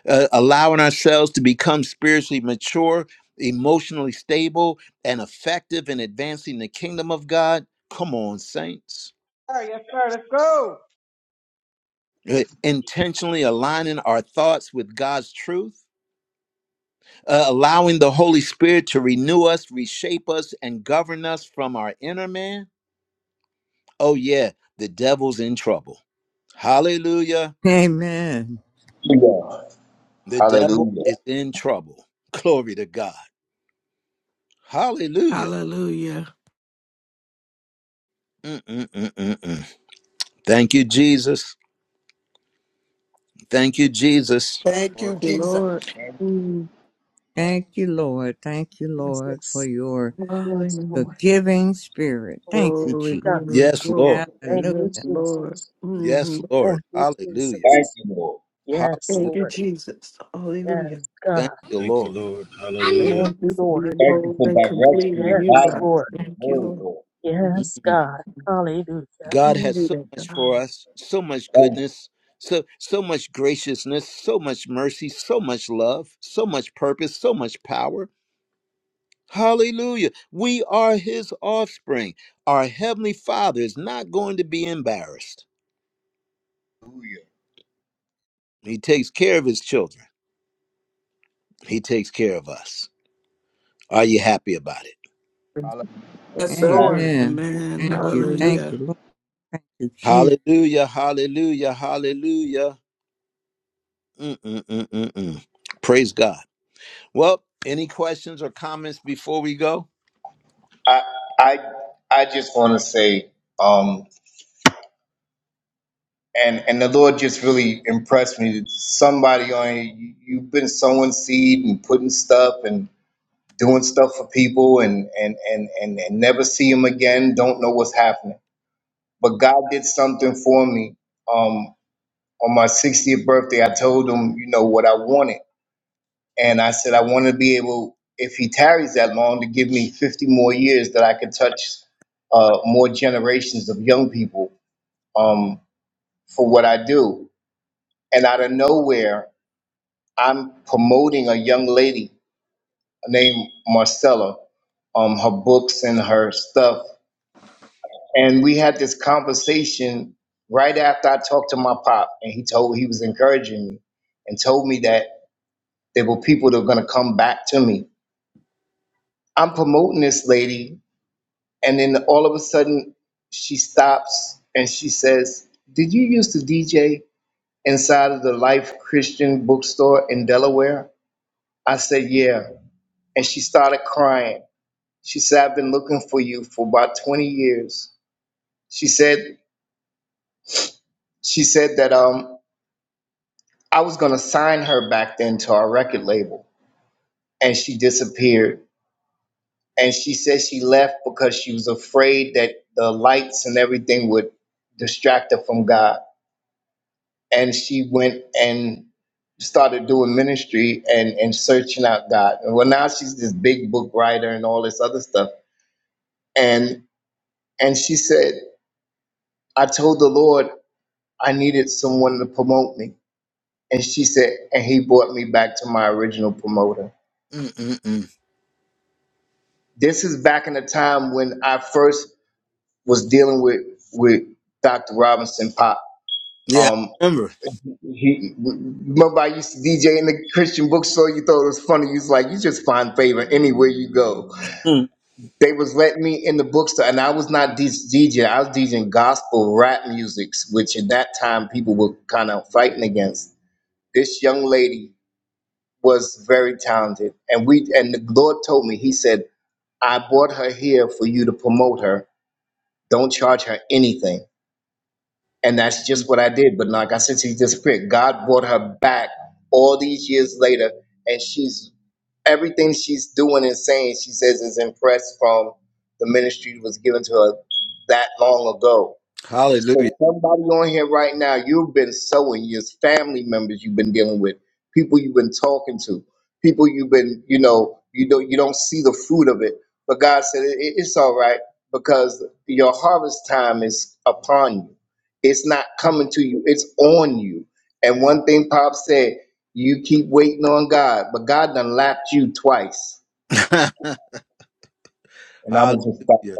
S1: uh, allowing ourselves to become spiritually mature, emotionally stable, and effective in advancing the kingdom of God. Come on, saints.
S6: All right, yes, sir. Let's go.
S1: Uh, Intentionally aligning our thoughts with God's truth. uh, allowing the Holy Spirit to renew us, reshape us, and govern us from our inner man Oh, yeah, the devil's in trouble. Hallelujah.
S7: Amen.
S5: Hallelujah.
S1: The devil
S5: Hallelujah.
S1: is in trouble. Glory to God. Hallelujah.
S3: Hallelujah.
S1: Mm-mm-mm-mm-mm. Thank you, Jesus. Thank you, Jesus.
S8: Thank
S5: Lord,
S8: you,
S4: Thank you,
S8: Jesus.
S4: Lord.
S5: Thank
S4: Mm.
S7: Thank you, Lord. Thank you, Lord, for
S2: Jesus.
S7: your
S2: Yes, Lord.
S4: Hallelujah.
S7: forgiving spirit.
S2: Oh,
S7: Thank
S2: yes,
S7: you,
S4: Glory,
S7: Jesus.
S2: God.
S4: glory,
S1: Yes,
S4: glory.
S1: Lord.
S2: Thank
S7: Hallelujah.
S4: Yes,
S2: you,
S4: Lord.
S2: Jesus.
S4: hmm
S1: Yes, Lord.
S2: Oh, Thank you,
S1: Hallelujah.
S5: thank
S2: Jesus.
S5: you, Lord.
S2: Yes,
S1: Hallelujah.
S4: Thank you,
S2: Lord.
S4: Jesus. Hallelujah.
S2: Yes,
S1: Thank
S2: God.
S1: you, Lord.
S2: Thank
S4: Thank you
S2: you,
S4: for
S2: Lord.
S4: being
S5: Thank you
S4: whole
S5: for
S4: and complete
S5: direction
S4: in
S5: and
S4: you,
S2: Yes,
S4: God.
S5: guidance
S2: Lord.
S5: in the
S4: Thank you,
S5: word,
S4: Lord.
S5: Lord.
S4: Mhm.
S2: Yes,
S1: mm
S2: God. Hallelujah.
S1: God has
S4: Glory
S1: so
S4: to
S1: much for
S4: God.
S1: us, so much
S5: Thank
S1: goodness, so so much graciousness, so much mercy, so much love, so much purpose, so much power Hallelujah. We are his offspring. Our heavenly father is not going to be embarrassed.
S5: you.
S1: He takes care of his children, he takes care of us. Are you happy about it?
S5: Hallelujah.
S4: Yes,
S8: Yes,
S5: Hallelujah.
S4: sir.
S8: Lord.
S7: Amen.
S3: Amen.
S7: Thank you.
S4: Hallelujah.
S7: Thank you,
S3: Hallelujah.
S7: Lord. Thank you, Jesus.
S1: Hallelujah, hallelujah, hallelujah. Mm-mm-mm-mm-mm. Praise God. Well, any questions or comments before we go?
S5: I, I, I just want to say, um, and, and the Lord just really impressed me. That Somebody on here, you, you've been sowing seed and putting stuff and. doing stuff for people and and and and, and never see them again don't know what's happening but god did something for me um on my 60th birthday i told him you know what i wanted and i said i want to be able if he tarries that long to give me 50 more years that i could touch uh, more generations of young people um, for what i do and out of nowhere i'm promoting a young lady named marcella um, her books and her stuff and we had this conversation right after I talked to my pop, and he told he was encouraging me and told me that there were people that were going to come back to me. I'm promoting this lady, and then all of a sudden she stops and she says, "Did you used to DJ inside of the Life Christian Bookstore in Delaware?" I said, "Yeah," and she started crying. She said, "I've been looking for you for about 20 years." She said, "She said that um." I was gonna sign her back then to our record label, and she disappeared. And she said she left because she was afraid that the lights and everything would distract her from God. And she went and started doing ministry and and searching out God. And well, now she's this big book writer and all this other stuff. And and she said, I told the Lord I needed someone to promote me. And she said, and he brought me back to my original promoter
S1: Mm-mm-mm.
S5: this is back in the time when I first was dealing with with Dr. Robinson Pop.
S1: Yeah,
S5: Um,
S1: I remember.
S5: he remember I used to DJ in the Christian bookstore. You thought it was funny. You was like, you just find favor anywhere you go.
S1: Mm.
S5: They was letting me in the bookstore, and I was not D- DJ. I was DJing gospel rap music, which at that time people were kind of fighting against. This young lady was very talented, and we and the Lord told me. He said, I brought her here for you to promote her Don't charge her anything. And that's just what I did. But like I said, she disappeared. God brought her back all these years later, and she's everything she's doing and saying, she says, is impressed from the ministry that was given to her that long ago
S1: Hallelujah.
S5: so somebody on here right now, you've been sowing your family members you've been dealing with, people you've been talking to, people you've been, you know, you don't you don't see the fruit of it. But God said it, it- it's all right because your harvest time is upon you. It's not coming to you, it's on you. And one thing Pop said, you keep waiting on God, but God done lapped you twice. And I'm gonna just stop.
S1: hallelujah.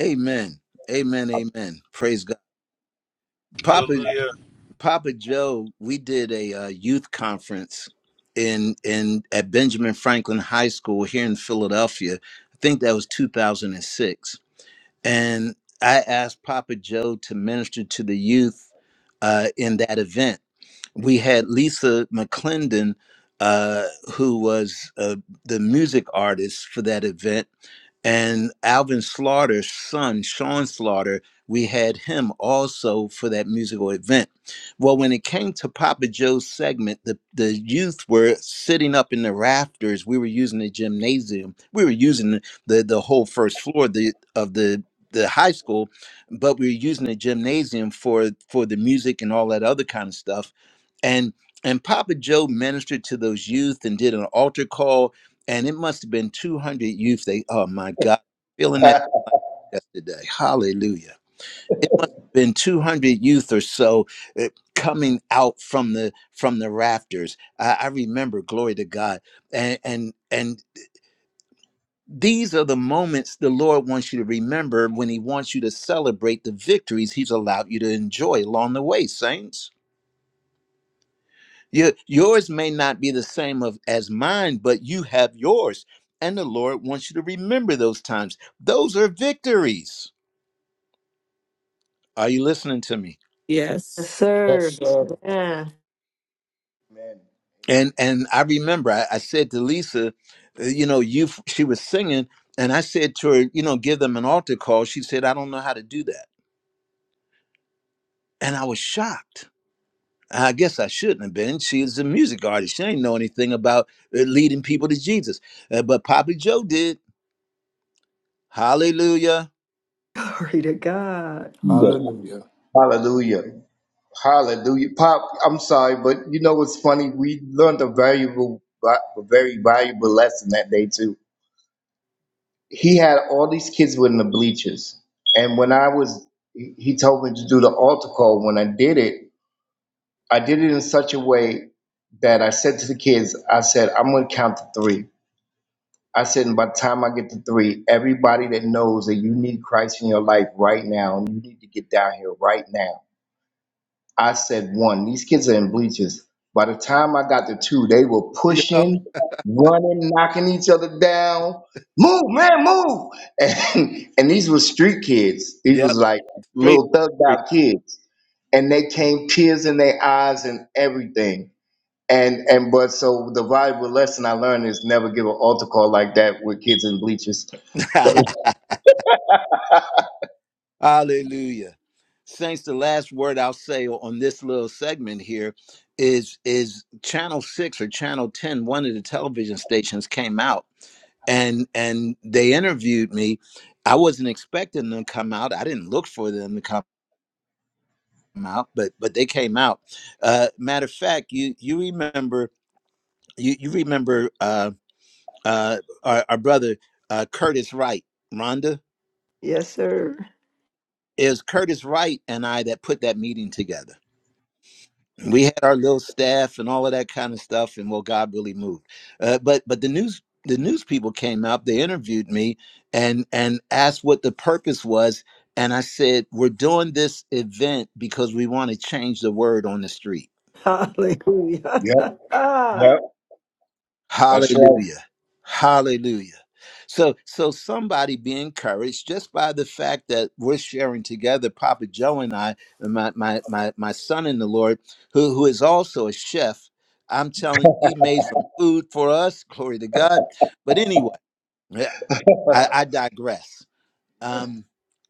S1: Amen. Amen. Amen. Praise God. Papa. Papa Joe, we did a uh, youth conference in in at Benjamin Franklin High School here in Philadelphia. I think that was 2006, and six, and I asked Papa Joe to minister to the youth uh, in that event. We had Lisa McClendon, uh, who was uh, the music artist for that event, and Alvin Slaughter's son, Sean Slaughter, we had him also for that musical event. Well, when it came to Papa Joe's segment, the, the youth were sitting up in the rafters. We were using the gymnasium. We were using the, the, the whole first floor of the, of the the high school, but we were using the gymnasium for for the music and all that other kind of stuff and and Papa Joe ministered to those youth and did an altar call, and it must have been 200 youth. They, oh my God, feeling that like yesterday. Hallelujah. It must have been 200 youth or so uh, coming out from the from the rafters. I, I remember, glory to God, and and and these are the moments the Lord wants you to remember when He wants you to celebrate the victories He's allowed you to enjoy along the way, saints. Your, yours may not be the same of, as mine, but you have yours. And the Lord wants you to remember those times. Those are victories. Are you listening to me?
S4: Yes,
S3: Yes.
S4: sir. Yeah.
S5: Amen.
S1: And and I remember I, I said to Lisa, uh, you know, you she was singing, and I said to her, you know, give them an altar call. She said, I don't know how to do that, and I was shocked. I guess I shouldn't have been. She is a music artist. She ain't know anything about uh, leading people to Jesus, Uh, but Papa Joe did. Hallelujah.
S4: Glory to God.
S5: Amen. Yeah. Hallelujah. Hallelujah. Pop, I'm sorry, but you know what's funny? We learned a valuable, a very valuable lesson that day too. He had all these kids within the bleachers. And when I was, he he told me to do the altar call. When I did it, I did it in such a way that I said to the kids, I said, I'm going to count to three. I said, and by the time I get to three, everybody that knows that you need Christ in your life right now, and you need to get down here right now I said one. These kids are in bleachers. By the time I got to two, they were
S1: Yep.
S5: pushing, running, knocking each other down. Move, man, move! And and these were street kids. These
S1: Yep.
S5: was like
S1: straight
S5: little thugged
S1: from
S5: out kids, and they came tears in their eyes and everything. And and but so the valuable lesson I learned is never give an altar call like that with kids in bleachers.
S1: the street. Hallelujah. Saints, the last word I'll say on this little segment here is is channel six or channel 10, one of the television stations came out and and they interviewed me. I wasn't expecting them to come out. I didn't look for them to come out, but but they came out. Uh matter of fact, you you remember you, you remember uh uh our, our brother uh Curtis Wright, Rhonda.
S4: Yes, sir.
S1: It was Curtis Wright and I that put that meeting together. We had our little staff and all of that kind of stuff, and well, God really moved. Uh, but but the news the news people came out. They interviewed me and and asked what the purpose was, and I said we're doing this event because we want to change the word on the street.
S4: Hallelujah.
S5: Yep, that's right.
S1: Hallelujah. Hallelujah. So so somebody be encouraged just by the fact that we're sharing together, Papa Joe and I, and my my my, my son in the Lord, who who is also a chef. I'm telling you, he made some food for us, glory to God. But anyway, yeah, I, I digress. Um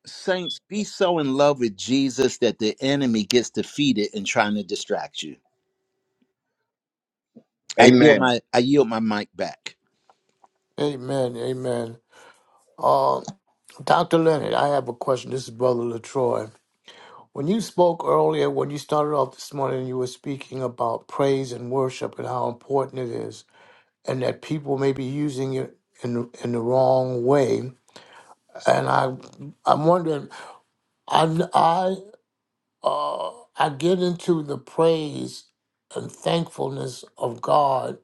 S1: Saints, be so in love with Jesus that the enemy gets defeated in trying to distract you. I yield
S5: Amen.
S1: my I yield my mic back.
S9: Amen. Amen. Uh, Dr. Leonard, I have a question. This is Brother Latroy. When you spoke earlier, when you started off this morning, you were speaking about praise and worship and how important it is, and that people may be using it in in the wrong way. And I, I'm wondering, I, I, uh, I get into the praise and thankfulness of God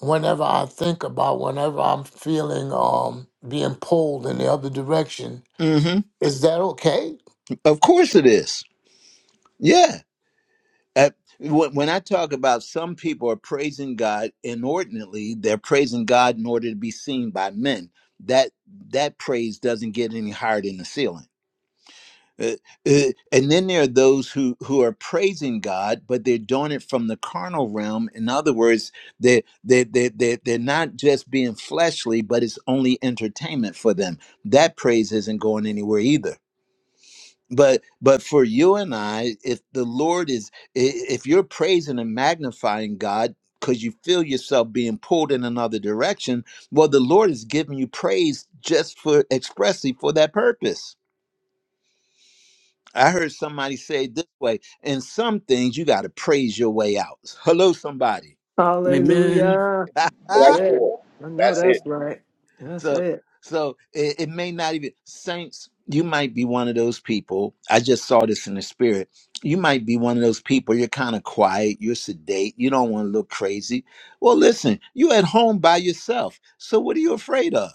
S9: whenever I think about, whenever I'm feeling um being pulled in the other direction
S1: hmm
S9: Is that okay?
S1: Of course it is. Yeah. Uh, when when I talk about some people are praising God inordinately, they're praising God in order to be seen by men. That that praise doesn't get any higher than the ceiling. Uh, uh, and then there are those who who are praising God, but they're doing it from the carnal realm. In other words, they they they they they're not just being fleshly, but it's only entertainment for them. That praise isn't going anywhere either but but for you and i if the lord is i- if you're praising and magnifying god because you feel yourself being pulled in another direction well the lord is giving you praise just for expressly for that purpose i heard somebody say it this way in some things you got to praise your way out hello somebody
S3: Amen.
S4: Hallelujah. That's it. I know
S5: That's it.
S4: that's right. That's
S1: so
S4: it.
S1: so it, it may not even saints you might be one of those people i just saw this in the spirit you might be one of those people you're kind of quiet you're sedate you don't want to look crazy well listen you at home by yourself so what are you afraid of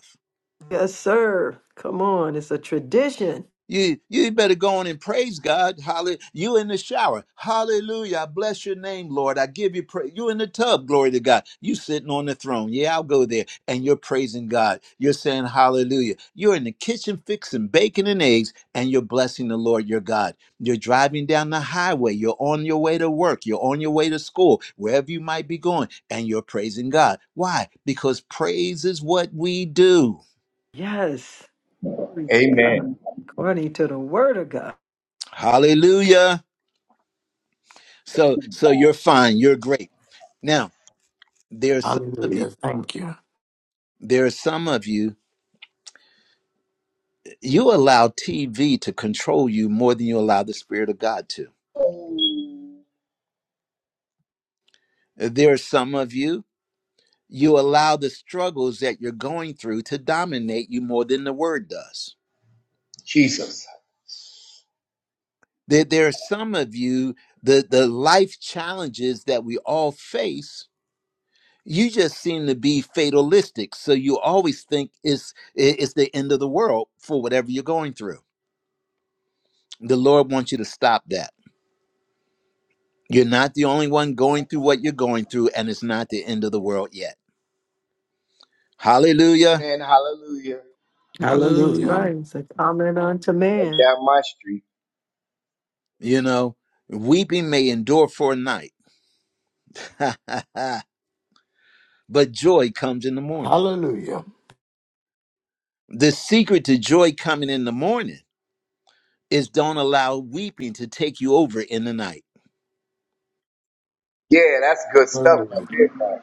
S4: Yes, sir. Come on. It's a tradition.
S1: You you better go on and praise God. Hallelujah. You in the shower. Hallelujah. I bless your name, Lord. I give you praise. You in the tub. Glory to God. You sitting on the throne. Yeah, I'll go there. And you're praising God. You're saying hallelujah. You're in the kitchen fixing bacon and eggs and you're blessing the Lord your God. You're driving down the highway. You're on your way to work. You're on your way to school, wherever you might be going, and you're praising God. Why? Because praise is what we do.
S4: Yes. Glory to God.
S5: Amen.
S4: According to the word of God.
S1: Hallelujah. So so you're fine. You're great. Now, there are some of you,
S9: Hallelujah. Thank you.
S1: there are some of you, you allow TV to control you more than you allow the Spirit of God to. There are some of you, you allow the struggles that you're going through to dominate you more than the word does.
S5: Jesus.
S1: There, there are some of you, the, the life challenges that we all face, you just seem to be fatalistic. So you always think it's, it's the end of the world for whatever you're going through The Lord wants you to stop that. You're not the only one going through what you're going through, and it's not the end of the world yet. Hallelujah.
S5: And hallelujah.
S4: That's
S9: Hallelujah.
S3: Hallelujah.
S4: right. It's a comment unto
S5: Right
S4: man.
S5: down my street.
S1: You know, weeping may endure for a night, but joy comes in the morning.
S9: Hallelujah.
S1: The secret to joy coming in the morning is don't allow weeping to take you over in the night.
S5: Yeah, that's good stuff up
S9: Hallelujah.
S5: there. man.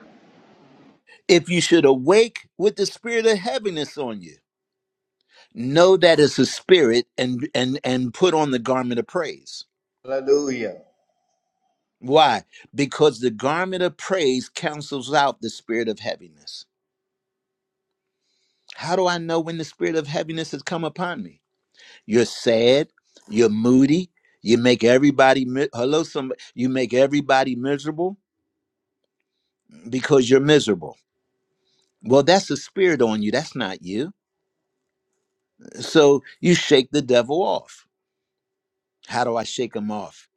S1: If you should awake with the spirit of heaviness on you, know that it's a spirit and and and put on the garment of praise
S5: Hallelujah.
S1: Why? Because the garment of praise cancels out the spirit of heaviness. How do I know when the spirit of heaviness has come upon me? You're sad, you're moody, you make everybody mi- hello somebody, you make everybody miserable because you're miserable. Well, that's a spirit on you, that's not you. So you shake the devil off. How do I shake him off?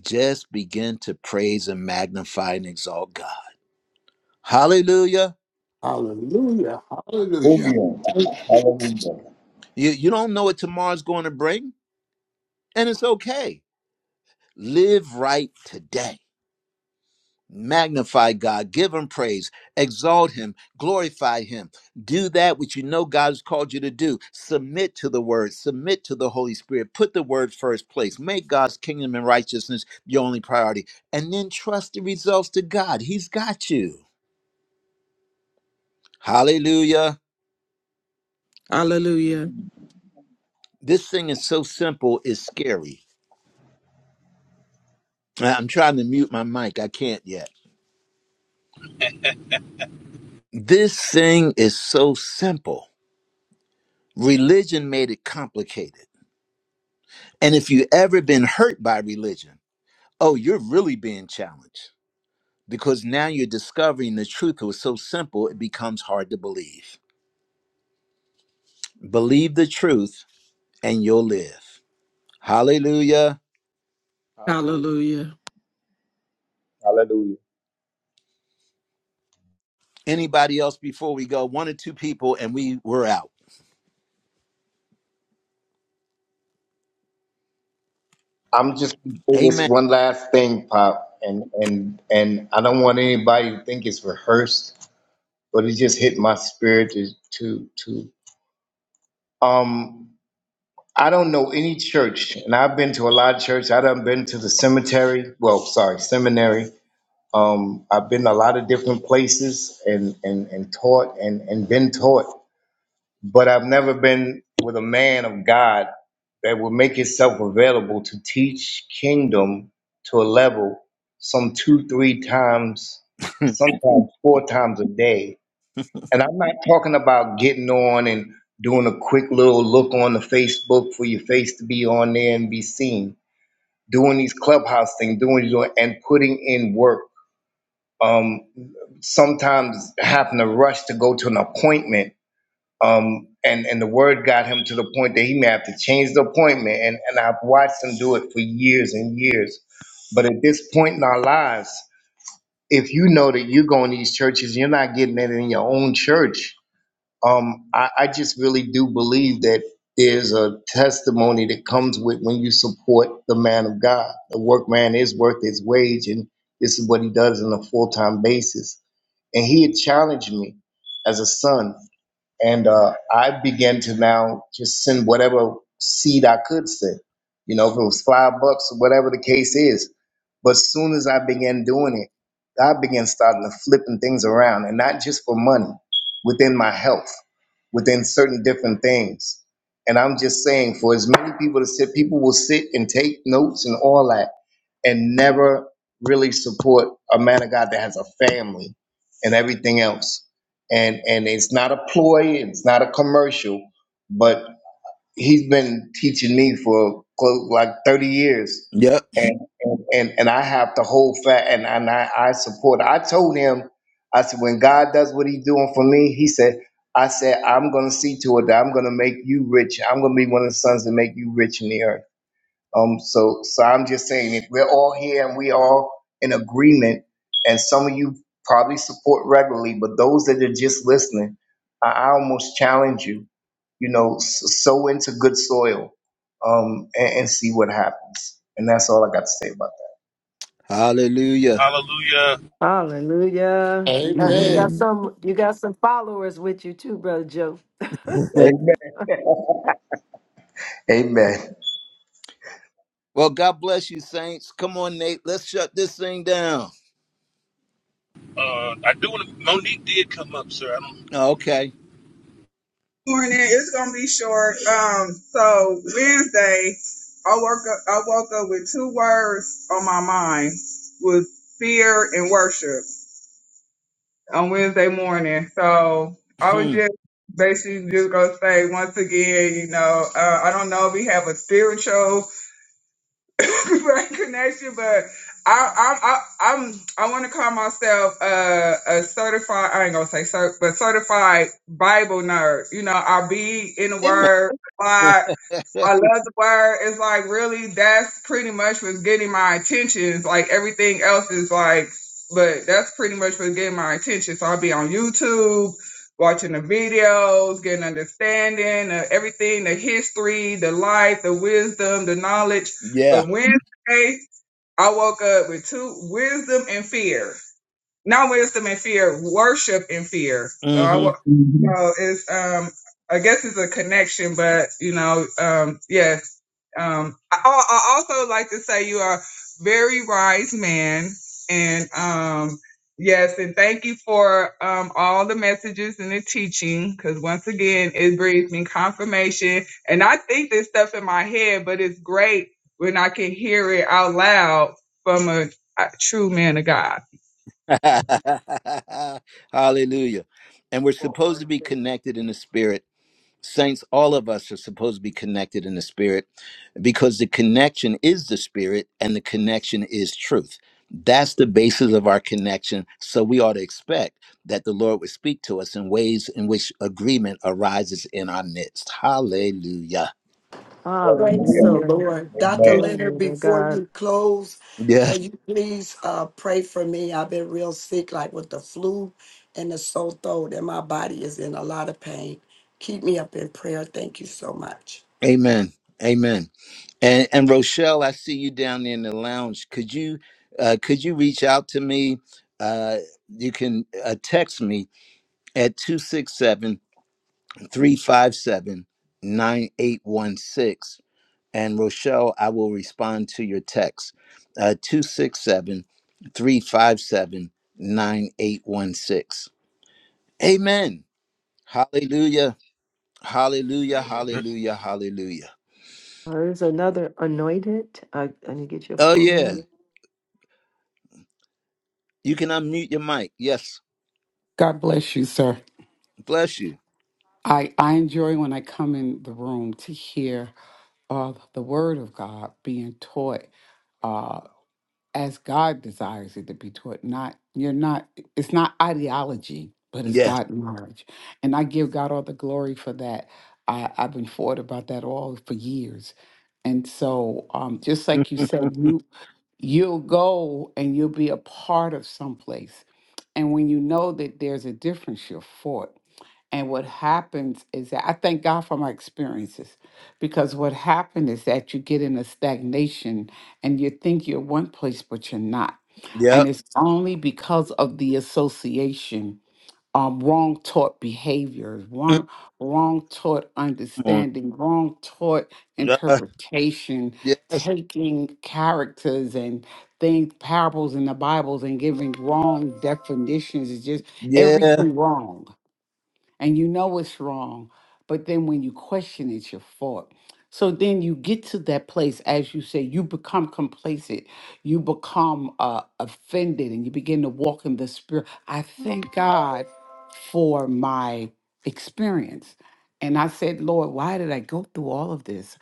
S1: Just begin to praise and magnify and exalt God. Hallelujah.
S9: Hallelujah. Hallelujah.
S5: Hallelujah. Hallelujah.
S1: You you don't know what tomorrow's going to bring, and it's okay Live right today. Magnify God, give him praise, exalt him, glorify him. Do that which you know God has called you to do. Submit to the word, submit to the Holy Spirit. Put the word first place. Make God's kingdom and righteousness your only priority. And then trust the results to God. He's got you. Hallelujah.
S3: Hallelujah.
S1: This thing is so simple, it's scary. I- I'm trying to mute my mic. I can't yet. This thing is so simple. Religion made it complicated. And if you ever been hurt by religion, oh, you're really being challenged because now you're discovering the truth was so simple it becomes hard to believe. Believe the truth and you'll live. Hallelujah.
S5: Hallelujah.
S3: Hallelujah.
S5: Hallelujah.
S1: Anybody else before we go? One or two people and we were out.
S5: I'm just gonna say this
S1: Amen.
S5: one last thing, Pop, and and and I don't want anybody to think it's rehearsed, but it just hit my spirit to to to um I don't know any church, and I've been to a lot of church. I done been to the cemetery. Well, sorry, seminary. Um, I've been a lot of different places and, and, and taught and, and been taught, but I've never been with a man of God that would make itself available to teach kingdom to a level some two, three times, sometimes four times a day. And I'm not talking about getting on and doing a quick little look on the Facebook for your face to be on there and be seen, doing these clubhouse things, doing, doing and putting in work. Um, sometimes having to rush to go to an appointment. Um, and, and the word got him to the point that he may have to change the appointment. And, and I've watched him do it for years and years. But at this point in our lives, if you know that you're going to these churches, you're not getting it in your own church. Um, I, I just really do believe that there's a testimony that comes with when you support the man of God. The workman is worth his wage, and this is what he does on a full time basis and he had challenged me as a son and uh, I began to now just send whatever seed I could send, you know, if it was five bucks, whatever the case is. But as soon as I began doing it, God began starting to flipping things around, and not just for money, within my health, within certain different things. And I'm just saying, for as many people to sit, people will sit and take notes and all that, and never really support a man of God that has a family and everything else and and it's not a ploy, it's not a commercial, but he's been teaching me for close, like thirty years,
S1: Yep.
S5: and and and, and I have to hold fat, and and I, I support. I told him, I said, when God does what He's doing for me, He said. I said, I'm gonna see to it that I'm gonna make you rich. I'm gonna be one of the sons that make you rich in the earth. Um, so, so I'm just saying, if we're all here and we're all in agreement, and some of you probably support regularly, but those that are just listening, I, I almost challenge you, you know, s- sow into good soil, um, and, and see what happens. And that's all I got to say about
S1: Hallelujah.
S4: Hallelujah. You got, you got
S3: Amen.
S9: Amen.
S4: some you got some followers with you too, Brother Joe.
S5: that. Amen. Amen.
S1: well, God bless you, saints. Come on, Nate. Let's shut this thing down. Okay.
S10: morning. It's gonna be short. Um, so Wednesday, I woke up. I woke up with two words on my mind: was fear and worship. On Wednesday morning, so I was
S1: Hmm.
S10: just basically just gonna say once again, you know, uh, I don't know if we have a spiritual right connection, but I I I I'm I want to call myself a, a certified. I ain't gonna say cert, but certified Bible nerd. You know, I be in the
S1: Amen.
S10: Word. a lot. I love the word. It's like really that's pretty much what's getting my attention. It's like everything else is like, but that's pretty much what's getting my attention. So I'll be on YouTube, watching the videos, getting understanding of everything, the history, the life, the wisdom, the knowledge.
S1: Yeah.
S10: But Wednesday, I woke up with two wisdom and fear not wisdom and fear, worship and fear. So I
S1: hmm
S10: wa- Mhm. so it's um I guess it's a connection, but you know um yes um I, I I also like to say you are very wise man and um yes and thank you for um all the messages and the teaching because once again it brings me confirmation and I think this stuff in my head, but it's great when I can hear it out loud from a, a true man of God.
S1: Hallelujah. And we're supposed to be connected in the spirit. Saints, all of us are supposed to be connected in the spirit because the connection is the spirit and the connection is truth. That's the basis of our connection. So we ought to expect that the Lord would speak to us in ways in which agreement arises in our midst. Hallelujah.
S8: Praise the
S5: Amen.
S4: Hallelujah.
S8: Lord. Dr. Leonard,
S4: Glory to
S8: before
S4: God.
S8: you close,
S1: Yeah.
S8: can you please uh, pray for me? I've been real sick, like with the flu and the sore throat, and my body is in a lot of pain. Keep me up in prayer. Thank you so much.
S1: Amen. Amen. And and Rochelle, I see you down there in the lounge. Could you uh, could you reach out to me? Uh, you can uh, text me at two six seven three five seven nine eight one six. And Rochelle, I will respond to your text. Uh, 267 Amen. Hallelujah. Hallelujah. Hallelujah. Hallelujah.
S4: Oh, There's another anointed. I, I need to get your
S1: Oh
S4: full
S1: yeah.
S4: name.
S1: You can unmute your mic. Yes.
S11: God bless you, sir.
S1: Bless you.
S11: I, I enjoy when I come in the room to hear uh, the word of God being taught uh, as God desires it to be taught. Not you're not. It's not ideology, but it's
S1: Yes.
S11: God knowledge, and I give God all the glory for that. I, I've been forward about that all for years, and so um, just like you said,
S1: yep.
S11: you you'll go and you'll be a part of someplace. And when you know that there's a difference, you're for it. And what happens is that I thank God for my experiences because what happened is that you get in a stagnation and you think you're one place, but you're not. And it's only because of the association, um, wrong taught behaviors,
S1: Mm,
S11: wrong, wrong taught
S1: Come on.
S11: understanding, wrong taught
S1: Yeah.
S11: interpretation,
S1: yes.
S11: taking characters and things, parables in the Bibles, and giving wrong definitions. It's just
S1: Yeah.
S11: everything wrong and you know it's wrong, but then when you question, it's your fault. So then you get to that place, as you say, you become complacent, you become uh, offended, and you begin to walk in the spirit. I thank God for my experience. And I said, Lord, why did I go through all of this?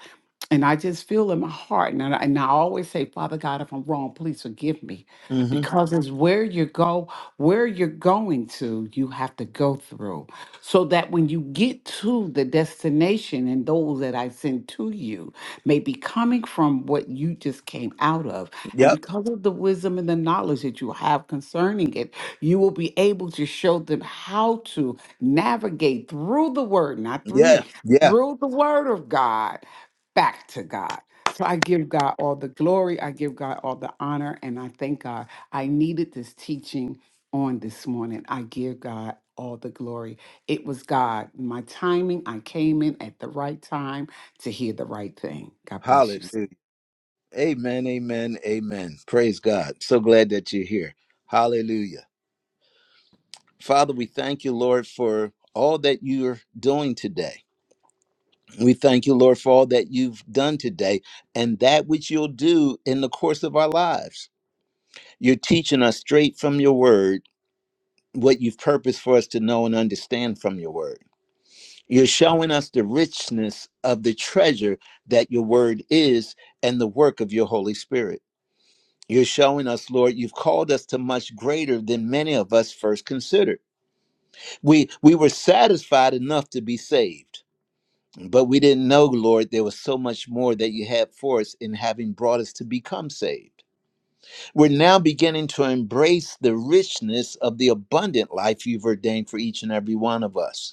S11: And I just feel in my heart, and I, and I always say, Father God, if I'm wrong, please forgive me.
S1: hmm
S11: Because it's where you go, where you're going to, you have to go through. So that when you get to the destination and those that I send to you may be coming from what you just came out of. And
S1: Yep.
S11: because of the wisdom and the knowledge that you have concerning it, you will be able to show them how to navigate through the word, not through
S1: Yeah.
S11: me,
S1: Yeah.
S11: through the word of God back to God. So I give God all the glory, I give God all the honor, and I thank God. I needed this teaching on this morning. I give God all the glory. It was God, my timing. I came in at the right time to hear the right thing. God bless you.
S1: Hallelujah.
S11: sir.
S1: Amen. Amen. Amen. Praise God. So glad that you're here. Hallelujah. Father, we thank you, Lord, for all that you're doing today. We thank you, Lord, for all that you've done today and that which you'll do in the course of our lives. You're teaching us straight from your word what you've purposed for us to know and understand from your word. You're showing us the richness of the treasure that your word is and the work of your Holy Spirit. You're showing us, Lord, you've called us to much greater than many of us first considered. We we were satisfied enough to be saved, but we didn't know, Lord, there was so much more that you had for us in having brought us to become saved. We're now beginning to embrace the richness of the abundant life you've ordained for each and every one of us.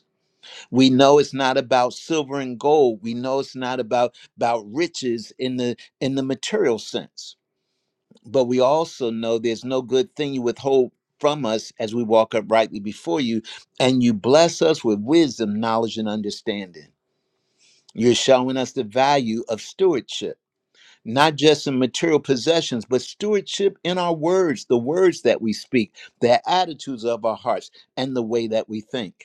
S1: we know it's not about silver and gold we know it's not about about riches in the in the material sense but we also know there's no good thing you withhold from us as we walk uprightly before you and you bless us with wisdom knowledge and understanding you're showing us the value of stewardship not just in material possessions but stewardship in our words the words that we speak the attitudes of our hearts and the way that we think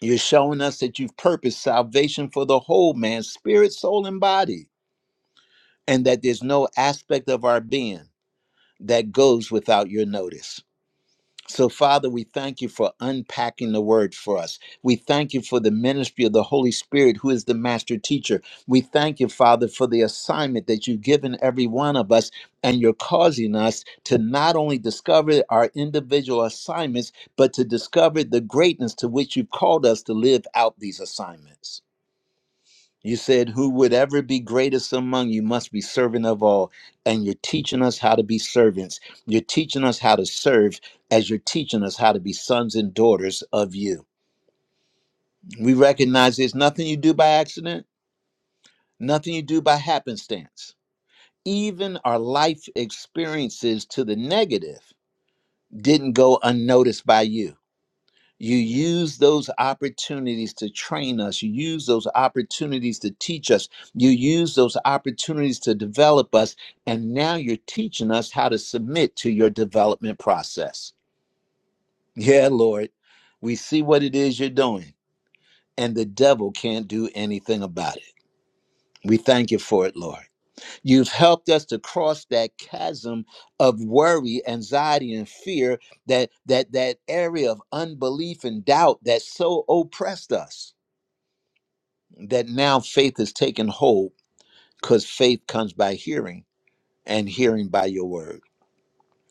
S1: you're showing us that you've purposed salvation for the whole man, spirit, soul, and body, and that there's no aspect of our being that goes without your notice. So, Father, we thank you for unpacking the word for us. We thank you for the ministry of the Holy Spirit, who is the master teacher. We thank you, Father, for the assignment that you've given every one of us, and you're causing us to not only discover our individual assignments, but to discover the greatness to which you've called us to live out these assignments. You said, Who would ever be greatest among you must be servant of all. And you're teaching us how to be servants. You're teaching us how to serve as you're teaching us how to be sons and daughters of you. We recognize there's nothing you do by accident, nothing you do by happenstance. Even our life experiences to the negative didn't go unnoticed by you You use those opportunities to train us. You use those opportunities to teach us. You use those opportunities to develop us. And now you're teaching us how to submit to your development process. Yeah, Lord, we see what it is you're doing, and the devil can't do anything about it. We thank you for it, Lord. You've helped us to cross that chasm of worry, anxiety, and fear, that that that area of unbelief and doubt that so oppressed us that now faith is taken hold because faith comes by hearing and hearing by your word.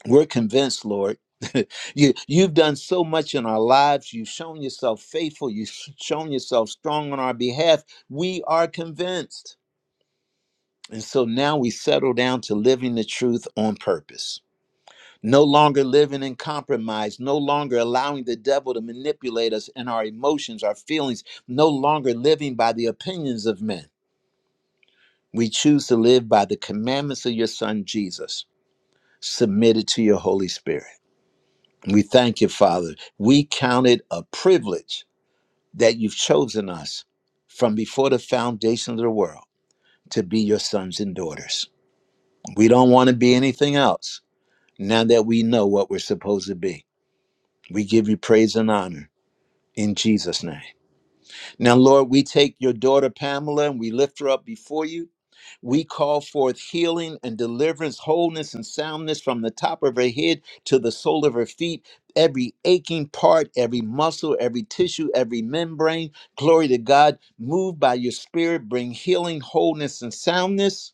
S1: We're convinced, Lord. you you've done so much in our lives. You've shown yourself faithful. You've sh- shown yourself strong on our behalf. We are convinced. And so now we settle down to living the truth on purpose. No longer living in compromise, no longer allowing the devil to manipulate us in our emotions, our feelings, no longer living by the opinions of men We choose to live by the commandments of your Son, Jesus, submitted to your Holy Spirit. We thank you, Father. We count it a privilege that you've chosen us from before the foundation of the world to be your sons and daughters. We don't want to be anything else now that we know what we're supposed to be. We give you praise and honor in Jesus' name. Now, Lord, we take your daughter Pamela and we lift her up before you. We call forth healing and deliverance, wholeness and soundness from the top of her head to the sole of her feet, every aching part, every muscle, every tissue, every membrane. Glory to God. Move by your spirit, bring healing, wholeness, and soundness.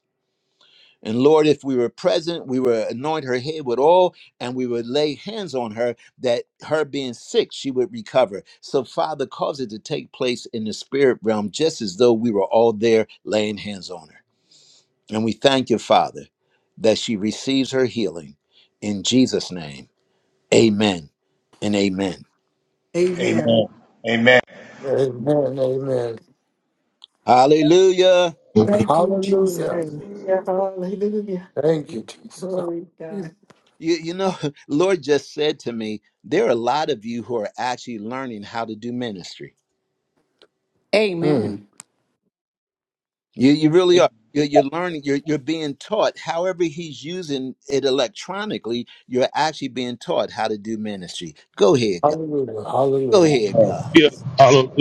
S1: And Lord, if we were present, we would anoint her head with oil and we would lay hands on her that her being sick, she would recover. So, Father, cause it to take place in the spirit realm, just as though we were all there laying hands on her. And we thank you, Father, that she receives her healing. In Jesus' name, amen and amen.
S5: Amen.
S8: Amen.
S5: Amen.
S9: Amen. Amen.
S1: Hallelujah.
S8: Thank you, Jesus.
S9: Hallelujah.
S4: Hallelujah. Hallelujah.
S9: Thank you, Jesus.
S4: Glory to God.
S1: You, you know, Lord just said to me, there are a lot of you who are actually learning how to do ministry.
S9: Mm.
S11: Amen.
S1: You, you really are. You're, you're learning, you're, you're being taught. However, He's using it electronically, you're actually being taught how to do ministry. Go ahead, God.
S9: Hallelujah.
S5: Amen.
S1: Go
S9: Hallelujah.
S1: ahead, God.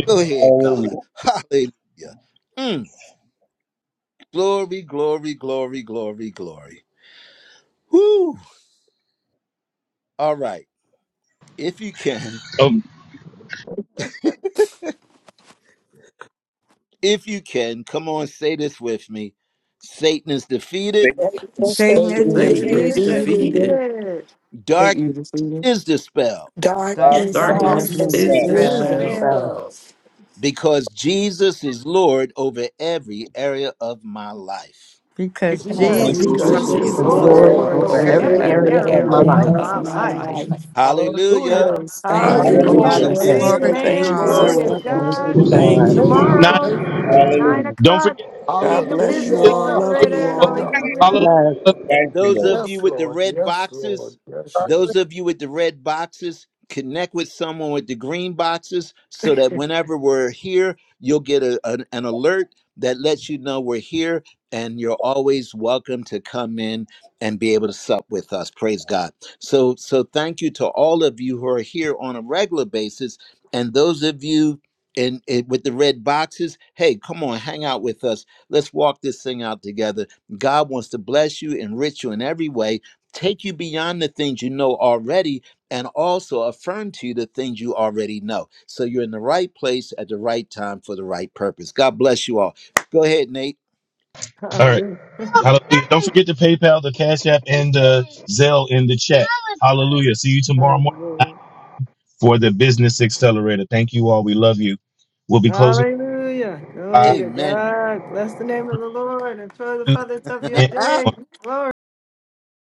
S1: Go ahead, God.
S5: Hallelujah.
S1: Hallelujah. Mm. Glory, glory, glory, glory, glory. Whoo! All right. If you can, if you can, come on, say this with me. Satan is defeated,
S5: Thank
S8: Darkness is
S7: Satan is
S4: Such
S9: Satan
S5: you.
S4: an
S9: is
S3: Satan
S8: defeated.
S3: is
S4: ear
S7: defeated.
S4: to
S9: defeated.
S3: defeated.
S2: Peter,
S4: hear it.
S11: Satan
S1: darkness
S11: is defeated.
S1: is dispelled
S5: God.
S8: Darkness
S7: Darkness
S10: God,
S11: God
S8: is
S4: Darkness
S3: Darkness
S7: is
S2: darkness
S11: is
S3: is
S9: Darkness
S11: his
S4: is
S2: is
S7: dispelled
S9: is
S8: dispelled
S11: son.
S3: dispelled
S2: dispelled.
S4: dispelled
S9: dispelled.
S1: because Jesus is Lord over every area of my life.
S7: because
S5: with
S8: because
S4: because
S5: my
S2: And
S9: Because
S7: Jesus
S11: Jesus
S5: beauty
S7: Christ
S3: because
S4: Jesus
S8: Jesus
S11: is
S4: is
S2: Jesus
S9: Jesus
S8: is
S7: is
S5: is
S2: the
S3: Jesus
S9: is
S3: is
S11: Lord
S4: Lord
S7: Lord.
S2: Lord
S8: Lord
S5: more
S9: Lord
S11: of
S3: Lord
S9: and
S5: and
S2: over
S8: over
S4: over
S5: the
S11: every
S3: over
S2: every
S9: Savior
S4: every
S5: every
S8: every
S11: area
S2: area
S3: every
S11: of
S2: of
S11: my
S2: my
S4: area
S5: area
S9: over
S8: area
S3: area
S9: every
S11: life.
S4: of
S2: life.
S3: of
S8: of
S4: my
S9: area
S3: my
S8: my
S9: of
S4: life.
S9: my
S3: life.
S8: life.
S9: life.
S10: God,
S1: Hallelujah.
S9: Hallelujah.
S8: Praise God.
S7: Thank
S9: Yes,
S7: you,
S8: Thank you,
S9: Lord.
S4: Hallelujah.
S7: Lord.
S5: Hallelujah.
S11: Hallelujah.
S3: Hallelujah.
S9: Yes,
S2: Hallelujah.
S8: Jesus.
S1: Hallelujah.
S9: Lord.
S7: Glory
S8: Thank
S7: to
S1: Thank
S8: you,
S1: you,
S4: Amen.
S3: Thank you,
S7: God.
S1: Lord.
S9: Praise
S4: Glory
S8: Jesus.
S4: to
S3: Lord.
S8: Thank
S9: the
S8: you,
S2: Glory be
S4: God.
S2: to
S9: holy name.
S3: Thank
S2: God.
S3: you,
S9: Thank
S3: God.
S9: you.
S12: Now,
S4: Tomorrow,
S9: Thank you. Jesus.
S4: nine
S5: Hallelujah.
S2: Praise
S12: don't
S4: o'clock,
S12: forget.
S3: God
S4: Kingdom
S3: bless you
S4: Business
S12: To,
S3: all.
S9: Hallelujah.
S3: Love you
S4: Accelerator.
S3: all.
S9: Hallelujah. Hallelujah.
S12: hallelujah.
S4: Hallelujah.
S2: God.
S5: Thank
S1: And
S5: you,
S1: those
S5: Lord.
S1: of
S9: Yes,
S1: you with the
S9: Lord.
S1: red
S9: Yes, Lord.
S1: boxes,
S9: Yes, yes.
S1: those of you with the red boxes, connect with someone with the green boxes so that whenever we're here, you'll get a, an, an alert that lets you know we're here and you're always welcome to come in and be able to sup with us. Praise God. So so thank you to all of you who are here on a regular basis and those of you in, in with the red boxes, hey, come on, hang out with us. Let's walk this thing out together God wants to bless you, enrich you in every way, take you beyond the things you know already, and also affirm to you the things you already know. So you're in the right place at the right time for the right purpose. God bless you all. Go ahead, Nate.
S12: All right.
S4: Hallelujah.
S12: Hallelujah. Don't forget to PayPal, the Cash App, and the Zelle in the chat. Hallelujah. See you tomorrow morning
S4: Hallelujah.
S12: for the Business Accelerator. Thank you all. We love you. We'll be closing.
S4: Hallelujah. Glory
S12: Five,
S4: to
S1: Amen.
S4: God. Bless the name of the Lord and throw the
S12: two,
S4: feathers of your
S12: and
S4: day. Glory.